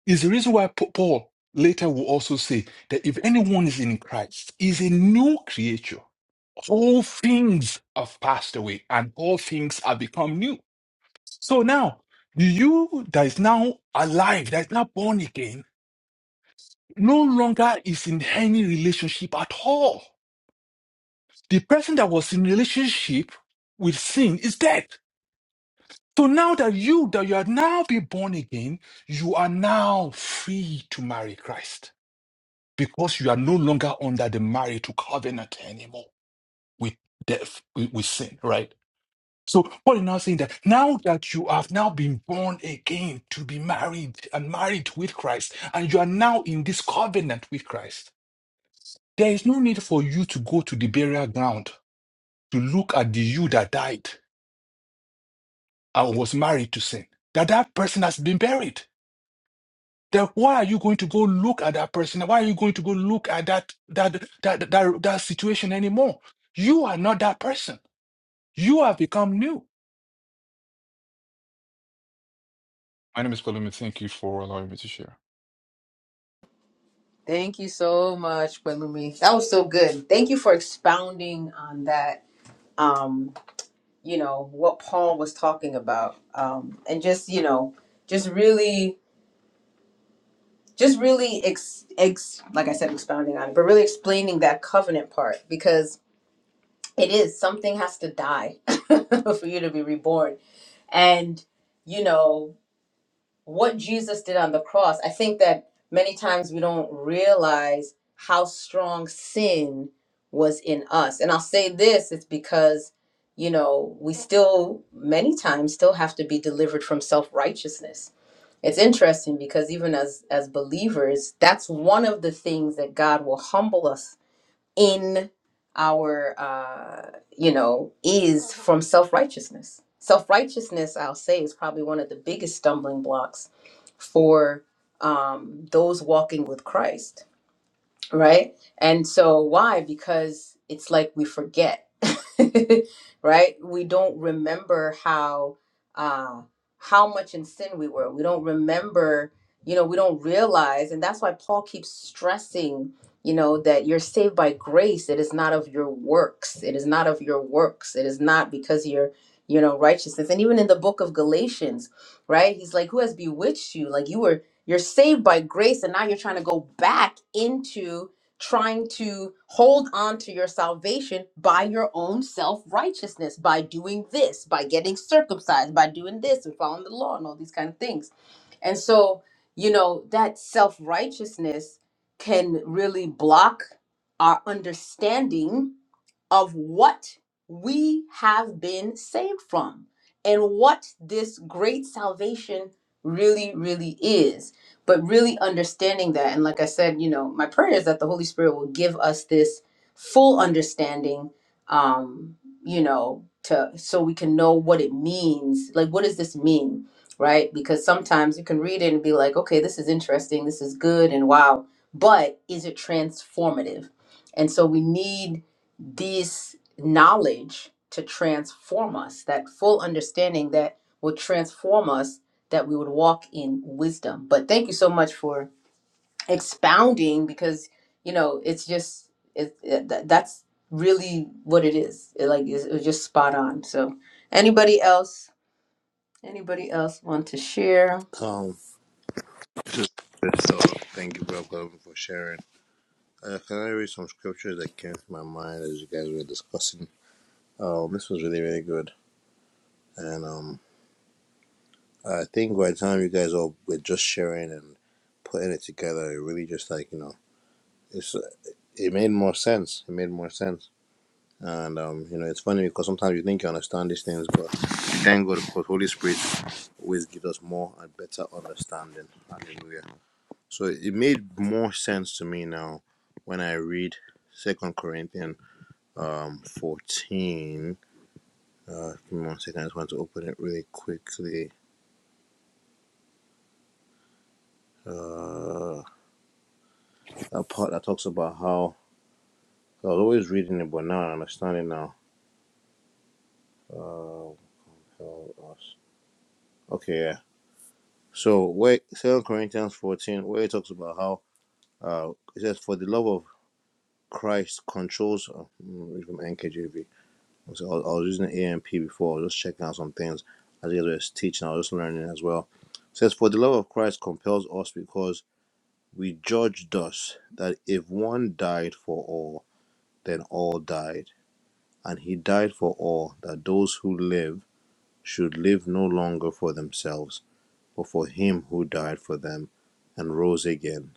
[SPEAKER 8] is the reason why Pa- Paul later will also say that if anyone is in Christ, is a new creature. All things have passed away and all things have become new. So now, you that is now alive, that is now born again, no longer is in any relationship at all. The person that was in relationship with sin is dead. So now that you, that you are now be born again, you are now free to marry Christ. because you are no longer under the marital covenant anymore with death, with, with sin, right? So Paul is now saying that now that you have now been born again to be married and married with Christ, and you are now in this covenant with Christ, there is no need for you to go to the burial ground to look at the you that died and was married to sin. That that person has been buried then why are you going to go look at that person? Why are you going to go look at that that that that, that situation anymore? You are not that person. You have become new. My name is Palumi. Thank you for allowing me to share.
[SPEAKER 1] Thank you so much, Balumi. That was so good. Thank you for expounding on that. Um, you know what Paul was talking about, um, and just you know, just really, just really ex, ex, like I said, expounding on, it, but really explaining that covenant part because it is something has to die for you to be reborn and you know what jesus did on the cross i think that many times we don't realize how strong sin was in us and i'll say this it's because you know we still many times still have to be delivered from self-righteousness it's interesting because even as as believers that's one of the things that god will humble us in our uh you know is from self-righteousness self-righteousness i'll say is probably one of the biggest stumbling blocks for um those walking with christ right? And so why? Because it's like we forget, right? We don't remember how uh, how much in sin we were. We don't remember, you know, we don't realize, and that's why Paul keeps stressing, you know, that you're saved by grace. It is not of your works. It is not of your works. It is not because you're you know righteousness and even in the book of galatians right he's like who has bewitched you like you were you're saved by grace, and now you're trying to go back into trying to hold on to your salvation by your own self righteousness, by doing this, by getting circumcised, by doing this and following the law and all these kind of things. And so, you know, that self righteousness can really block our understanding of what we have been saved from and what this great salvation really, really is. But really understanding that. And like I said, you know, my prayer is that the Holy Spirit will give us this full understanding, um, you know, to so we can know what it means. Like, what does this mean? Right? Because sometimes you can read it and be like, okay, this is interesting, this is good, and wow. But is it transformative? And so we need this knowledge to transform us, that full understanding that will transform us, that we would walk in wisdom. But thank you so much for expounding because, you know, it's just, it, it, that, that's really what it is. It, like, it's, it was just spot on. So, anybody else? Anybody else want to share?
[SPEAKER 3] um. this is- So thank you, Brother Calvin, for sharing. Uh, can I read some scriptures that came to my mind as you guys were discussing? Um, this was really really good, and um, I think by the time you guys all were just sharing and putting it together, it really just like you know, it's it made more sense. It made more sense And um, you know, it's funny because sometimes you think you understand these things, but thank God because Holy Spirit always gives us more and better understanding. Hallelujah. So it made more sense to me now when I read Second Corinthians um fourteen. Uh give me one second, I just want to open it really quickly. Uh that part that talks about how I was always reading it but now I understand it now. Uh how else? Okay, yeah. So wait, Second Corinthians fourteen, where it talks about how Uh, it says, "For the love of Christ controls." Oh, mm, read from NKJV. So I was, I was using the AMP before. I was just checking out some things as you guys were teaching. I was just learning as well. It says, "For the love of Christ compels us, because we judged thus that if one died for all, then all died, and he died for all, that those who live should live no longer for themselves, but for him who died for them and rose again.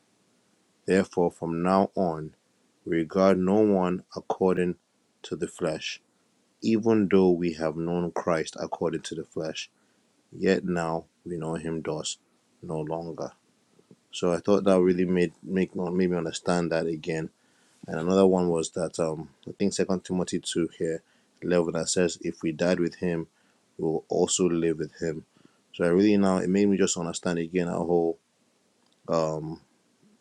[SPEAKER 3] Therefore, from now on." regard no one according to the flesh. Even though we have known Christ according to the flesh, yet now we know him thus no longer. So I thought that really made make made me understand that again. And another one was that um I think Second Timothy two here eleven that says if we died with him, we will also live with him. So I really now it made me just understand again our whole um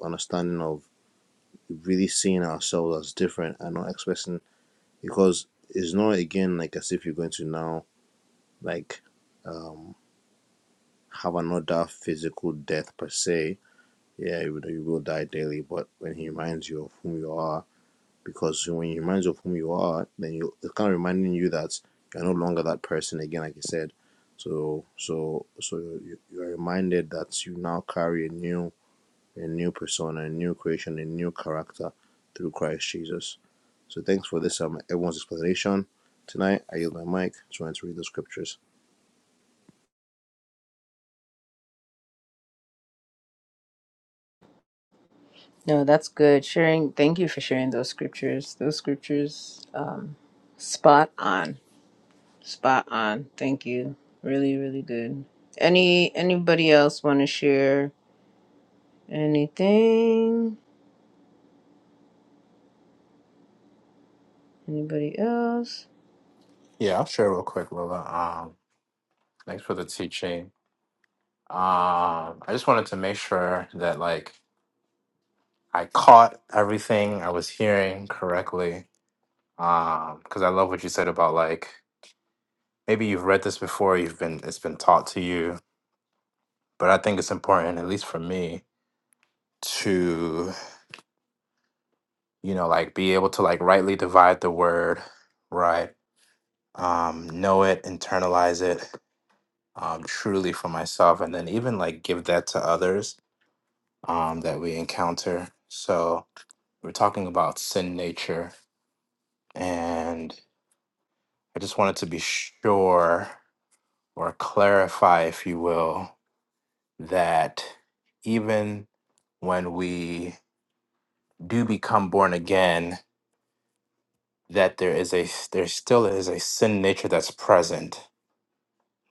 [SPEAKER 3] understanding of really seeing ourselves as different and not expressing because it's not again like as if you're going to now like um have another physical death per se yeah you, will- you will die daily but when he reminds you of whom you are because when he reminds you of whom you are then you it's kind of reminding you that you're no longer that person again like you said so so so you, you are reminded that you now carry a new a new persona, a new creation, a new character through Christ Jesus. So thanks for this um everyone's explanation. Tonight I yield my mic to want to read the scriptures.
[SPEAKER 1] No, that's good. Sharing, thank you for sharing those scriptures. Those scriptures, um, spot on. Spot on. Thank you. Really, really good. Any anybody else want to share anything? Anybody else?
[SPEAKER 2] Yeah, I'll share real quick, Lola. Um, thanks for the teaching. Um, I just wanted to make sure that like I caught everything I was hearing correctly. Um, because I love what you said about like maybe you've read this before, you've been it's been taught to you, but I think it's important, at least for me, you know like be able to like rightly divide the word right um know it internalize it um truly for myself and then even like give that to others um that we encounter so we're talking about sin nature and i just wanted to be sure or clarify if you will that even when we do become born again that there is a there still is a sin nature that's present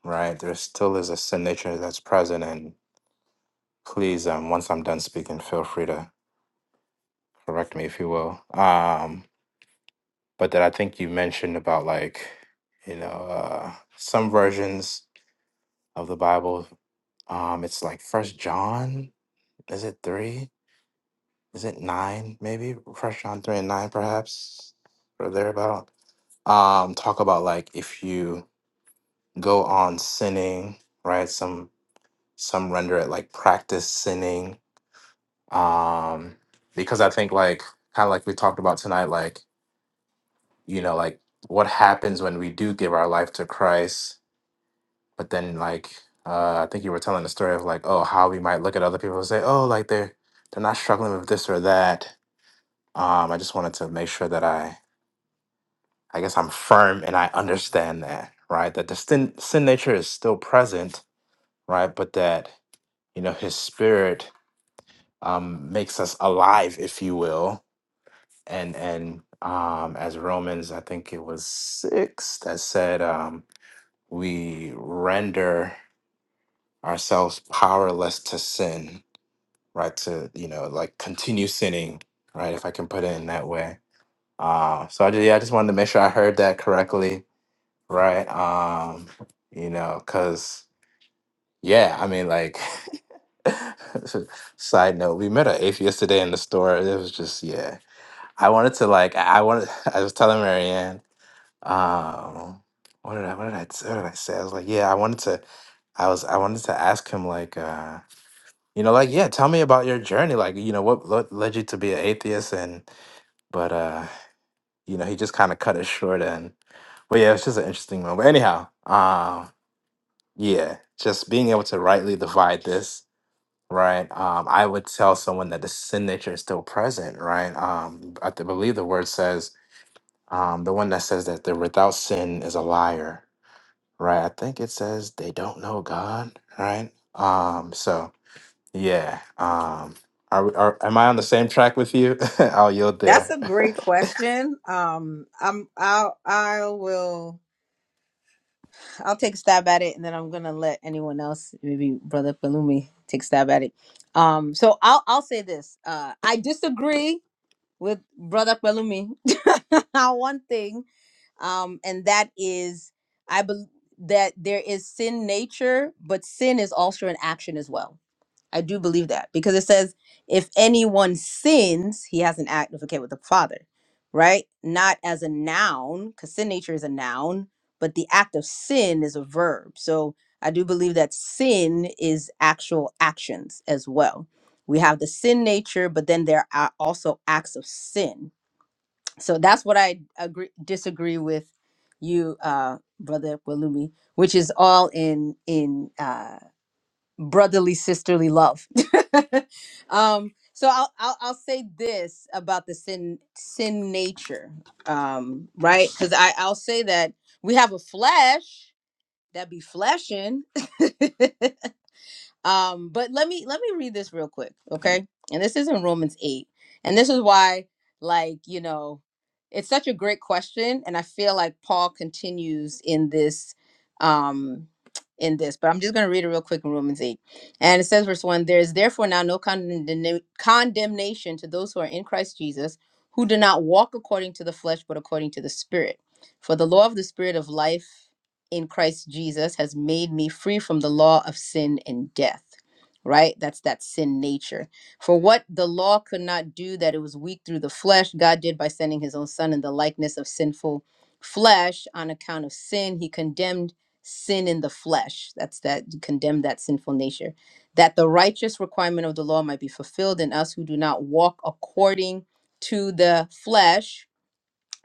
[SPEAKER 2] right? There still is a signature that's present, and please, um, once I'm done speaking, feel free to correct me if you will. Um, but that I think you mentioned about like, you know, uh, some versions of the Bible, um, it's like First John, is it three? Is it nine? Maybe First John three and nine, perhaps, or thereabout. Um, talk about like if you go on sinning, right? Some some render it like practice sinning um because i think like kind of like we talked about tonight like you know like what happens when we do give our life to christ but then like uh i think you were telling the story of like oh how we might look at other people and say oh like they're they're not struggling with this or that um i just wanted to make sure that i i guess i'm firm and i understand that right that the sin, sin nature is still present right but that you know his spirit um makes us alive if you will and and um as romans i think it was six that said um we render ourselves powerless to sin right to you know like continue sinning right if i can put it in that way uh so i just yeah i just wanted to make sure i heard that correctly right um you know because yeah i mean like side note we met an atheist today in the store it was just yeah i wanted to like i I wanted i was telling marianne Um, what did I what did I what did I say? I was like, yeah, I wanted to I was I wanted to ask him like uh you know like yeah tell me about your journey like you know what, what led you to be an atheist and but uh you know he just kind of cut it short and but yeah it's just an interesting moment but anyhow um yeah just being able to rightly divide this right um I would tell someone that the sin nature is still present right um I th- believe the word says um the one that says that the without sin is a liar right? I think it says they don't know God, right? Um, so yeah. Um, are we? Are am I on the same track with you? I'll yield
[SPEAKER 1] That's
[SPEAKER 2] there.
[SPEAKER 1] a great question. Um, I'm I'll I will I'll take a stab at it, and then I'm gonna let anyone else, maybe Brother Palumi, take a stab at it. Um, so I'll I'll say this. Uh, I disagree with Brother Palumi on one thing um, and that is I believe that there is sin nature, but sin is also an action as well. I do believe that because it says if anyone sins, he has an advocate with the Father, right? Not as a noun, because sin nature is a noun, but the act of sin is a verb. So I do believe that sin is actual actions as well. We have the sin nature, but then there are also acts of sin so that's what I agree disagree with you, uh, brother Walumi, which is all in in uh, brotherly sisterly love. um, so I'll, I'll I'll say this about the sin sin nature, um, right? Because I I'll say that we have a flesh that be fleshing, Um, but let me let me read this real quick, okay? And this is in Romans 8. And this is why, like, you know, it's such a great question. And I feel like Paul continues in this, um, in this, but I'm just gonna read it real quick in Romans 8. And it says, verse 1, there is therefore now no condemna- condemnation to those who are in Christ Jesus, who do not walk according to the flesh, but according to the spirit. For the law of the spirit of life in Christ Jesus has made me free from the law of sin and death. Right? That's that sin nature. For what the law could not do, that it was weak through the flesh, God did by sending his own son in the likeness of sinful flesh on account of sin. He condemned sin in the flesh. That's that, condemned that sinful nature. That the righteous requirement of the law might be fulfilled in us who do not walk according to the flesh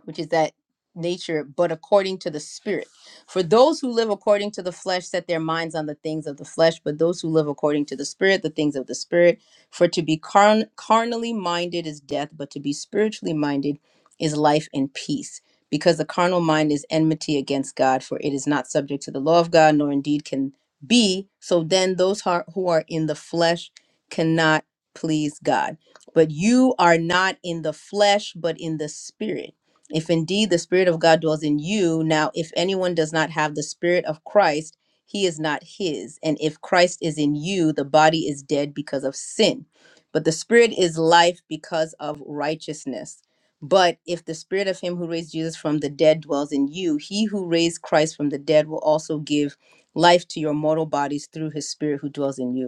[SPEAKER 1] which is that nature, but according to the spirit. For those who live according to the flesh set their minds on the things of the flesh, but those who live according to the spirit, the things of the spirit. For to be carn- carnally minded is death, but to be spiritually minded is life and peace. Because the carnal mind is enmity against God, for it is not subject to the law of God, nor indeed can be. So then those who are who are in the flesh cannot please God. But you are not in the flesh, but in the spirit if indeed the Spirit of God dwells in you, now if anyone does not have the Spirit of Christ, he is not his. And if Christ is in you, the body is dead because of sin, but the Spirit is life because of righteousness. But if the Spirit of him who raised Jesus from the dead dwells in you, he who raised Christ from the dead will also give life to your mortal bodies through his Spirit who dwells in you.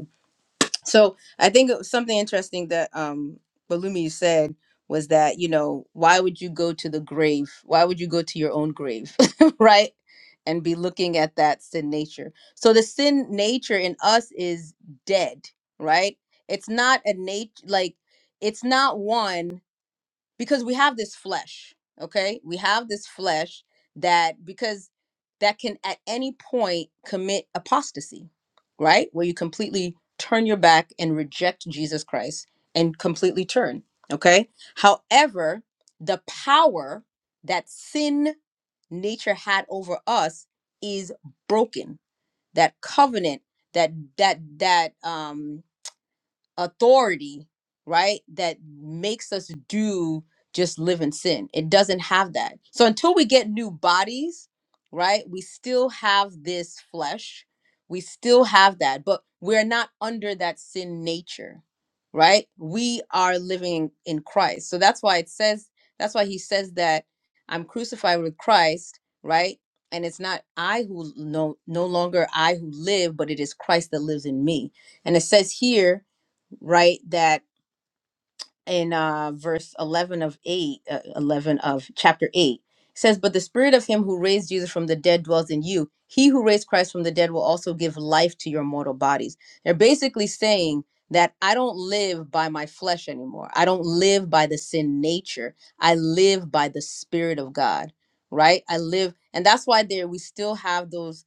[SPEAKER 1] So I think it was something interesting that um Balumi said was that, you know, why would you go to the grave? Why would you go to your own grave? right? And be looking at that sin nature. So the sin nature in us is dead, right? It's not a nature like it's not one because we have this flesh okay we have this flesh that because that can at any point commit apostasy right where you completely turn your back and reject jesus christ and completely turn okay however the power that sin nature had over us is broken that covenant that that that um authority, right? That makes us do just live in sin. It doesn't have that. So until we get new bodies, right? We still have this flesh. We still have that, but we're not under that sin nature, right? We are living in Christ. So that's why it says, that's why he says that I'm crucified with Christ, right? And it's not I who no no longer I who live, but it is Christ that lives in me. And it says here right that in uh verse 11 of 8 uh, 11 of chapter 8 says but the spirit of him who raised jesus from the dead dwells in you he who raised christ from the dead will also give life to your mortal bodies they're basically saying that i don't live by my flesh anymore i don't live by the sin nature i live by the spirit of god right i live and that's why there we still have those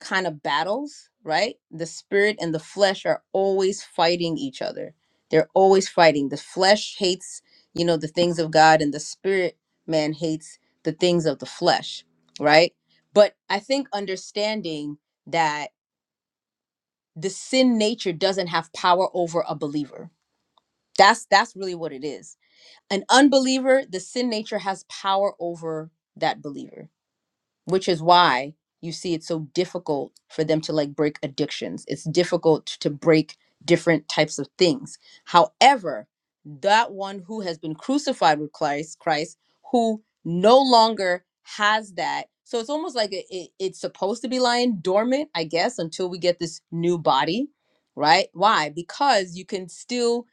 [SPEAKER 1] kind of battles, right? The spirit and the flesh are always fighting each other. They're always fighting. The flesh hates, you know, the things of God, and the spirit man hates the things of the flesh, right? But I think understanding that the sin nature doesn't have power over a believer. That's that's really what it is. An unbeliever, the sin nature has power over that believer which is why you see it's so difficult for them to like break addictions. It's difficult to break different types of things. However, that one who has been crucified with Christ, Christ, who no longer has that. So it's almost like it, it- it's supposed to be lying dormant, I guess, until we get this new body, right? Why? Because you can still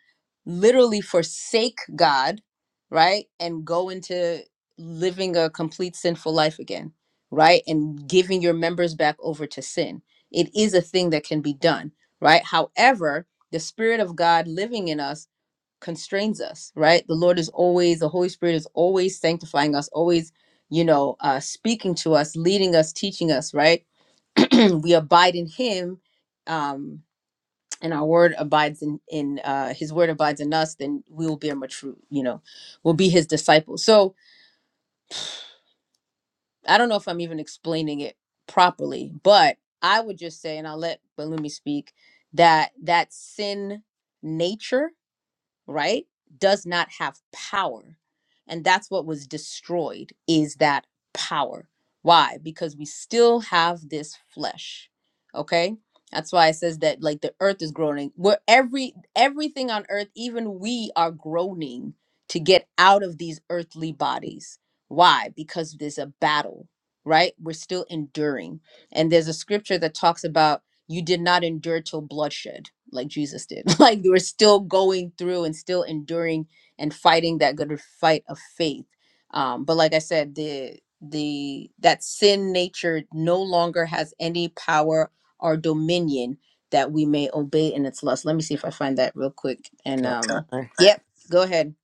[SPEAKER 1] literally forsake God, right? And go into living a complete sinful life again right? And giving your members back over to sin. It is a thing that can be done, right? However, the Spirit of God living in us constrains us, right? The Lord is always, the Holy Spirit is always sanctifying us, always, you know, uh, speaking to us, leading us, teaching us, right? we abide in Him. Um, and our word abides in in uh, his word abides in us then we will be a mature you know we'll be his disciples so I don't know if I'm even explaining it properly, but I would just say, and I'll let Balumi speak, that that sin nature right does not have power and that's what was destroyed is that power why because we still have this flesh okay that's why it says that like the earth is groaning where every everything on earth even we are groaning to get out of these earthly bodies why because there's a battle right we're still enduring and there's a scripture that talks about you did not endure till bloodshed like Jesus did. Like you were still going through and still enduring and fighting that good fight of faith. Um, but like I said, the the that sin nature no longer has any power or dominion that we may obey in its lust. Let me see if I find that real quick. And
[SPEAKER 3] Can
[SPEAKER 1] um, Sure.
[SPEAKER 3] I
[SPEAKER 1] yep, go ahead.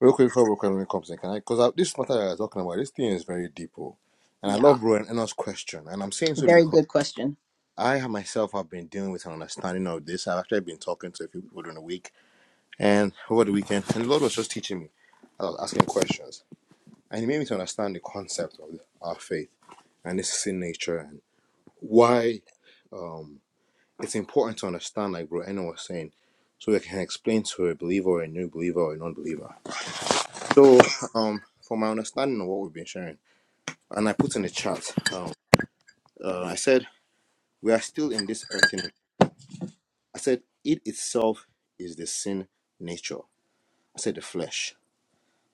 [SPEAKER 3] real quick before Rowan comes in, can I because this matter that I was talking about, this thing is very deep. oh. And I
[SPEAKER 1] Yeah,
[SPEAKER 3] love Rowan Eno's question. And I'm saying so
[SPEAKER 1] very
[SPEAKER 3] because
[SPEAKER 1] good question.
[SPEAKER 3] I have- myself have been dealing with an understanding of this. I've actually been talking to a few people during the week and over the weekend. And the Lord was just teaching me. I was asking questions. And he made me to understand the concept of our faith and its sin nature and why um, it's important to understand, like Bro Eno was saying, so we can explain to a believer or a new believer or a non believer. So, um, for my understanding of what we've been sharing, and I put in the chat, um, uh, I said, we are still in this earthen vessel. I said, it itself is the sin nature. I said, the flesh. I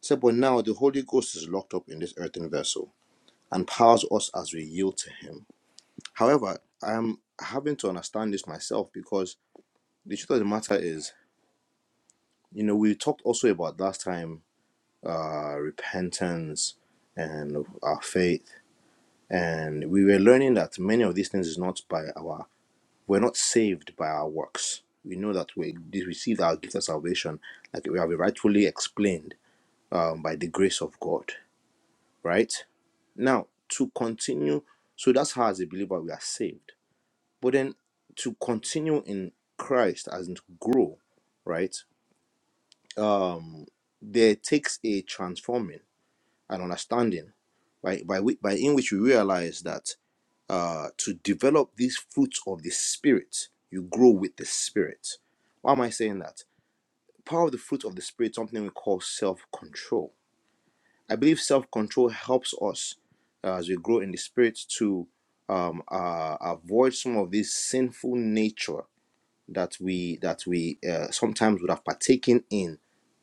[SPEAKER 3] said, but now the Holy Ghost is locked up in this earthen vessel and powers us as we yield to Him. However, I'm having to understand this myself because the truth of the matter is, you know we talked also about last time uh repentance and our faith and we were learning that many of these things is not by our we're not saved by our works we know that we we received our gift of salvation like we have rightfully explained um, by the grace of god right now to continue so that's how as a believer we are saved but then to continue in christ as in to grow right um there takes a transforming and understanding by by whi- by in which we realize that uh, to develop these fruits of the spirit, you grow with the spirit. Why am I saying that? The power of the fruit of the spirit, something we call self control. I believe self control helps us uh, as we grow in the spirit to um, uh, avoid some of this sinful nature that we that we uh, sometimes would have partaken in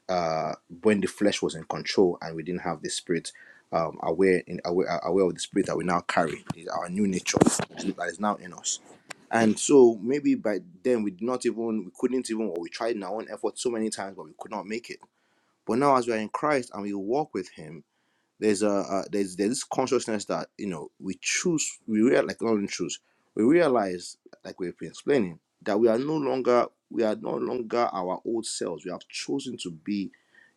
[SPEAKER 3] uh, when the flesh was in control and we didn't have the spirit um, aware in aware, uh, aware of the spirit that we now carry is our new nature that is now in us and so maybe by then we did not even we couldn't even or we tried in our own effort so many times but we could not make it but now as we are in christ and we walk with him there's a uh, there's there's this consciousness that you know we choose we real like not only choose we realize like we've been explaining that we are no longer we are no longer our old selves we have chosen to be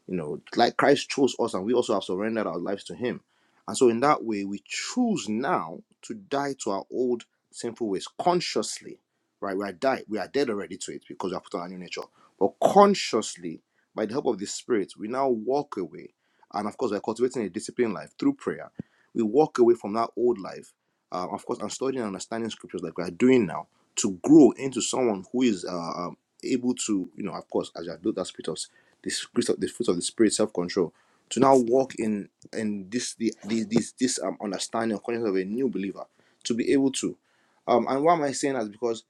[SPEAKER 3] you know, like Christ chose us and we also have surrendered our lives to Him. And so, in that way, we choose now to die to our old sinful ways consciously, right? We are died, we are dead already to it because we have put on our new nature. But consciously, by the help of the Spirit, we now walk away. And of course, we're cultivating a disciplined life through prayer. We walk away from that old life, uh, of course, and studying and understanding scriptures like we are doing now to grow into someone who is uh, um, able to, you know, of course, as you have built that spirit of the fruit of the fruit of the spirit, self control, to now walk in in this the this this, this um, understanding and conscience of a new believer, to be able to, um, and why am I saying that? Because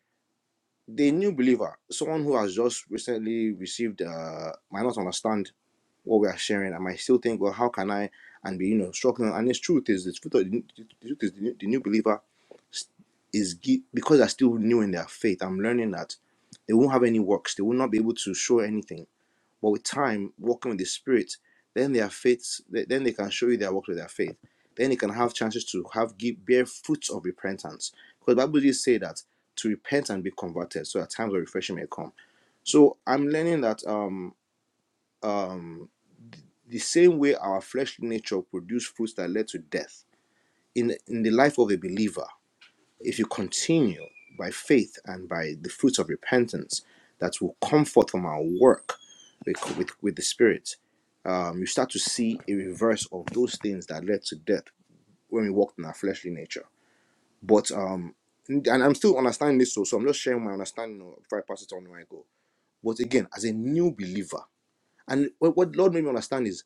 [SPEAKER 3] the new believer, someone who has just recently received, uh, might not understand what we are sharing, and might still think, well, how can I? And be you know struggling. And the truth is, the truth, of the, the truth is, the new, the new believer is gi- because they're still new in their faith. I'm learning that they won't have any works. They will not be able to show anything but with time, walking with the Spirit, then their faith, then they can show you their work with their faith. Then you can have chances to have give bear fruits of repentance. Because the Bible did say that to repent and be converted, so that times of refreshing may come. So I'm learning that um um the same way our fleshly nature produce fruits that led to death in in the life of a believer if you continue by faith and by the fruits of repentance that will come forth from our work with, with, with the Spirit, um, you start to see a reverse of those things that led to death when we walked in our fleshly nature. But, um, and I'm still understanding this, so, so I'm just sharing my understanding before I pass it on where I go. But again, as a new believer, and what, what Lord made me understand is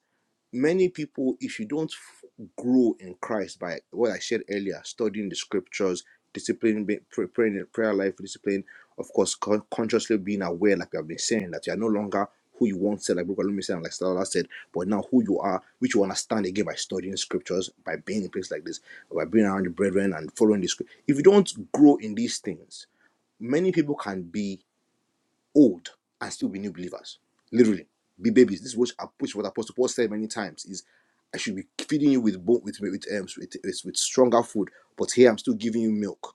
[SPEAKER 3] many people, if you don't f- grow in Christ by what I said earlier, studying the scriptures, discipline, be- pray- praying in prayer life, discipline, of course, con- consciously being aware, like I've been saying, that you are no longer who you once said, like Brooke Alumi said, and like Stella said, but now who you are, which you understand again by studying scriptures, by being in a place like this, by being around the brethren and following the script. If you don't grow in these things, many people can be old and still be new believers. Literally, be babies. This is what, which what Apostle Paul said many times is, I should be feeding you with bone, with with, um, with with with stronger food, but here I'm still giving you milk.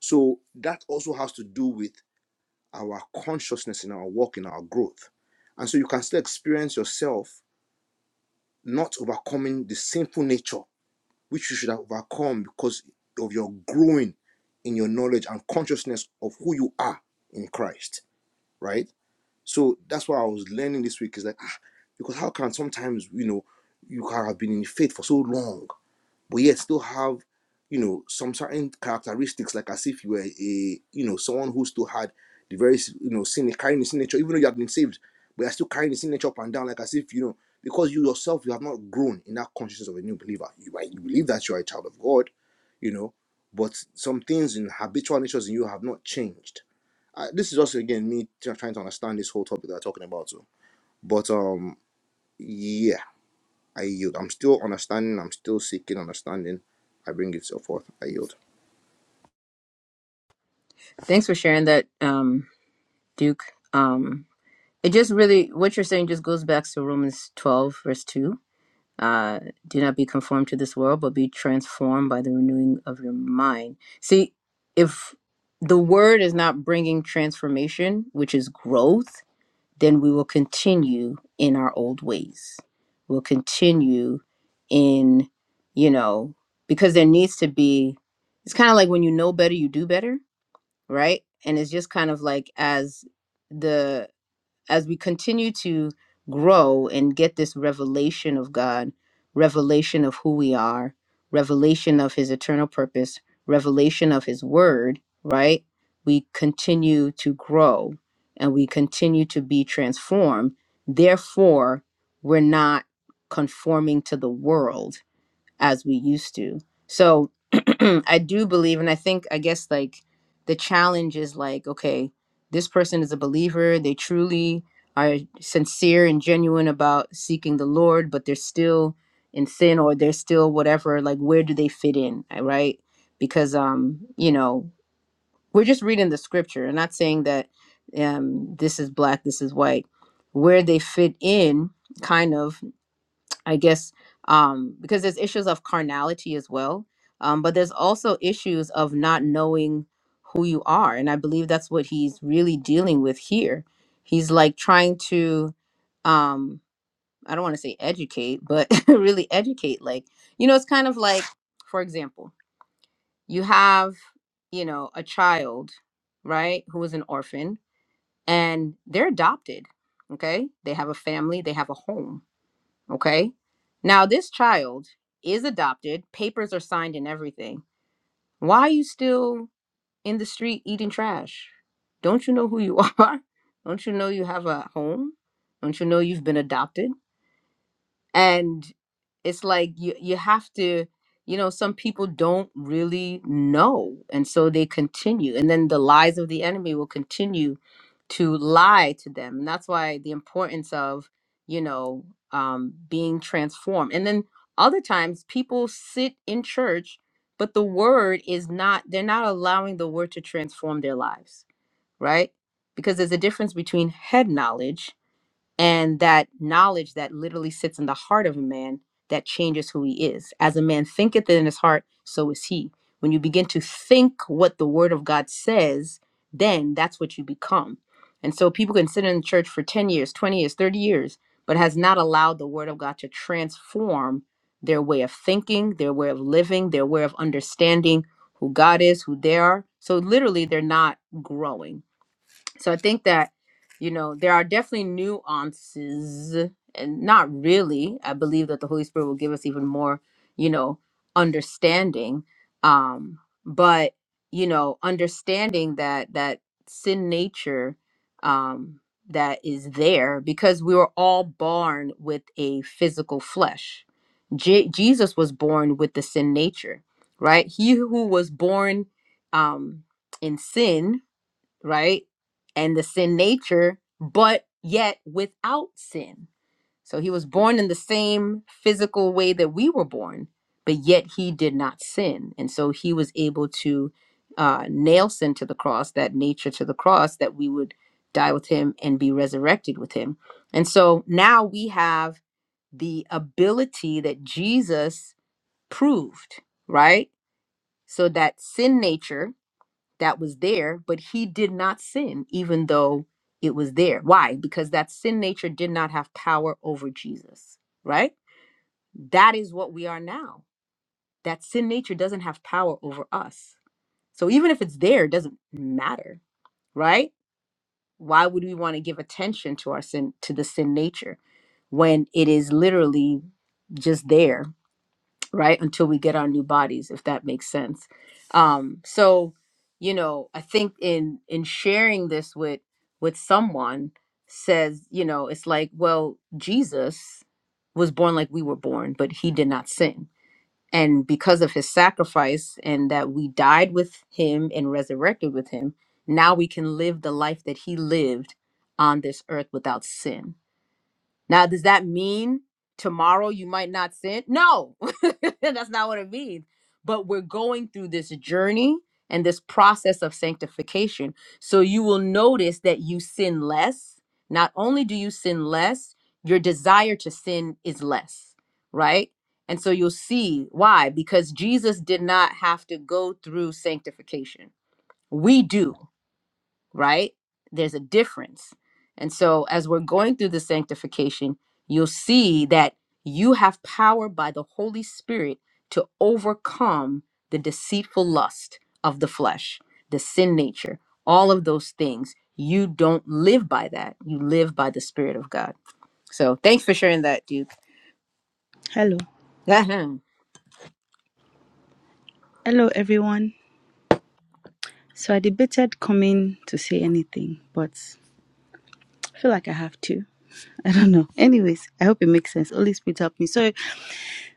[SPEAKER 3] So that also has to do with our consciousness in our walk, in our growth, and so you can still experience yourself not overcoming the sinful nature which you should have overcome because of your growing in your knowledge and consciousness of who you are in Christ, right? So that's what I was learning this week is like, ah, because how can sometimes, you know, you can have been in faith for so long, but yet still have, you know, some certain characteristics, like as if you were a, you know, someone who still had the very, you know, sin, carrying the sin nature, even though you have been saved, but you're still carrying the sin nature up and down, like as if, you know, because you yourself, you have not grown in that consciousness of a new believer. You, might- you believe that you are a child of God, you know, but some things in habitual natures in you have not changed I, this is just again me try- trying to understand this whole topic that we're talking about. So, but um, yeah, I yield. I'm still understanding. I'm still seeking understanding. I bring it so forth. I yield.
[SPEAKER 1] Thanks for sharing that, um, Duke. Um, it just really what you're saying just goes back to Romans 12 verse 2 uh, do not be conformed to this world, but be transformed by the renewing of your mind. See, if the word is not bringing transformation, which is growth, then we will continue in our old ways. We'll continue in, you know, because there needs to be, it's kind of like when you know better, you do better, right? And it's just kind of like as, the as we continue to grow and get this revelation of God, revelation of who we are, revelation of his eternal purpose, revelation of his word, right? We continue to grow and we continue to be transformed. Therefore, we're not conforming to the world as we used to. So I do believe, and I think, I guess, like the challenge is like, okay, this person is a believer. They truly are sincere and genuine about seeking the Lord, but they're still in sin or they're still whatever. Like, where do they fit in? I- Right? Because, um, you know, we're just reading the scripture and not saying that um, this is black, this is white. Where they fit in, kind of, I guess um, because there's issues of carnality as well, um, but there's also issues of not knowing who you are, and I believe that's what he's really dealing with here. He's like trying to, um, I don't want to say educate, but really educate. Like you know, it's kind of like, for example, you have you know a child, right, who is an orphan, and they're adopted. Okay, they have a family, they have a home Okay. Now, this child is adopted, papers are signed and everything. Why are you still in the street eating trash? Don't you know who you are? Don't you know you have a home? Don't you know you've been adopted? and it's like you you have to you know some people don't really know and so they continue and then the lies of the enemy will continue to lie to them and that's why the importance of you know um, being transformed and then other times people sit in church but the word is not they're not allowing the word to transform their lives right because there's a difference between head knowledge and that knowledge that literally sits in the heart of a man that changes who he is as a man thinketh in his heart so is he when you begin to think what the word of god says then that's what you become and so people can sit in the church for 10 years 20 years 30 years but has not allowed the word of god to transform their way of thinking their way of living their way of understanding who god is who they are so literally they're not growing so i think that you know there are definitely nuances and not really i believe that the holy spirit will give us even more you know understanding um but you know understanding that that sin nature um that is there because we were all born with a physical flesh Je- jesus was born with the sin nature right he who was born um in sin right? And the sin nature, but yet without sin. So he was born in the same physical way that we were born, but yet he did not sin. And so he was able to uh, nail sin to the cross, that nature to the cross, that we would die with him and be resurrected with him. And so now we have the ability that Jesus proved, right? So that sin nature that was there, but he did not sin, even though it was there. Why? Because that sin nature did not have power over Jesus, right? That is what we are now. That sin nature doesn't have power over us. So even if it's there, it doesn't matter, right? Why would we want to give attention to our sin, to the sin nature, when it is literally just there right until we get our new bodies if that makes sense um so you know i think in in sharing this with with someone says you know it's like well jesus was born like we were born but he did not sin and because of his sacrifice and that we died with him and resurrected with him now we can live the life that he lived on this earth without sin now, does that mean tomorrow you might not sin? No, that's not what it means. But we're going through this journey and this process of sanctification. So you will notice that you sin less. Not only do you sin less, your desire to sin is less, right? And so you'll see why, because Jesus did not have to go through sanctification. We do right? There's a difference. And so, as we're going through the sanctification, you'll see that you have power by the Holy Spirit to overcome the deceitful lust of the flesh, the sin nature, all of those things. You don't live by that. You live by the Spirit of God. So, thanks for sharing that, Duke.
[SPEAKER 7] Hello.
[SPEAKER 1] Ahem.
[SPEAKER 7] Hello, everyone. So I debated coming to say anything, but I feel like I have to. I don't know. Anyways, I hope it makes sense. Holy Spirit help me. So,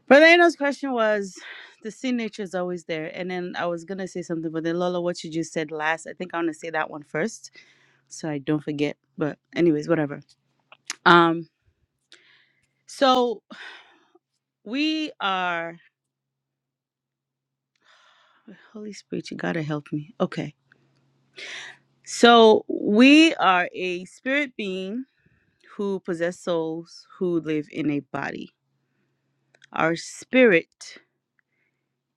[SPEAKER 7] Brother Eno's question was the sin nature is always there. And then I was going to say something, but then Lola, what you just said last, I think I want to say that one first so I don't forget. But, anyways, whatever. Um, So, we are. Holy Spirit, you got to help me. Okay. So we are a spirit being who possess souls who live in a body. Our spirit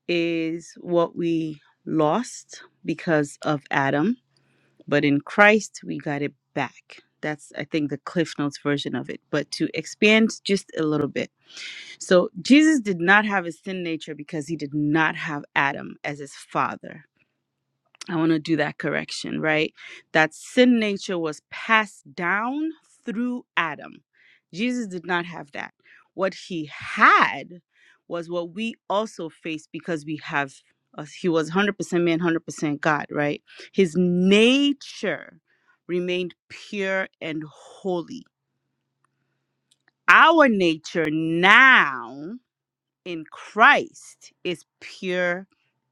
[SPEAKER 7] is what we lost because of Adam, but in Christ we got it back. That's I think the Cliff Notes version of it. But to expand just a little bit. So Jesus did not have a sin nature because he did not have Adam as his father. I want to do that correction, right? That sin nature was passed down through Adam. Jesus did not have that. What he had was what we also face because we have, us he was 100% man, 100% God, right? His nature remained pure and holy. Our nature now in Christ is pure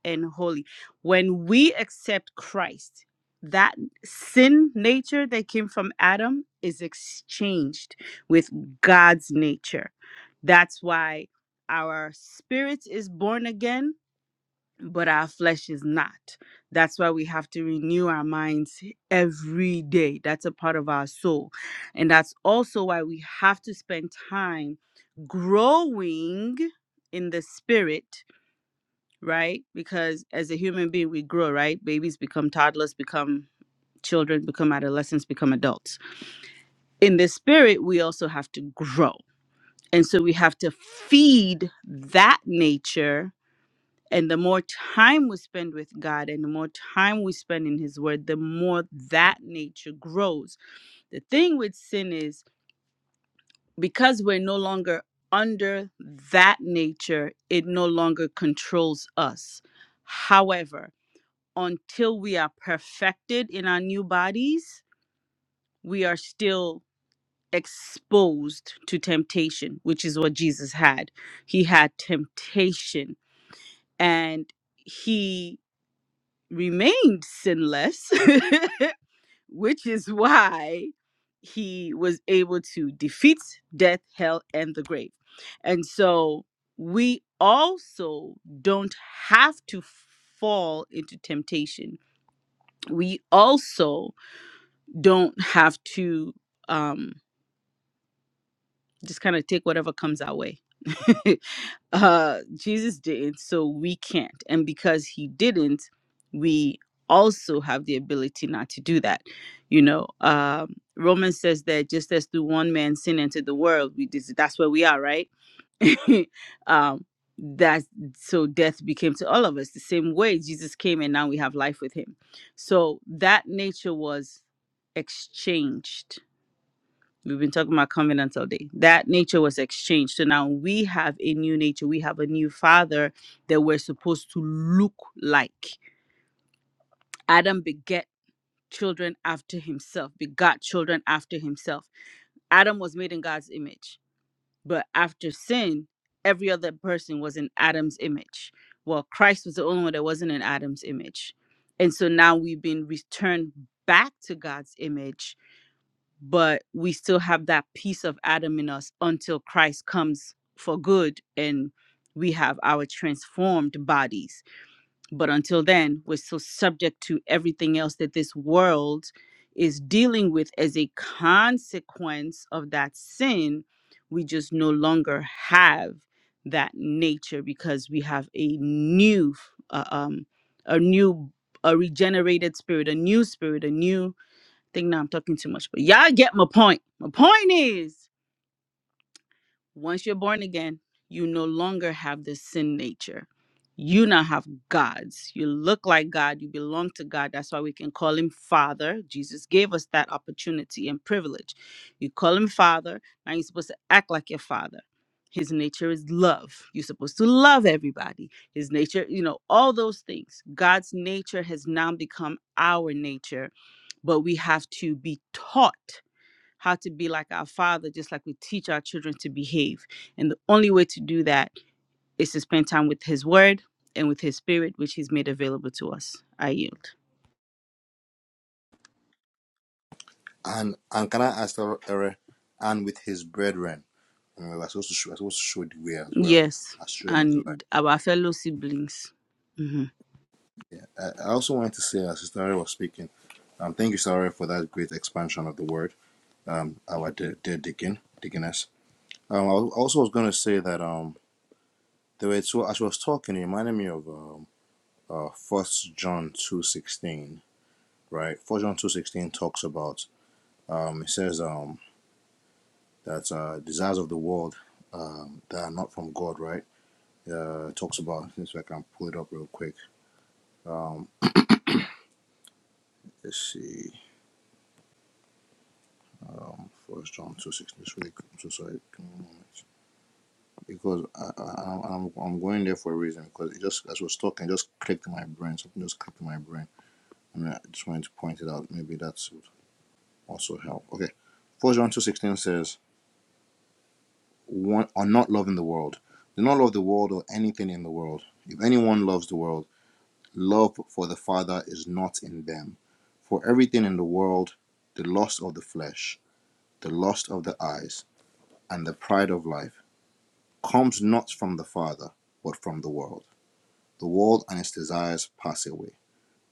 [SPEAKER 7] and holy. When we accept Christ, that sin nature that came from Adam is exchanged with God's nature. That's why our spirit is born again but our flesh is not. That's why we have to renew our minds every day. That's a part of our soul. And that's also why we have to spend time growing in the spirit, right? Because as a human being, we grow, right? Babies become toddlers, become children, become adolescents, become adults. In the spirit, we also have to grow. And so we have to feed that nature and the more time we spend with God and the more time we spend in His Word, the more that nature grows. The thing with sin is because we're no longer under that nature, it no longer controls us. However, until we are perfected in our new bodies, we are still exposed to temptation, which is what Jesus had. He had temptation and he remained sinless, which is why he was able to defeat death, hell, and the grave. And so we also don't have to fall into temptation. We also don't have to. Um, just kind of take whatever comes our way. uh, Jesus didn't, so we can't. And because he didn't, we also have the ability not to do that. You know, um, Romans says that just as through one man sin entered the world, we dis- that's where we are, right? um, that's so death became to all of us the same way Jesus came, and now we have life with him. So that nature was exchanged We've been talking about covenants all day. That nature was exchanged. So now we have a new nature. We have a new father that we're supposed to look like. Adam beget children after himself, begot children after himself. Adam was made in God's image, but after sin, every other person was in Adam's image. Well, Christ was the only one that wasn't in Adam's image. And so now we've been returned back to God's image but we still have that piece of Adam in us until Christ comes for good and we have our transformed bodies. But until then, we're still subject to everything else that this world is dealing with as a consequence of that sin. We just no longer have that nature because we have a new, uh, um, a new, a regenerated spirit, a new spirit, a new think now I'm talking too much, but y'all get my point. My point is once you're born again, you no longer have this sin nature. You now have gods. You look like God. You belong to God. That's why we can call him Father. Jesus gave us that opportunity and privilege. You call him Father. Now you're supposed to act like your Father. His nature is love. You're supposed to love everybody. His nature, you know, all those things. God's nature has now become our nature but we have to be taught how to be like our father, just like we teach our children to behave. And the only way to do that is to spend time with his word and with his spirit, which he's made available to us. I yield.
[SPEAKER 3] And and can I ask Ere, and with his brethren, uh, that's also show, that's also showed the way as well
[SPEAKER 7] Yes.
[SPEAKER 3] as showing of the light.
[SPEAKER 7] And our fellow siblings. hmm
[SPEAKER 3] I, I also wanted to say, as Sister Ere was speaking, um, thank you, Sister Ere, for that great expansion of the word. Um, our dear, dear Deacon, Deaconess. Um, I also was going to say that um, the way so as she was talking, it reminded me of. um. uh first john 2.16 right first john 2.16 talks about um it says um that uh desires of the world um that are not from god right uh it talks about since i can pull it up real quick um let's see um first john 2.16 this week i'm so sorry because I, I, I'm, I'm going there for a reason because it just as I was talking it just clicked in my brain something just clicked in my brain and I just wanted to point it out maybe that's would also help okay First John 2.16 says want, are not loving the world. Do not love the world or anything in the world. If anyone loves the world, love for the Father is not in them. For everything in the world, the lust of the flesh, the lust of the eyes, and the pride of life, comes not from the Father, but from the world. The world and its desires pass away,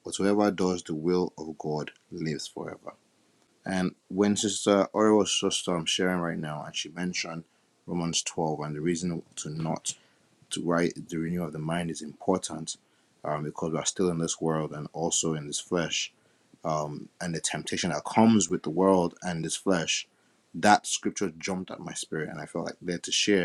[SPEAKER 3] but whoever does the will of God lives forever. And when Sister Ori was just um, sharing right now, and she mentioned Romans 12 and the reason to not to write the renewal of the mind is important um, because we are still in this world and also in this flesh um, and the temptation that comes with the world and this flesh that scripture jumped at my spirit and i felt like there to share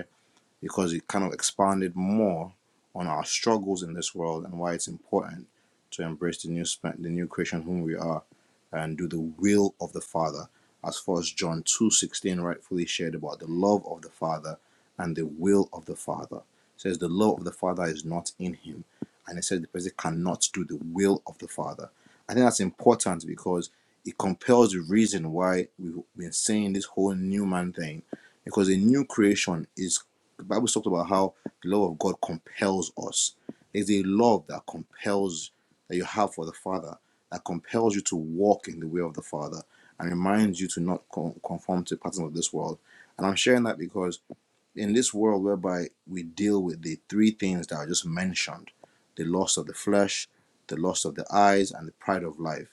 [SPEAKER 3] because it kind of expanded more on our struggles in this world and why it's important to embrace the new sp- the new creation whom we are and do the will of the Father, as first John two sixteen rightfully shared about the love of the Father and the will of the Father. It says the love of the Father is not in him, and it says the person cannot do the will of the Father. I think that's important because it compels the reason why we've been saying this whole new man thing because a new creation is the Bible talks about how the love of God compels us. There's a love that compels that you have for the Father that compels you to walk in the way of the Father and reminds you to not con- conform to the patterns of this world. And I'm sharing that because in this world whereby we deal with the three things that I just mentioned, the lust of the flesh, the lust of the eyes, and the pride of life.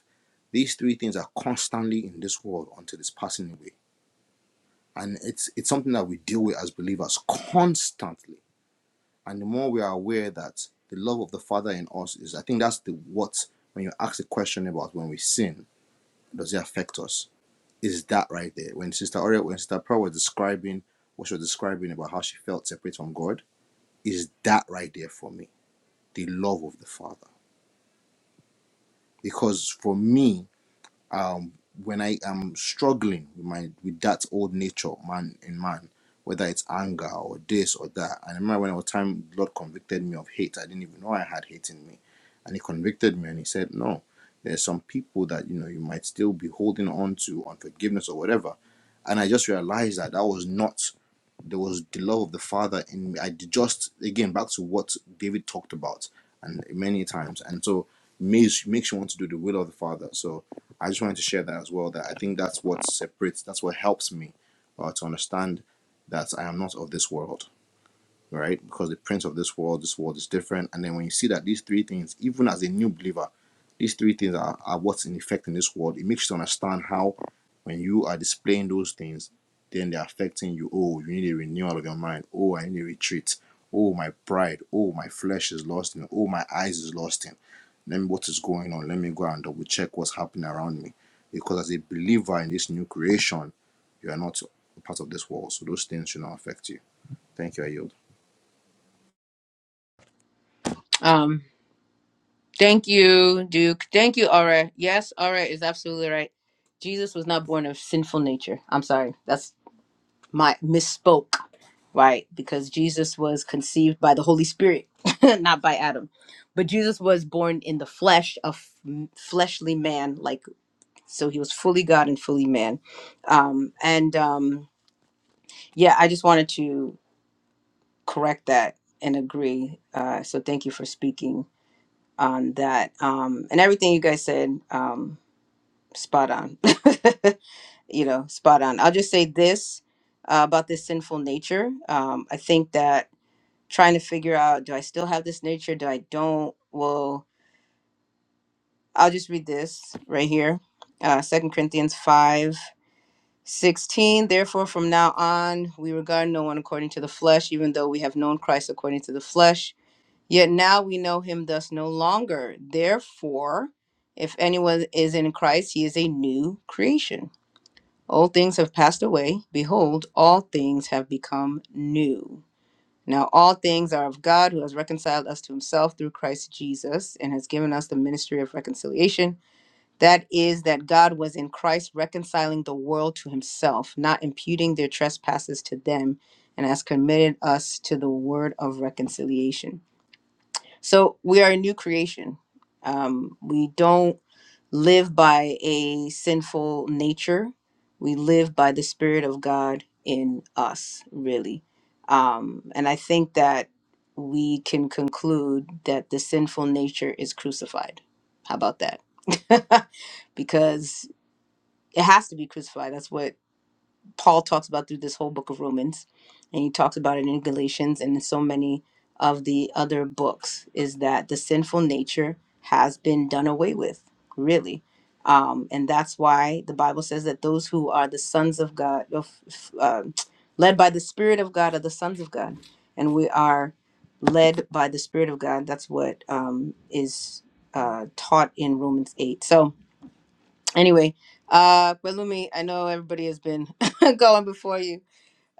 [SPEAKER 3] These three things are constantly in this world until it's passing away. And it's it's something that we deal with as believers constantly and the more we are aware that the love of the Father in us is, I think that's the what when you ask the question about when we sin, does it affect us? Is that right there? When Sister Aurea, when Sister Pearl was describing what she was describing about how she felt separate from God, is that right there for me? The love of the Father. Because for me, um, when I am struggling with my with that old nature, man in man, whether it's anger or this or that. And I remember when I was time, the Lord convicted me of hate. I didn't even know I had hate in me, and He convicted me and He said, "No, there's some people that you know you might still be holding on to unforgiveness or whatever." And I just realized that that was not there was the love of the father in me. I just again back to what David talked about and many times, and so it makes makes you want to do the will of the father. So I just wanted to share that as well. That I think that's what separates, that's what helps me uh, to understand that I am not of this world all right? Because the prince of this world, this world is different. And then when you see that these three things, even as a new believer, these three things are, are what's in effect in this world, it makes you understand how when you are displaying those things, then they're affecting you. Oh, you need a renewal of your mind. Oh, I need a retreat. Oh, my pride. Oh, my flesh is lost in. Oh, my eyes is lost in. Let me what is going on. Let me go and double check what's happening around me. Because as a believer in this new creation, you are not a part of this world. So those things should not affect you. Thank you, I yield.
[SPEAKER 1] um, thank you, Duke. Thank you, Aura. Yes, Aura is absolutely right. Jesus was not born of sinful nature. I'm sorry. That's my misspoke, right? Because Jesus was conceived by the Holy Spirit, not by Adam. But Jesus was born in the flesh of fleshly man, like so he was fully God and fully man. Um, and um, yeah, I just wanted to correct that and agree. Uh, so thank you for speaking on that. Um, and everything you guys said, um, spot on. you know, spot on. I'll just say this uh, about this sinful nature. Um, I think that trying to figure out do I still have this nature? Do I don't? Well, I'll just read this right here. Uh Second Corinthians five sixteen. Therefore from now on we regard no one according to the flesh, even though we have known Christ according to the flesh. Yet now we know him thus no longer. Therefore, if anyone is in Christ, he is a new creation. Old things have passed away. Behold, all things have become new. Now, all things are of God who has reconciled us to himself through Christ Jesus and has given us the ministry of reconciliation. That is, that God was in Christ reconciling the world to himself, not imputing their trespasses to them, and has committed us to the word of reconciliation. So we are a new creation. Um, we don't live by a sinful nature. We live by the Spirit of God in us, really. Um, and I think that we can conclude that the sinful nature is crucified. How about that? because it has to be crucified. That's what Paul talks about through this whole book of Romans, and he talks about it in Galatians and in so many of the other books, is that the sinful nature has been done away with, really. Um, and that's why the Bible says that those who are the sons of God, of, uh, led by the Spirit of God, are the sons of God. And we are led by the Spirit of God. That's what um, is uh, taught in Romans 8. So, anyway uh but i know everybody has been going before you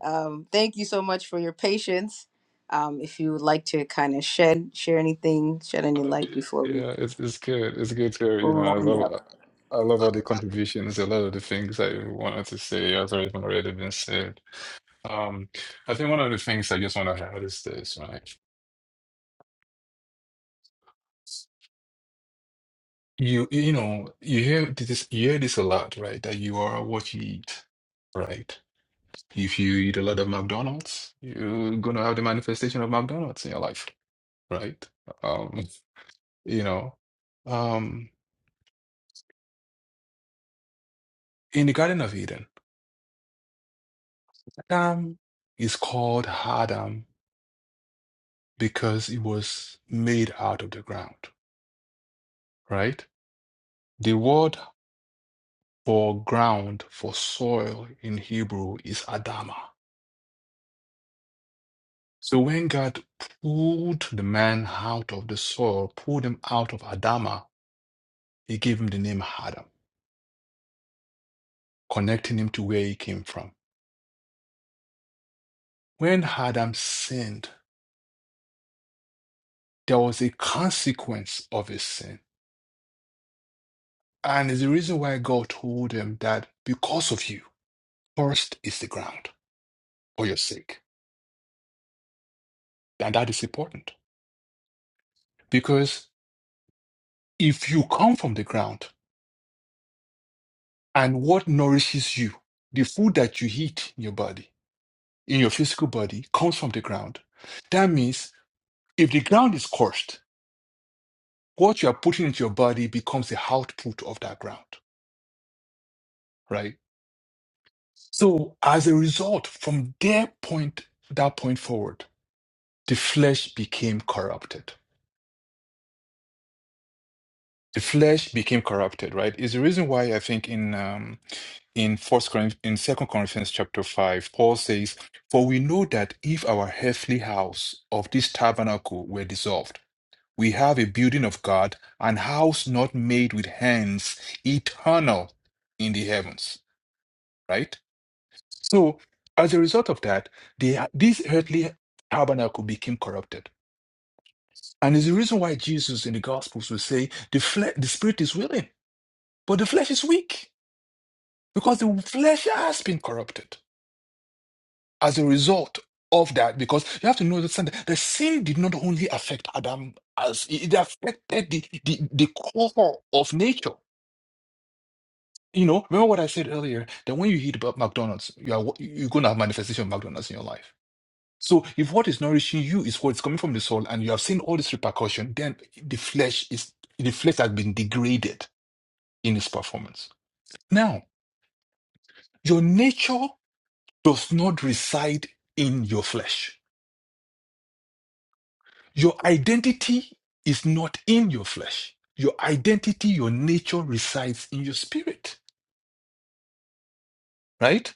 [SPEAKER 1] um thank you so much for your patience um if you would like to kind of shed share anything shed
[SPEAKER 8] Uh,
[SPEAKER 1] any light before we
[SPEAKER 8] yeah, it's it's good. It's good to hear, you know. I
[SPEAKER 1] round up
[SPEAKER 8] love I love all the contributions. A lot of the things I wanted to say has already already been said. Um, I think one of the things I just want to add is this, right? You you know you hear this you hear this a lot, right? That you are what you eat, right? If you eat a lot of McDonald's, you're gonna have the manifestation of McDonald's in your life, right? Um, you know, um, in the Garden of Eden, Adam is called Adam because it was made out of the ground, right? The word for ground, for soil in Hebrew is Adama. So when God pulled the man out of the soil, pulled him out of Adama, he gave him the name Adam, connecting him to where he came from. When Adam sinned, there was a consequence of his sin. And it's the reason why God told him that because of you, cursed is the ground for your sake. And that is important because if you come from the ground and what nourishes you, the food that you eat in your body, in your physical body, comes from the ground. That means if the ground is cursed, what you are putting into your body becomes the output of that ground, right? So as a result, from their point, that point forward, the flesh became corrupted. The flesh became corrupted, right? Is the reason why I think in um, in First Corinthians, in Second Corinthians chapter five, Paul says, "For we know that if our earthly house of this tabernacle were dissolved, we have a building of God, an house not made with hands, eternal in the heavens." Right? So, as a result of that, the, this earthly tabernacle became corrupted. And it's the reason why Jesus in the Gospels will say the, fle- the spirit is willing, but the flesh is weak because the flesh has been corrupted as a result of that. Because you have to know- understand that the sin did not only affect Adam, as it it affected the, the, the core of nature. You know, remember what I said earlier that when you eat about McDonald's, you are you're going to have manifestation of McDonald's in your life So if what is nourishing you is what's coming from the soul, and you have seen all this repercussion, then the flesh is the flesh has been degraded in its performance. Now, your nature does not reside in your flesh. Your identity is not in your flesh. Your identity, your nature resides in your spirit, right?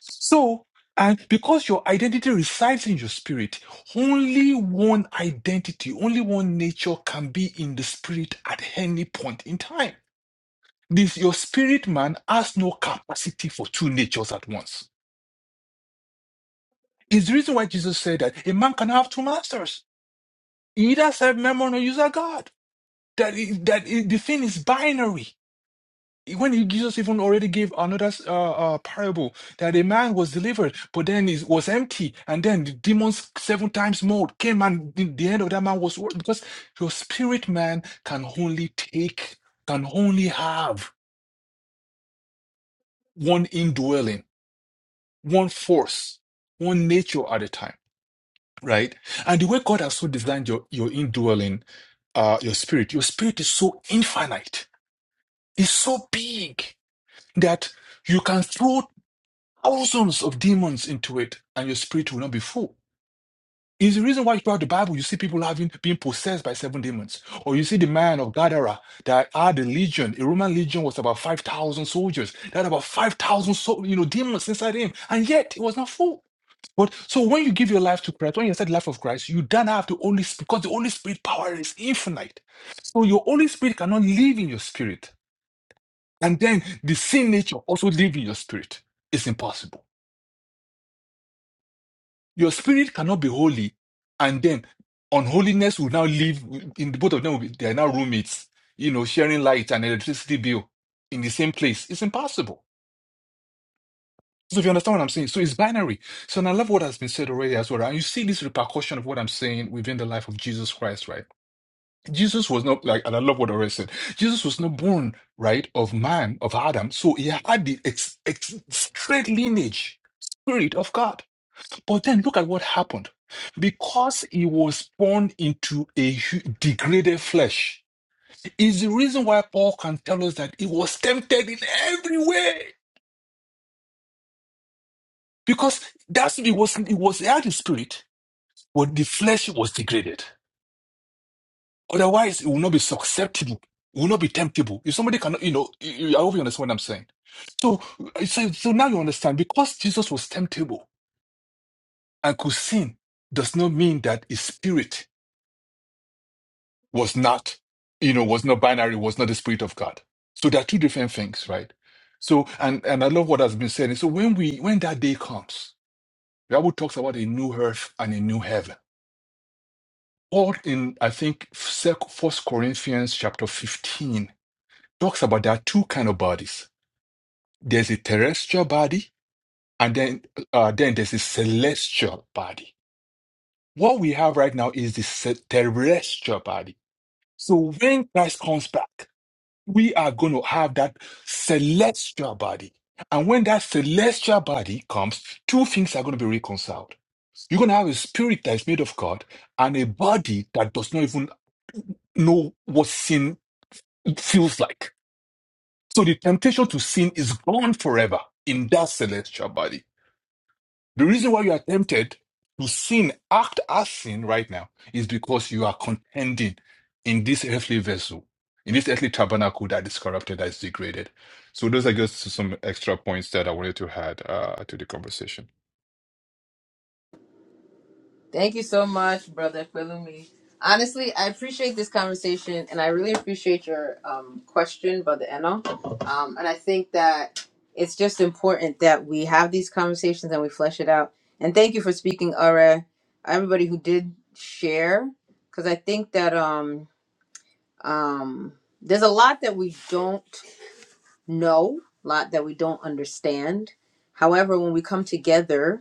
[SPEAKER 8] So, and because your identity resides in your spirit, only one identity, only one nature can be in the spirit at any point in time. This your spirit man has no capacity for two natures at once. It's the reason why Jesus said that a man can have two masters. He either serve Mammon or you serve God. That, is, that is- the thing is binary. when Jesus even already gave another uh, uh, parable that a man was delivered, but then it was empty, and then the demons seven times more came, and the, the end of that man was worse because your spirit man can only take, can only have one indwelling, one force, one nature at a time, right? And the way God has so designed your your indwelling, uh, your spirit, your spirit is so infinite, it's so big that you can throw thousands of demons into it, and your spirit will not be full. Is the reason why throughout the Bible you see people having being possessed by seven demons, or you see the man of Gadara that had a legion. A Roman legion was about five thousand soldiers. That had about five thousand, so, you know, demons inside him, and yet it was not full. But so when you give your life to Christ, when you accept the life of Christ, you don't have the Holy Spirit because the Holy Spirit power is infinite. So your Holy Spirit cannot live in your spirit, and then the sin nature also live in your spirit. It's impossible. Your spirit cannot be holy, and then unholiness will now live in the both of them. Will be, they are now roommates, you know, sharing light and electricity bill in the same place. It's impossible. So if you understand what I'm saying, so it's binary. So and I love what has been said already as well. And you see this repercussion of what I'm saying within the life of Jesus Christ, right? Jesus was not like, and I love what already said. Jesus was not born right of man of Adam, so he had the ex, ex, straight lineage, spirit of God. But then look at what happened. Because he was born into a hu- degraded flesh, is the reason why Paul can tell us that he was tempted in every way. Because that's it was it was he had the spirit, but the flesh was degraded. Otherwise, it will not be susceptible. It will not be temptable. If somebody cannot, you know, I hope you understand what I'm saying. So, uh, so, so now you understand. Because Jesus was temptable and could sin, does not mean that his spirit was not, you know, was not binary, was not the spirit of God. So there are two different things, right? So, and, and I love what has been said. And so when we, when that day comes, the Bible talks about a new earth and a new heaven. Paul in, I think, First Corinthians chapter 15 talks about there are two kind of bodies. There's a terrestrial body and then, uh, then there's a celestial body. What we have right now is the ce- terrestrial body. So when Christ comes back, we are going to have that celestial body. And when that celestial body comes, two things are going to be reconciled. You're going to have a spirit that is made of God and a body that does not even know what sin feels like. So the temptation to sin is gone forever in that celestial body. The reason why you are tempted to sin, act as sin right now, is because you are contending in this earthly vessel, in this earthly tabernacle that is corrupted, that is degraded. So those are just some extra points that I wanted to add uh, to the conversation.
[SPEAKER 1] Thank you so much, brother Pelumi. Honestly, I appreciate this conversation, and I really appreciate your um, question, brother Eno. Um, and I think that it's just important that we have these conversations and we flesh it out. And thank you for speaking, Ara. Everybody who did share, because I think that um, um, there's a lot that we don't know, a lot that we don't understand. However, when we come together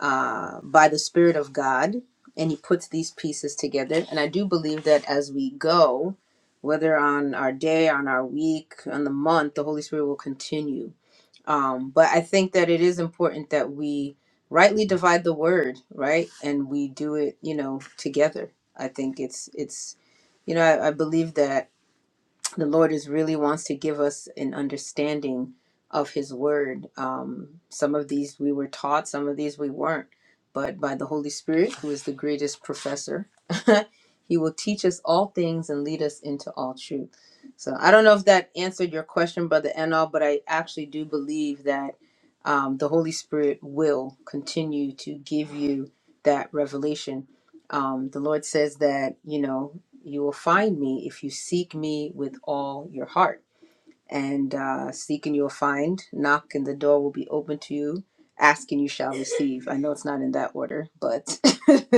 [SPEAKER 1] uh, by the Spirit of God, and He puts these pieces together. And I do believe that as we go, whether on our day, on our week, on the month, the Holy Spirit will continue. Um, but I think that it is important that we rightly divide the word, right? And we do it, you know, together. I think it's it's you know I, I believe that the Lord is really wants to give us an understanding of His Word. Um, some of these we were taught, some of these we weren't. But by the Holy Spirit, who is the greatest professor, He will teach us all things and lead us into all truth. So I don't know if that answered your question, Brother Enal, but I actually do believe that um, the Holy Spirit will continue to give you that revelation. Um, the Lord says that, you know, you will find me if you seek me with all your heart. And uh, seek and you'll find, knock and the door will be open to you, ask and you shall receive. I know it's not in that order, but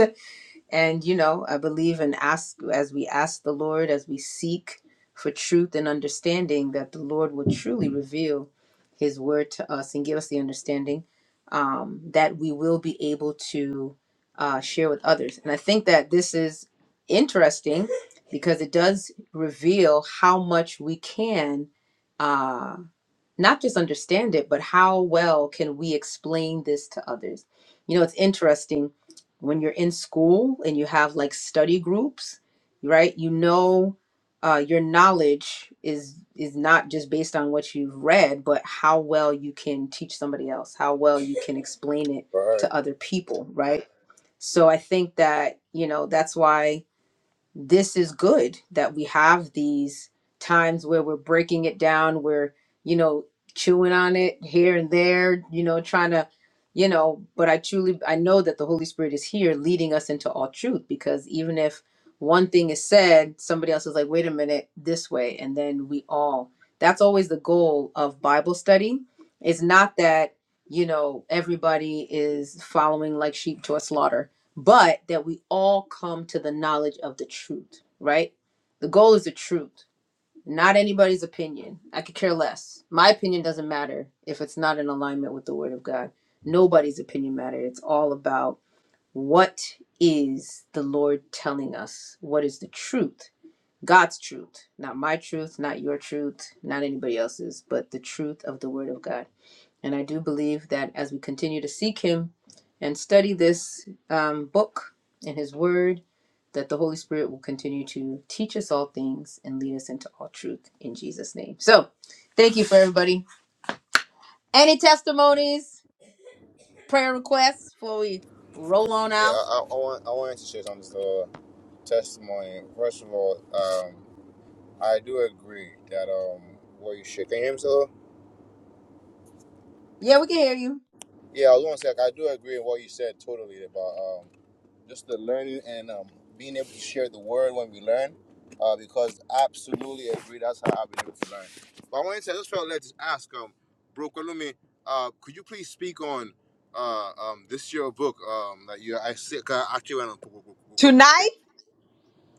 [SPEAKER 1] And you know, I believe in ask as we ask the Lord, as we seek for truth and understanding, that the Lord will truly reveal His word to us and give us the understanding um, that we will be able to uh, share with others. And I think that this is interesting because it does reveal how much we can. uh, not just understand it, but how well can we explain this to others? You know, it's interesting when you're in school and you have like study groups, right? You know, uh, your knowledge is is not just based on what you've read, but how well you can teach somebody else, how well you can explain it
[SPEAKER 3] Right.
[SPEAKER 1] to other people, right? So I think that you know that's why this is good that we have these times where we're breaking it down we're you know chewing on it here and there you know trying to you know but i truly i know that the holy spirit is here leading us into all truth because even if one thing is said somebody else is like wait a minute this way and then we all that's always the goal of bible study it's not that you know everybody is following like sheep to a slaughter but that we all come to the knowledge of the truth, right? The goal is the truth, not anybody's opinion. I could care less. My opinion doesn't matter if it's not in alignment with the word of God. Nobody's opinion matters. It's all about what is the Lord telling us? What is the truth? God's truth, not my truth, not your truth, not anybody else's, but the truth of the word of God. And I do believe that as we continue to seek Him and study this um, book and His Word, that the Holy Spirit will continue to teach us all things and lead us into all truth in Jesus' name. So, thank you for everybody. Any testimonies, prayer requests before we roll on
[SPEAKER 3] Yeah,
[SPEAKER 1] out?
[SPEAKER 3] I, I want I wanted to share on this uh, testimony. First of all, um, I do agree that um, what you shared. Can you hear me, sir?
[SPEAKER 1] Yeah, we can hear you.
[SPEAKER 3] Yeah, I was going to say like, I do agree with what you said totally about um, just the learning and um, being able to share the word when we learn. Uh, because absolutely agree, that's how I've been able to learn. But I wanted to I just felt led to ask, um, Bro Kalumi, uh, could you please speak on uh, um, this year book um, that you I see? Cause I actually went on Bro Kalumi's page.
[SPEAKER 1] Tonight?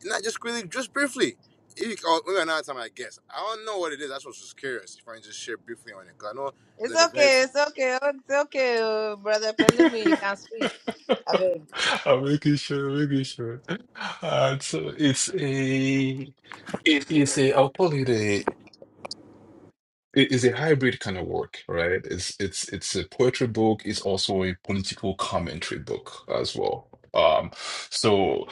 [SPEAKER 3] Not just really, just briefly. If you, oh, maybe another time, I guess. I don't know what it is. That's what's just curious. If I can just share briefly on it, 'cause I know it's
[SPEAKER 1] It's
[SPEAKER 3] an event.
[SPEAKER 1] okay, it's okay, it's okay, brother Pelumi, you can speak. I beg.
[SPEAKER 8] I'm making sure, making sure. Uh, so it's a, it's a, I'll call it a it is a hybrid kind of work, right? It's it's it's a poetry book. It's also a political commentary book as well. Um, so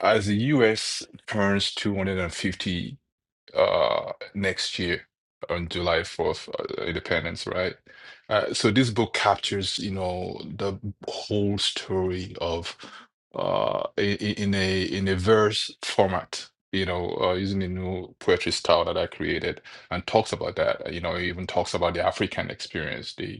[SPEAKER 8] as the U.S. turns 250 uh, next year on July 4th, uh, Independence, right? Uh, so this book captures, you know, the whole story of uh, i- i- in a in a verse format, you know, uh, using a new poetry style that I created, and talks about that. You know, it even talks about the African experience, The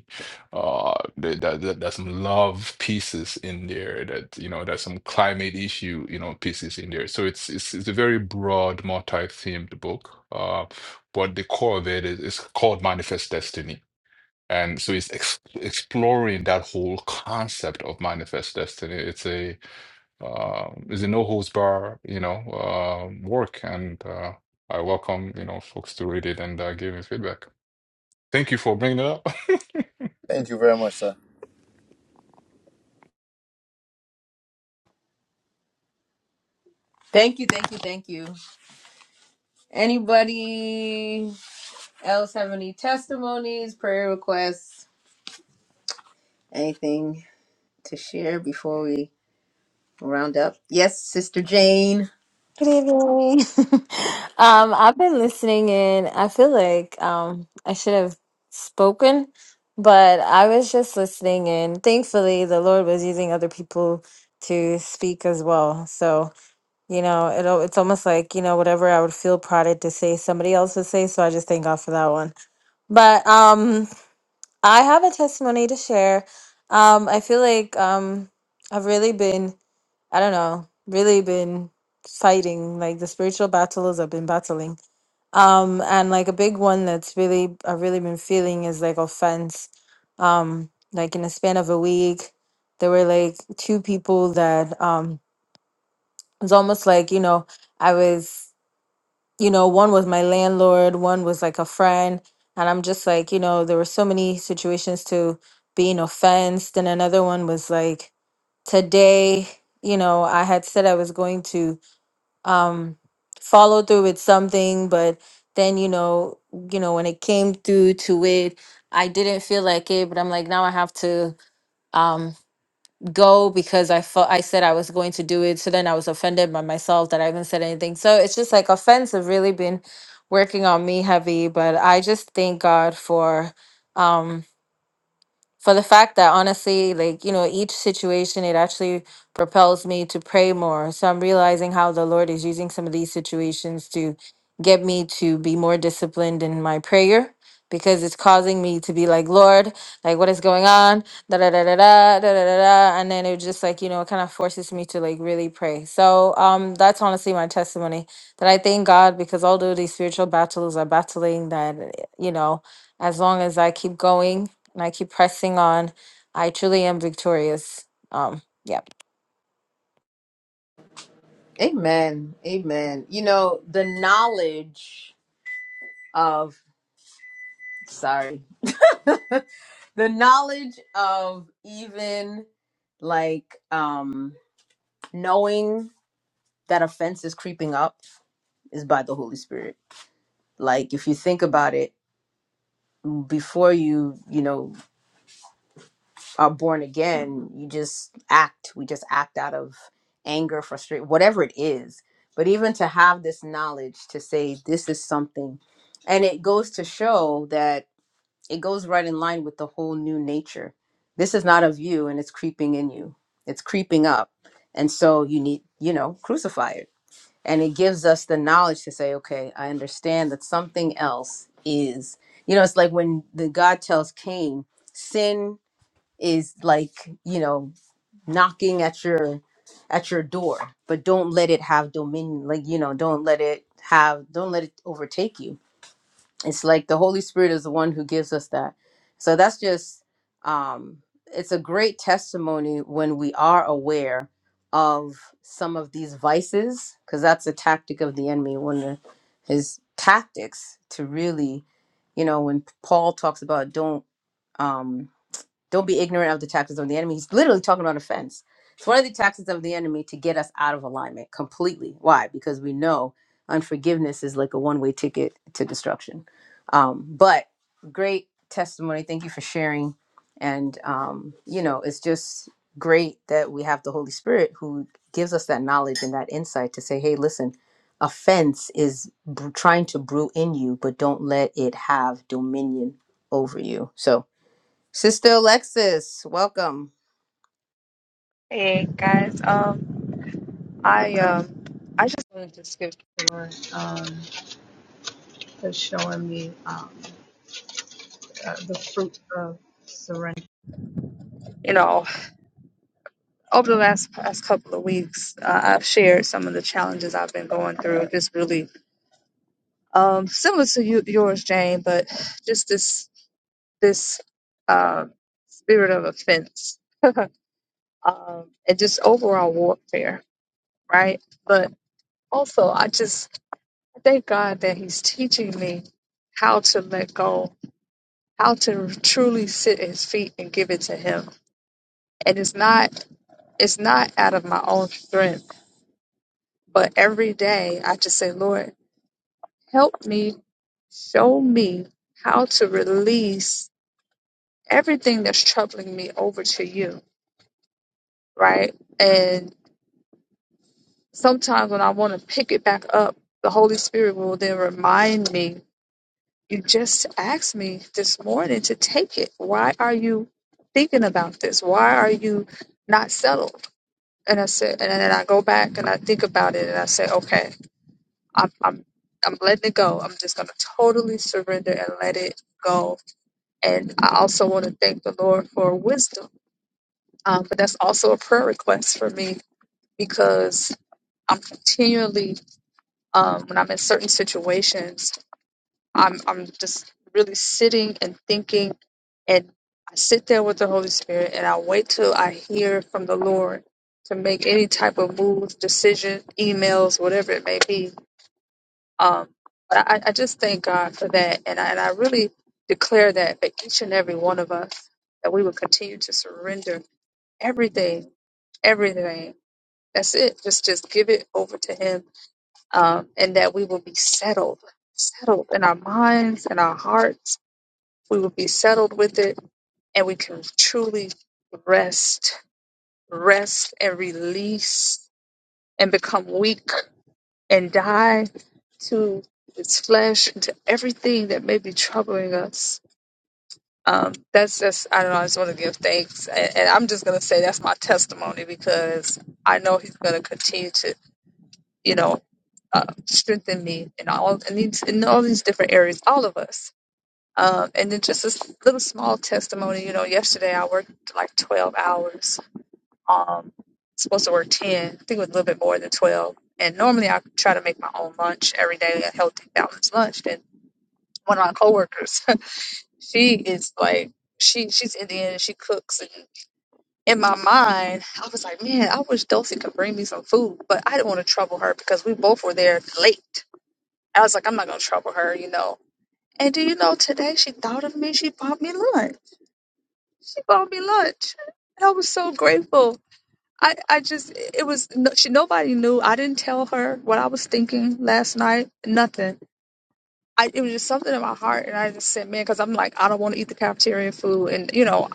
[SPEAKER 8] uh, that, that, that there's some love pieces in there that, you know, there's some climate issue, you know, pieces in there. So it's it's, it's a very broad, multi-themed book. Uh, but the core of it is, is called Manifest Destiny. And so it's ex exploring that whole concept of manifest destiny. It's a uh, it's a no holds bar, you know, uh, work. And uh, I welcome, you know, folks to read it and uh, give me feedback. Thank you for bringing it up.
[SPEAKER 3] Thank you very much, sir.
[SPEAKER 1] Thank you, thank you, thank you. Anybody? else have any testimonies, prayer requests, anything to share before we round up? Yes, Sister Jane.
[SPEAKER 9] Good evening. um, I've been listening and I feel like um I should have spoken, but I was just listening and thankfully the Lord was using other people to speak as well. So, you know, it al- it's almost like, you know, whatever I would feel prodded to say somebody else would say, so I just thank God for that one. But um I have a testimony to share. Um, I feel like um, I've really been, I don't know, really been fighting like the spiritual battles I've been battling. Um, and like a big one that's really I've really been feeling is like offense. Um, like in a span of a week, there were like two people that um, it was almost like you know I was you know, one was my landlord, one was like a friend. And I'm just like, you know, there were so many situations to being offensed. And another one was like, today, you know, I had said I was going to um, follow through with something, but then, you know, you know, when it came through to it, I didn't feel like it, but I'm like, now I have to. um, go because I felt I said I was going to do it. So then I was offended by myself that I haven't said anything. So it's just like offense have really been working on me heavy. But I just thank God for um for the fact that honestly, like, you know, each situation, it actually propels me to pray more. So I'm realizing how the Lord is using some of these situations to get me to be more disciplined in my prayer because it's causing me to be like, Lord, like, what is going on? Da da da da da da da da. da," And then it just like, you know, it kind of forces me to like really pray. So um, that's honestly my testimony that I thank God because although these spiritual battles are battling, that, you know, as long as I keep going, and I keep pressing on. I truly am victorious. Um, yep.
[SPEAKER 1] Amen. Amen. You know, the knowledge of, sorry, the knowledge of even like um knowing that offense is creeping up is by the Holy Spirit. Like if you think about it before you, you know. are born again, you just act. We just act out of anger, frustration, whatever it is. But even to have this knowledge to say this is something, and it goes to show that it goes right in line with the whole new nature. This is not of you, and it's creeping in you. It's creeping up, and so you need, you know, crucify it. And it gives us the knowledge to say, okay, I understand that something else is. You know, it's like when the God tells Cain, sin is like you know knocking at your at your door but don't let it have dominion like you know don't let it have don't let it overtake you it's like the holy spirit is the one who gives us that so that's just um it's a great testimony when we are aware of some of these vices because that's a tactic of the enemy one of his tactics to really you know when paul talks about don't um don't be ignorant of the tactics of the enemy. He's literally talking about offense. It's one of the tactics of the enemy to get us out of alignment completely. Why? Because we know unforgiveness is like a one way ticket to destruction. Um, but great testimony. Thank you for sharing. And, um, you know, it's just great that we have the Holy Spirit who gives us that knowledge and that insight to say, hey, listen, offense is br trying to brew in you, but don't let it have dominion over you. So, Sister Alexis, welcome.
[SPEAKER 5] Hey guys, um, I um, I just wanted to skip for um, for showing me um, uh, the fruit of surrender. You know, over the last past couple of weeks, uh, I've shared some of the challenges I've been going through. Just really um, similar to you, yours, Jane, but just this this uh, spirit of offense. um, and just overall warfare, right? But also, I just I thank God that He's teaching me how to let go, how to truly sit at His feet and give it to Him. And it's not it's not out of my own strength, but every day I just say, Lord, help me, show me how to release everything that's troubling me over to You, right? And sometimes when I want to pick it back up, the Holy Spirit will then remind me You just asked me this morning to take it. Why are you thinking about this? Why are you not settled? And I said, and then I go back and I think about it and I say, okay, I'm, I'm, I'm letting it go. I'm just going to totally surrender and let it go. And I also want to thank the Lord for wisdom. Um, but that's also a prayer request for me because I'm continually, um, when I'm in certain situations, I'm, I'm just really sitting and thinking and I sit there with the Holy Spirit and I wait till I hear from the Lord to make any type of move, decision, emails, whatever it may be. Um, but I, I just thank God for that, and I, and I really declare that for each and every one of us that we will continue to surrender everything, everything. That's it. Just just give it over to Him, um, and that we will be settled, settled in our minds and our hearts. We will be settled with it and we can truly rest, rest and release and become weak and die to its flesh and to everything that may be troubling us. Um, that's just, I don't know, I just want to give thanks. And, and I'm just going to say that's my testimony because I know he's going to continue to, you know, uh, strengthen me in all, in, these, in all these different areas, all of us. Um, and then just a s- little small testimony, you know, yesterday I worked like 12 hours Um, supposed to work 10, I think it was a little bit more than 12. And normally I try to make my own lunch every day, a healthy, balanced lunch. And one of my coworkers, she is like, she she's Indian and she cooks. And in my mind, I was like, man, I wish Dulcie could bring me some food, but I didn't want to trouble her because we both were there late. I was like, I'm not gonna trouble her, you know. And do you know today she thought of me? She bought me lunch. She bought me lunch. I was so grateful I, I just it was no, she, nobody knew. I didn't tell her what I was thinking last night. Nothing. I it was just something in my heart, and I just said, man, because I'm like I don't want to eat the cafeteria food, and you know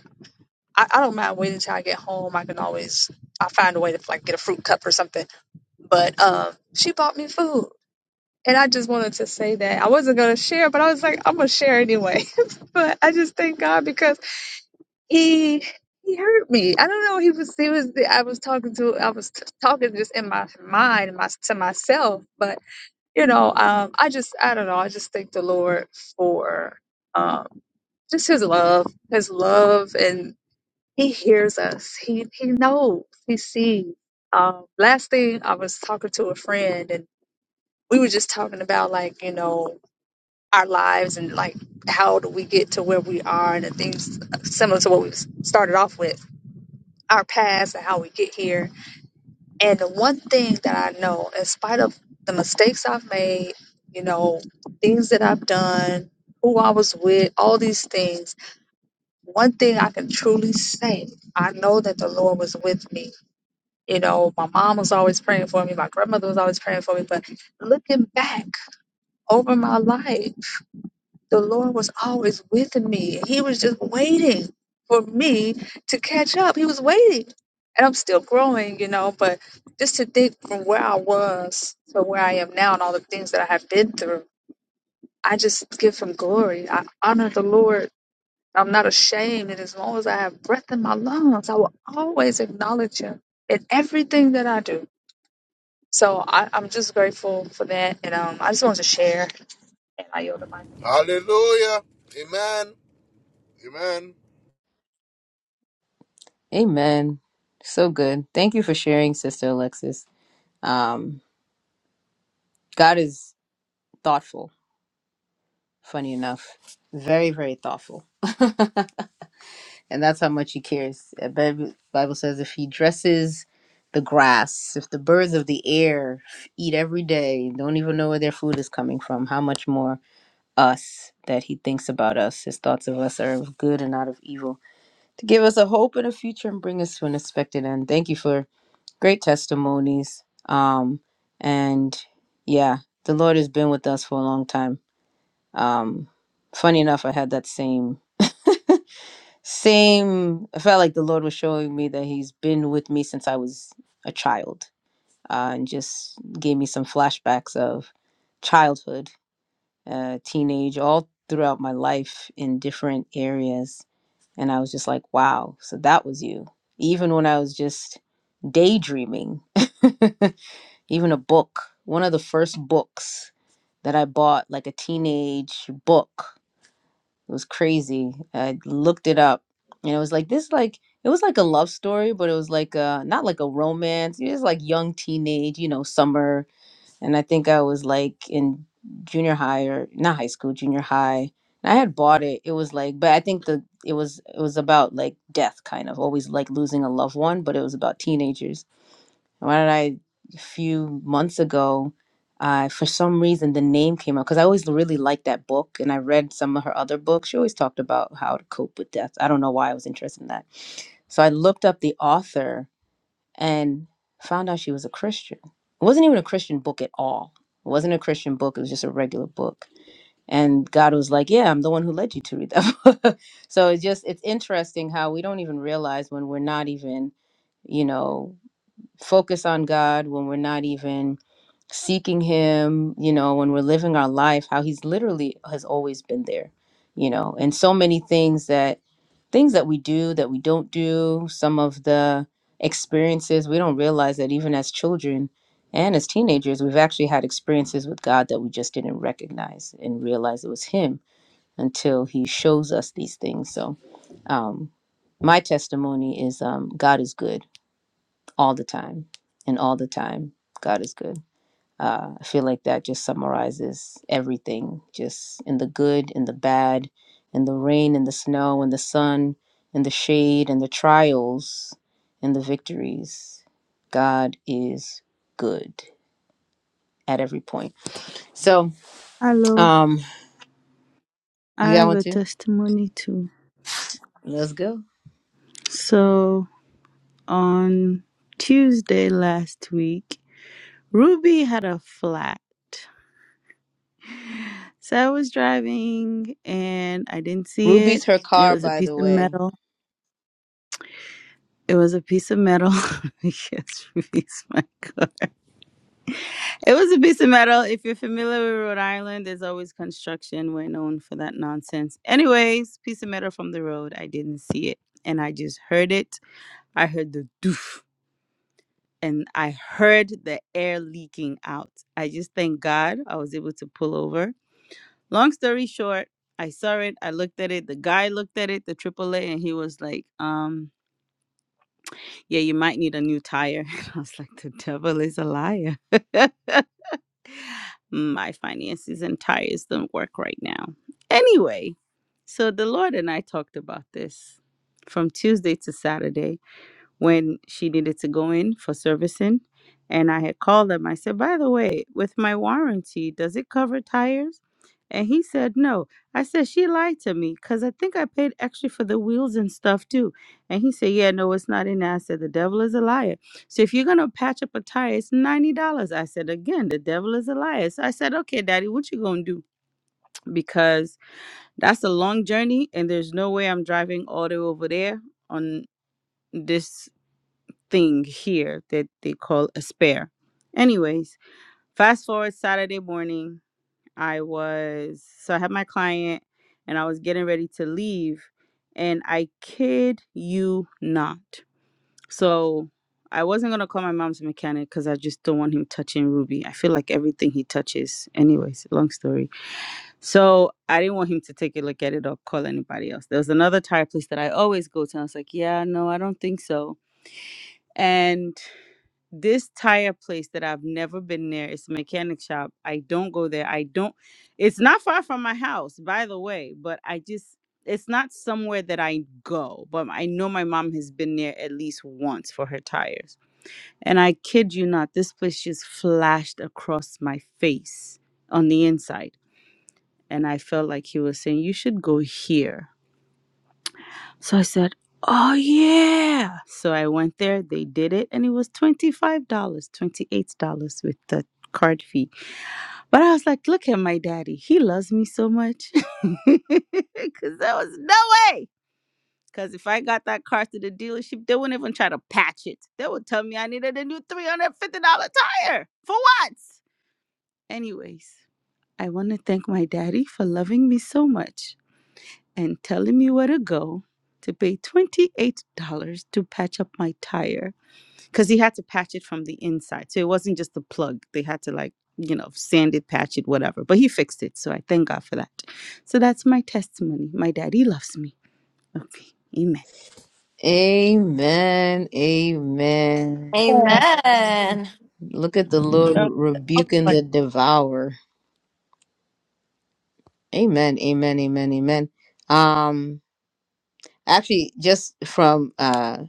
[SPEAKER 5] I, I don't mind waiting till I get home. I can always I find a way to like get a fruit cup or something. But um, she bought me food, and I just wanted to say that I wasn't gonna share, but I was like I'm gonna share anyway. but I just thank God because. He he hurt me. I don't know. He was he was. I was talking to. I was t- talking just in my mind, my to myself. But you know, um, I just I don't know. I just thank the Lord for um just His love, His love, and He hears us. He He knows. He sees. Um, last thing I was talking to a friend, and we were just talking about like you know our lives and like how do we get to where we are and the things similar to what we started off with our past and how we get here. And the one thing that I know, in spite of the mistakes I've made, you know, things that I've done, who I was with, all these things, one thing I can truly say, I know that the Lord was with me. You know, my mom was always praying for me, my grandmother was always praying for me, but looking back over my life. the Lord was always with me. He was just waiting for me to catch up. He was waiting. And I'm still growing, you know, but just to think from where I was to where I am now and all the things that I have been through, I just give him glory. I honor the Lord. I'm not ashamed. And as long as I have breath in my lungs, I will always acknowledge him in everything that I do. So I, I'm just grateful for that. And um, I just wanted to share. And I yield the
[SPEAKER 3] Hallelujah. Amen. Amen.
[SPEAKER 1] Amen. So good. Thank you for sharing, Sister Alexis. Um, God is thoughtful, funny enough. Very, very thoughtful. and that's how much he cares. The Bib- Bible says if he dresses the grass, if the birds of the air eat every day, don't even know where their food is coming from, how much more us that he thinks about us. His thoughts of us are of good and not of evil. To give us a hope and a future and bring us to an expected end. Thank you for great testimonies. Um, and yeah, the Lord has been with us for a long time. Um, funny enough, I had that same, same. I felt like the Lord was showing me that He's been with me since I was a child, uh, and just gave me some flashbacks of childhood, uh, teenage, all throughout my life in different areas. And I was just like, wow, so that was you. Even when I was just daydreaming. even a book one of the first books that i bought like a teenage book it was crazy i looked it up and it was like this like it was like a love story but it was like a not like a romance it was like young teenage you know summer and i think i was like in junior high or not high school junior high And i had bought it it was like but i think the it was it was about like death kind of always like losing a loved one but it was about teenagers why did I a few months ago, uh, for some reason the name came up because I always really liked that book and I read some of her other books. She always talked about how to cope with death. I don't know why I was interested in that. So I looked up the author and found out she was a Christian. It wasn't even a Christian book at all. It wasn't a Christian book, it was just a regular book. And God was like, Yeah, I'm the one who led you to read that book. so it's just it's interesting how we don't even realize when we're not even you know focus on God when we're not even seeking Him, you know, when we're living our life, how He's literally has always been there, you know, and so many things that things that we do that we don't do, some of the experiences we don't realize that even as children and as teenagers, we've actually had experiences with God that we just didn't recognize and realize it was Him until He shows us these things. So, um, my testimony is um, God is good all the time and all the time god is good uh, i feel like that just summarizes everything just in the good in the bad in the rain in the snow in the sun in the shade in the trials in the victories god is good at every point so
[SPEAKER 7] Hello.
[SPEAKER 1] um
[SPEAKER 7] I
[SPEAKER 1] you got
[SPEAKER 7] have
[SPEAKER 1] one
[SPEAKER 7] a
[SPEAKER 1] too
[SPEAKER 7] testimony too.
[SPEAKER 1] let's go
[SPEAKER 7] So on Tuesday last week, Ruby had a flat. So I was driving and I didn't see
[SPEAKER 1] ruby's
[SPEAKER 7] it.
[SPEAKER 1] her
[SPEAKER 7] It
[SPEAKER 1] car
[SPEAKER 7] was a
[SPEAKER 1] by
[SPEAKER 7] piece
[SPEAKER 1] the
[SPEAKER 7] of
[SPEAKER 1] way
[SPEAKER 7] metal It was a piece of metal. yes, release my car. It was a piece of metal. If you're familiar with Rhode Island, there's always construction. We're known for that nonsense. Anyways, piece of metal from the road. I didn't see it, and I just heard it. I heard the doof, and I heard the air leaking out. I just thank God I was able to pull over. Long story short, I saw it. I looked at it. The guy looked at it, the AAA, and he was like, um. yeah, you might need a new tire. I was like, the devil is a liar. My finances and tires don't work right now. Anyway, so the Lord and I talked about this from Tuesday to Saturday when she needed to go in for servicing. And I had called him. I said, by the way, with my warranty, does it cover tires? And he said, no. I said, she lied to me because I think I paid extra for the wheels and stuff too. And he said, yeah, no, it's not in there. I said, the devil is a liar. So if you're going to patch up a tire, it's $90. I said, again, the devil is a liar. So I said, okay, daddy, what you going to do? Because that's a long journey and there's no way I'm driving all the way over there on this thing here that they call a spare. Anyways, fast forward Saturday morning, I was so I had my client and I was getting ready to leave and I kid you not. So I wasn't gonna call my mom's mechanic because I just don't want him touching Ruby. I feel like everything he touches, anyways, long story. So I didn't want him to take a look at it or call anybody else. There was another tire place that I always go to. And I was like, yeah, no, I don't think so. And this tire place that I've never been there. It's a mechanic shop. I don't go there. I don't it's not far from my house, by the way, but I just it's not somewhere that I go, but I know my mom has been there at least once for her tires. And I kid you not, this place just flashed across my face on the inside. And I felt like he was saying, You should go here. So I said, Oh, yeah. So I went there, they did it, and it was $25, dollars, $28 with the card fee. But I was like, Look at my daddy. He loves me so much. Because there was no way. Because if I got that car to the dealership, they wouldn't even try to patch it. They would tell me I needed a new $350 tire. For what? Anyways, I want to thank my daddy for loving me so much and telling me where to go to pay $28 to patch up my tire because he had to patch it from the inside. So it wasn't just the plug, they had to like, you know, sand it, patch it, whatever. But he fixed it. So I thank God for that. So that's my testimony. My daddy loves me. Okay. Amen.
[SPEAKER 1] amen amen
[SPEAKER 5] mic.
[SPEAKER 9] Amen.
[SPEAKER 1] look at the lord rebuking the devourer Amen, amen, amen, amen. Um, actually, just from uh,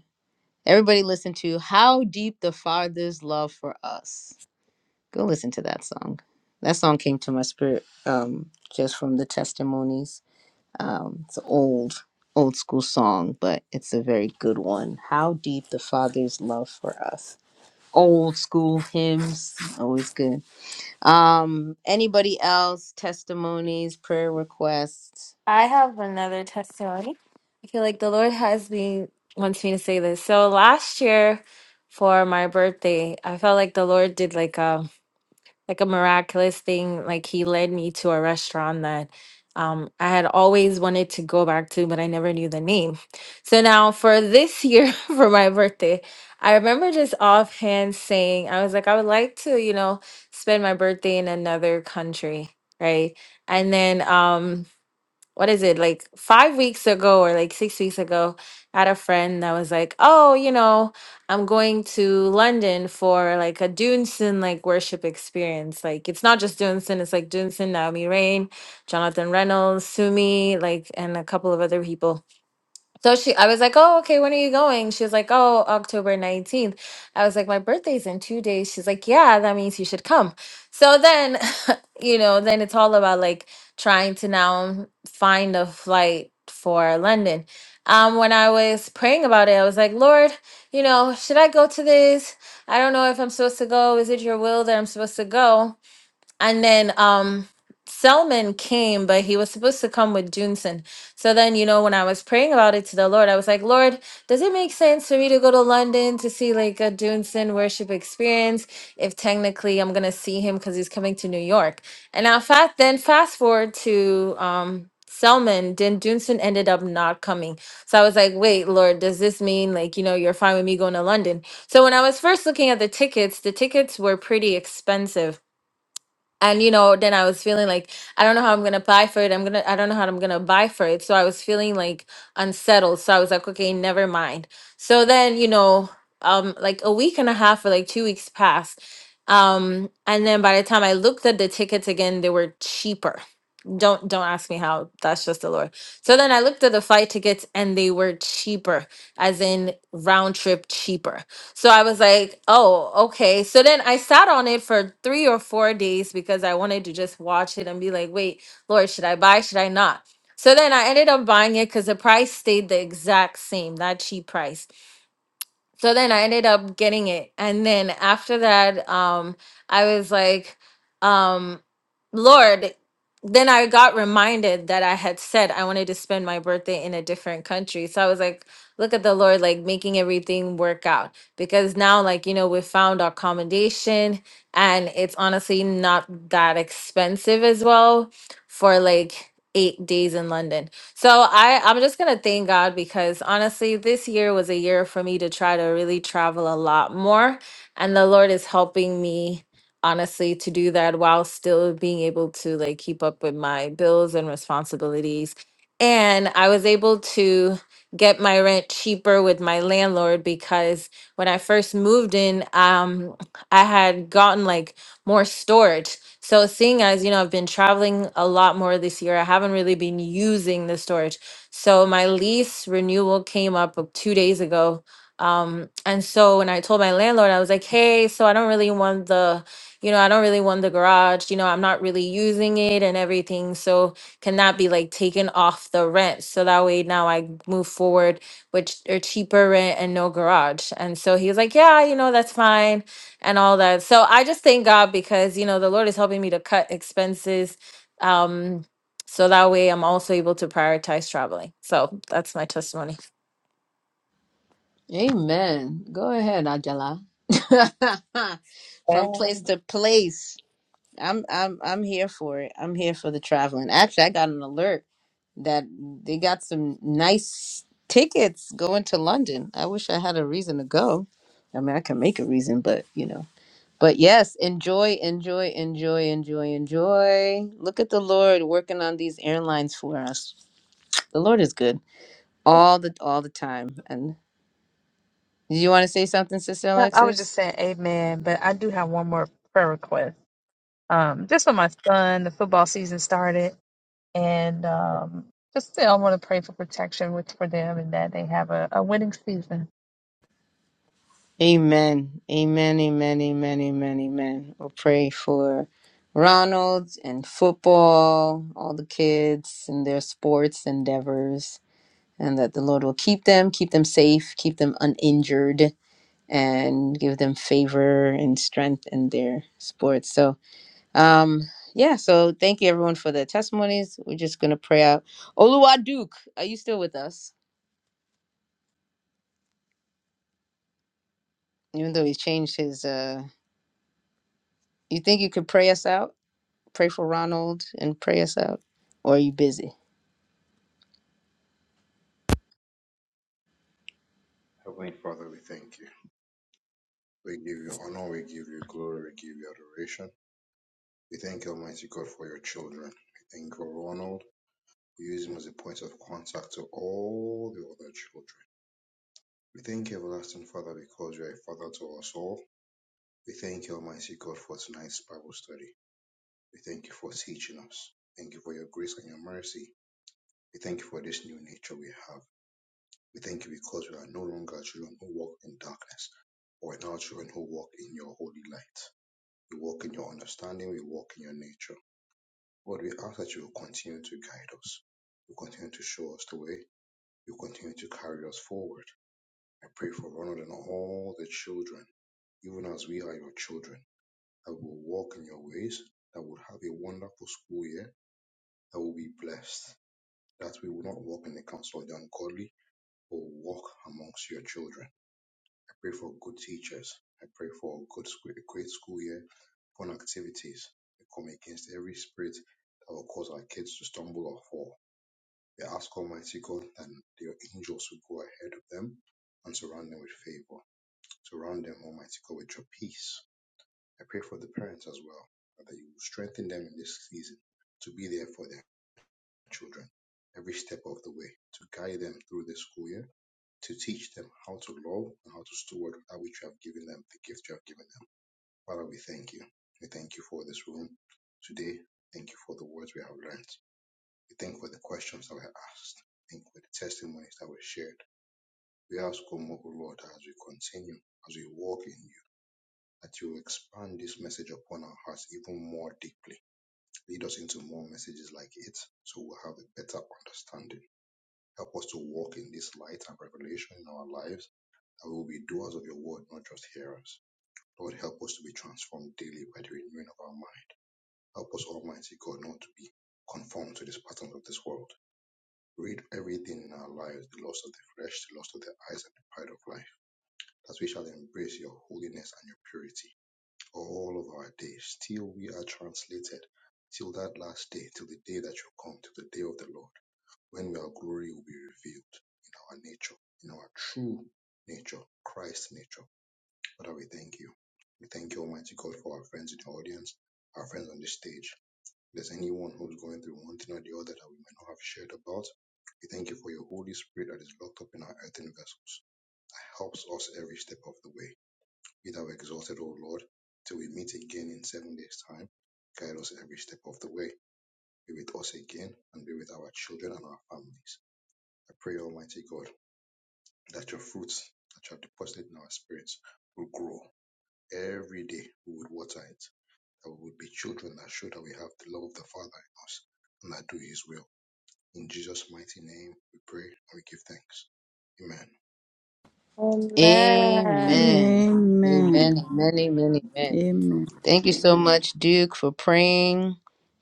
[SPEAKER 1] everybody, listen to "How Deep the Father's Love for Us." Go listen to that song. That song came to my spirit um, just from the testimonies. Um, it's an old, old school song, but it's a very good one. How deep the Father's love for us. Old school hymns, always good. Um, anybody else? Testimonies, prayer requests.
[SPEAKER 9] I have another testimony. I feel like the Lord has me wants me to say this. So last year for my birthday, I felt like the Lord did like a like a miraculous thing. Like he led me to a restaurant that um, I had always wanted to go back to, but I never knew the name. So now for this year, for my birthday, I remember just offhand saying, I was like, I would like to, you know, spend my birthday in another country. Right. And then, um, what is it like five weeks ago or like six weeks ago i had a friend that was like oh you know i'm going to london for like a dunsin like worship experience like it's not just dunsin it's like dunsin naomi rain jonathan reynolds sumi like and a couple of other people so she, I was like, oh, okay, when are you going? She was like, oh, October 19th. I was like, my birthday's in two days. She's like, yeah, that means you should come. So then, you know, then it's all about like trying to now find a flight for London. Um, when I was praying about it, I was like, Lord, you know, should I go to this? I don't know if I'm supposed to go. Is it your will that I'm supposed to go? and then um Selman came, but he was supposed to come with Junson. So then, you know, when I was praying about it to the Lord, I was like, Lord, does it make sense for me to go to London to see like a Junson worship experience if technically I'm gonna see him because he's coming to New York? And now fast then fast forward to um Selman, then Junson ended up not coming. So I was like, wait, Lord, does this mean like, you know, you're fine with me going to London? So when I was first looking at the tickets, the tickets were pretty expensive and you know then i was feeling like i don't know how i'm gonna apply for it i'm gonna i don't know how i'm gonna buy for it so i was feeling like unsettled so i was like okay never mind so then you know um like a week and a half or like two weeks passed um and then by the time i looked at the tickets again they were cheaper don't don't ask me how that's just the lord so then i looked at the flight tickets and they were cheaper as in round trip cheaper so i was like oh okay so then i sat on it for three or four days because i wanted to just watch it and be like wait lord should i buy should i not so then i ended up buying it because the price stayed the exact same that cheap price so then I ended up getting it. And then after that, um, I was like, um, Lord, then I got reminded that I had said I wanted to spend my birthday in a different country. So I was like, look at the Lord, like making everything work out. Because now, like, you know, we found our accommodation and it's honestly not that expensive as well for like eight days in London. So I I'm just going to thank God because honestly this year was a year for me to try to really travel a lot more and the Lord is helping me honestly to do that while still being able to like keep up with my bills and responsibilities. And I was able to get my rent cheaper with my landlord because when I first moved in um I had gotten like more storage so seeing as, you know, I've been traveling a lot more this year, I haven't really been using the storage. So my lease renewal came up uh, two days ago. Um, and so when I told my landlord, I was like, hey, so I don't really want the, you know, I don't really want the garage, you know, I'm not really using it and everything. So can that be like taken off the rent? So that way now I move forward which are cheaper rent and no garage. And so he was like, Yeah, you know, that's fine and all that. So I just thank God because you know the Lord is helping me to cut expenses, um, so that way I'm also able to prioritize traveling. So that's my testimony.
[SPEAKER 1] Amen. Go ahead, Ajala.
[SPEAKER 5] Yeah.
[SPEAKER 1] From place to place. I'm I'm I'm here for it. I'm here for the traveling. Actually, I got an alert that they got some nice tickets going to London. I wish I had a reason to go. I mean, I can make a reason, but you know. But yes, enjoy, enjoy, enjoy, enjoy, enjoy. Look at the Lord working on these airlines for us. The Lord is good all the all the time. And do you want to say something, Sister
[SPEAKER 5] I was
[SPEAKER 1] Alexis?
[SPEAKER 5] just saying amen, but I do have one more prayer request. Um, just for my son, the football season started, and um, just still I want to pray for protection with for them and that they have a, a winning season.
[SPEAKER 1] Amen. Amen. Amen. Amen. Amen. Amen. We'll pray for Ronald and football, all the kids and their sports endeavors, and that the Lord will keep them, keep them safe, keep them uninjured, and give them favor and strength in their sports. So, um, yeah. So thank you everyone for the testimonies. We're just gonna pray out. Oluwa Duke, are you still with us? Even though he's changed his, uh, you think you could pray us out? Pray for Ronald and pray us out. Or are you busy?
[SPEAKER 10] Heavenly Father, we thank you. We give you honor, we give you glory, we give you adoration. We thank you, Almighty God, for your children. We thank you for Ronald. We use him as a point of contact to all the other children. We thank you, Everlasting Father, because you are a father to us all. We thank you, Almighty God, for tonight's Bible study. We thank you for teaching us. Thank you for your grace and your mercy. We thank you for this new nature we have. We thank you because we are no longer children who walk in darkness, but we are now children who walk in your holy light. We walk in your understanding. We walk in your nature. Lord, we ask that you will continue to guide us. You continue to show us the way. You continue to carry us forward. I pray for Ronald and all the children, even as we are your children, that will walk in your ways, that will have a wonderful school year, that will be blessed, that we will not walk in the counsel of the ungodly, but will walk amongst your children. pray for good teachers. I pray for a good school, a great school year, fun activities. I come against every spirit that will cause our kids to stumble or fall. We ask Almighty God that your angels will go ahead of them and surround them with favor. Surround them, Almighty God, with your peace. I pray for the parents as well, that you will strengthen them in this season to be there for their children every step of the way to guide them through the school year, to teach them how to love and how to steward that which you have given them, the gift you have given them. Father, we thank you. We thank you for this room today. Thank you for the words we have learned. We thank you for the questions that were asked. Thank you for the testimonies that were shared. We ask, O Lord, as we continue, as we walk in you, that you expand this message upon our hearts even more deeply. Lead us into more messages like it, so we'll have a better understanding Help us to walk in this light and revelation in our lives, that we will be doers of your word, not just hearers. Lord, help us to be transformed daily by the renewing of our mind. Help us, Almighty God, not to be conformed to these patterns of this world. Rid everything in our lives, the lust of the flesh, the lust of the eyes, and the pride of life, that we shall embrace your holiness and your purity all of our days, till we are translated, till that last day, till the day that you come, till the day of the Lord when our glory will be revealed in our nature, in our true nature, Christ's nature. Father, we thank you. We thank you, Almighty God, for our friends in the audience, our friends on this stage. If there's anyone who's going through one thing or the other that we may not have shared about, we thank you for your Holy Spirit that is locked up in our earthen vessels, that helps us every step of the way. Be thou exalted, O Lord, till we meet again in seven days' time. Guide us every step of the way. Be with us again and be with our children and our families. I pray, Almighty God, that your fruits that you have deposited in our spirits will grow every day. We would water it, that we would be children that show that we have the love of the Father in us and that do His will. In Jesus' mighty name, we pray and we give thanks. Amen.
[SPEAKER 9] Amen.
[SPEAKER 1] Amen. Amen.
[SPEAKER 7] Amen.
[SPEAKER 1] Amen. Amen. Amen.
[SPEAKER 7] Amen.
[SPEAKER 1] Thank you so much, Duke, for praying.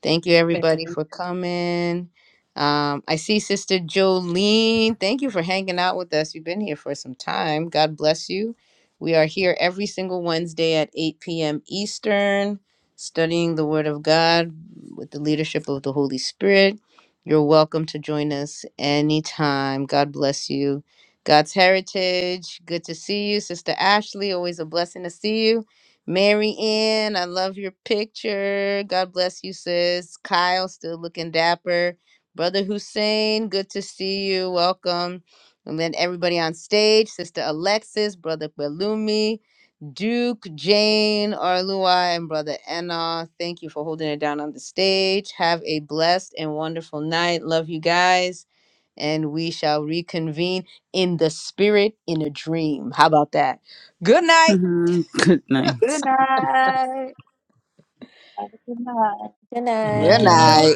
[SPEAKER 1] Thank you, everybody,
[SPEAKER 5] Amen.
[SPEAKER 1] for coming. Um, I see Sister Jolene. Thank you for hanging out with us. You've been here for some time. God bless you. We are here every single Wednesday at 8 p.m. Eastern, studying the Word of God with the leadership of the Holy Spirit. You're welcome to join us anytime. God bless you. God's Heritage, good to see you. Sister Ashley, always a blessing to see you. Mary Ann, I love your picture. God bless you, sis. Kyle, still looking dapper. Brother Hussein, good to see you. Welcome. And then everybody on stage, Sister Alexis, Brother Balumi, Duke, Jane, Arlua, and Brother Enna. Thank you for holding it down on the stage. Have a blessed and wonderful night. Love you guys. And we shall reconvene in the spirit in a dream. How about that? Good night.
[SPEAKER 7] Mhm. Good night.
[SPEAKER 5] Good night. Have a Good night.
[SPEAKER 9] Good
[SPEAKER 8] Good night.
[SPEAKER 1] Good
[SPEAKER 8] Good
[SPEAKER 9] night.
[SPEAKER 8] night.
[SPEAKER 1] night.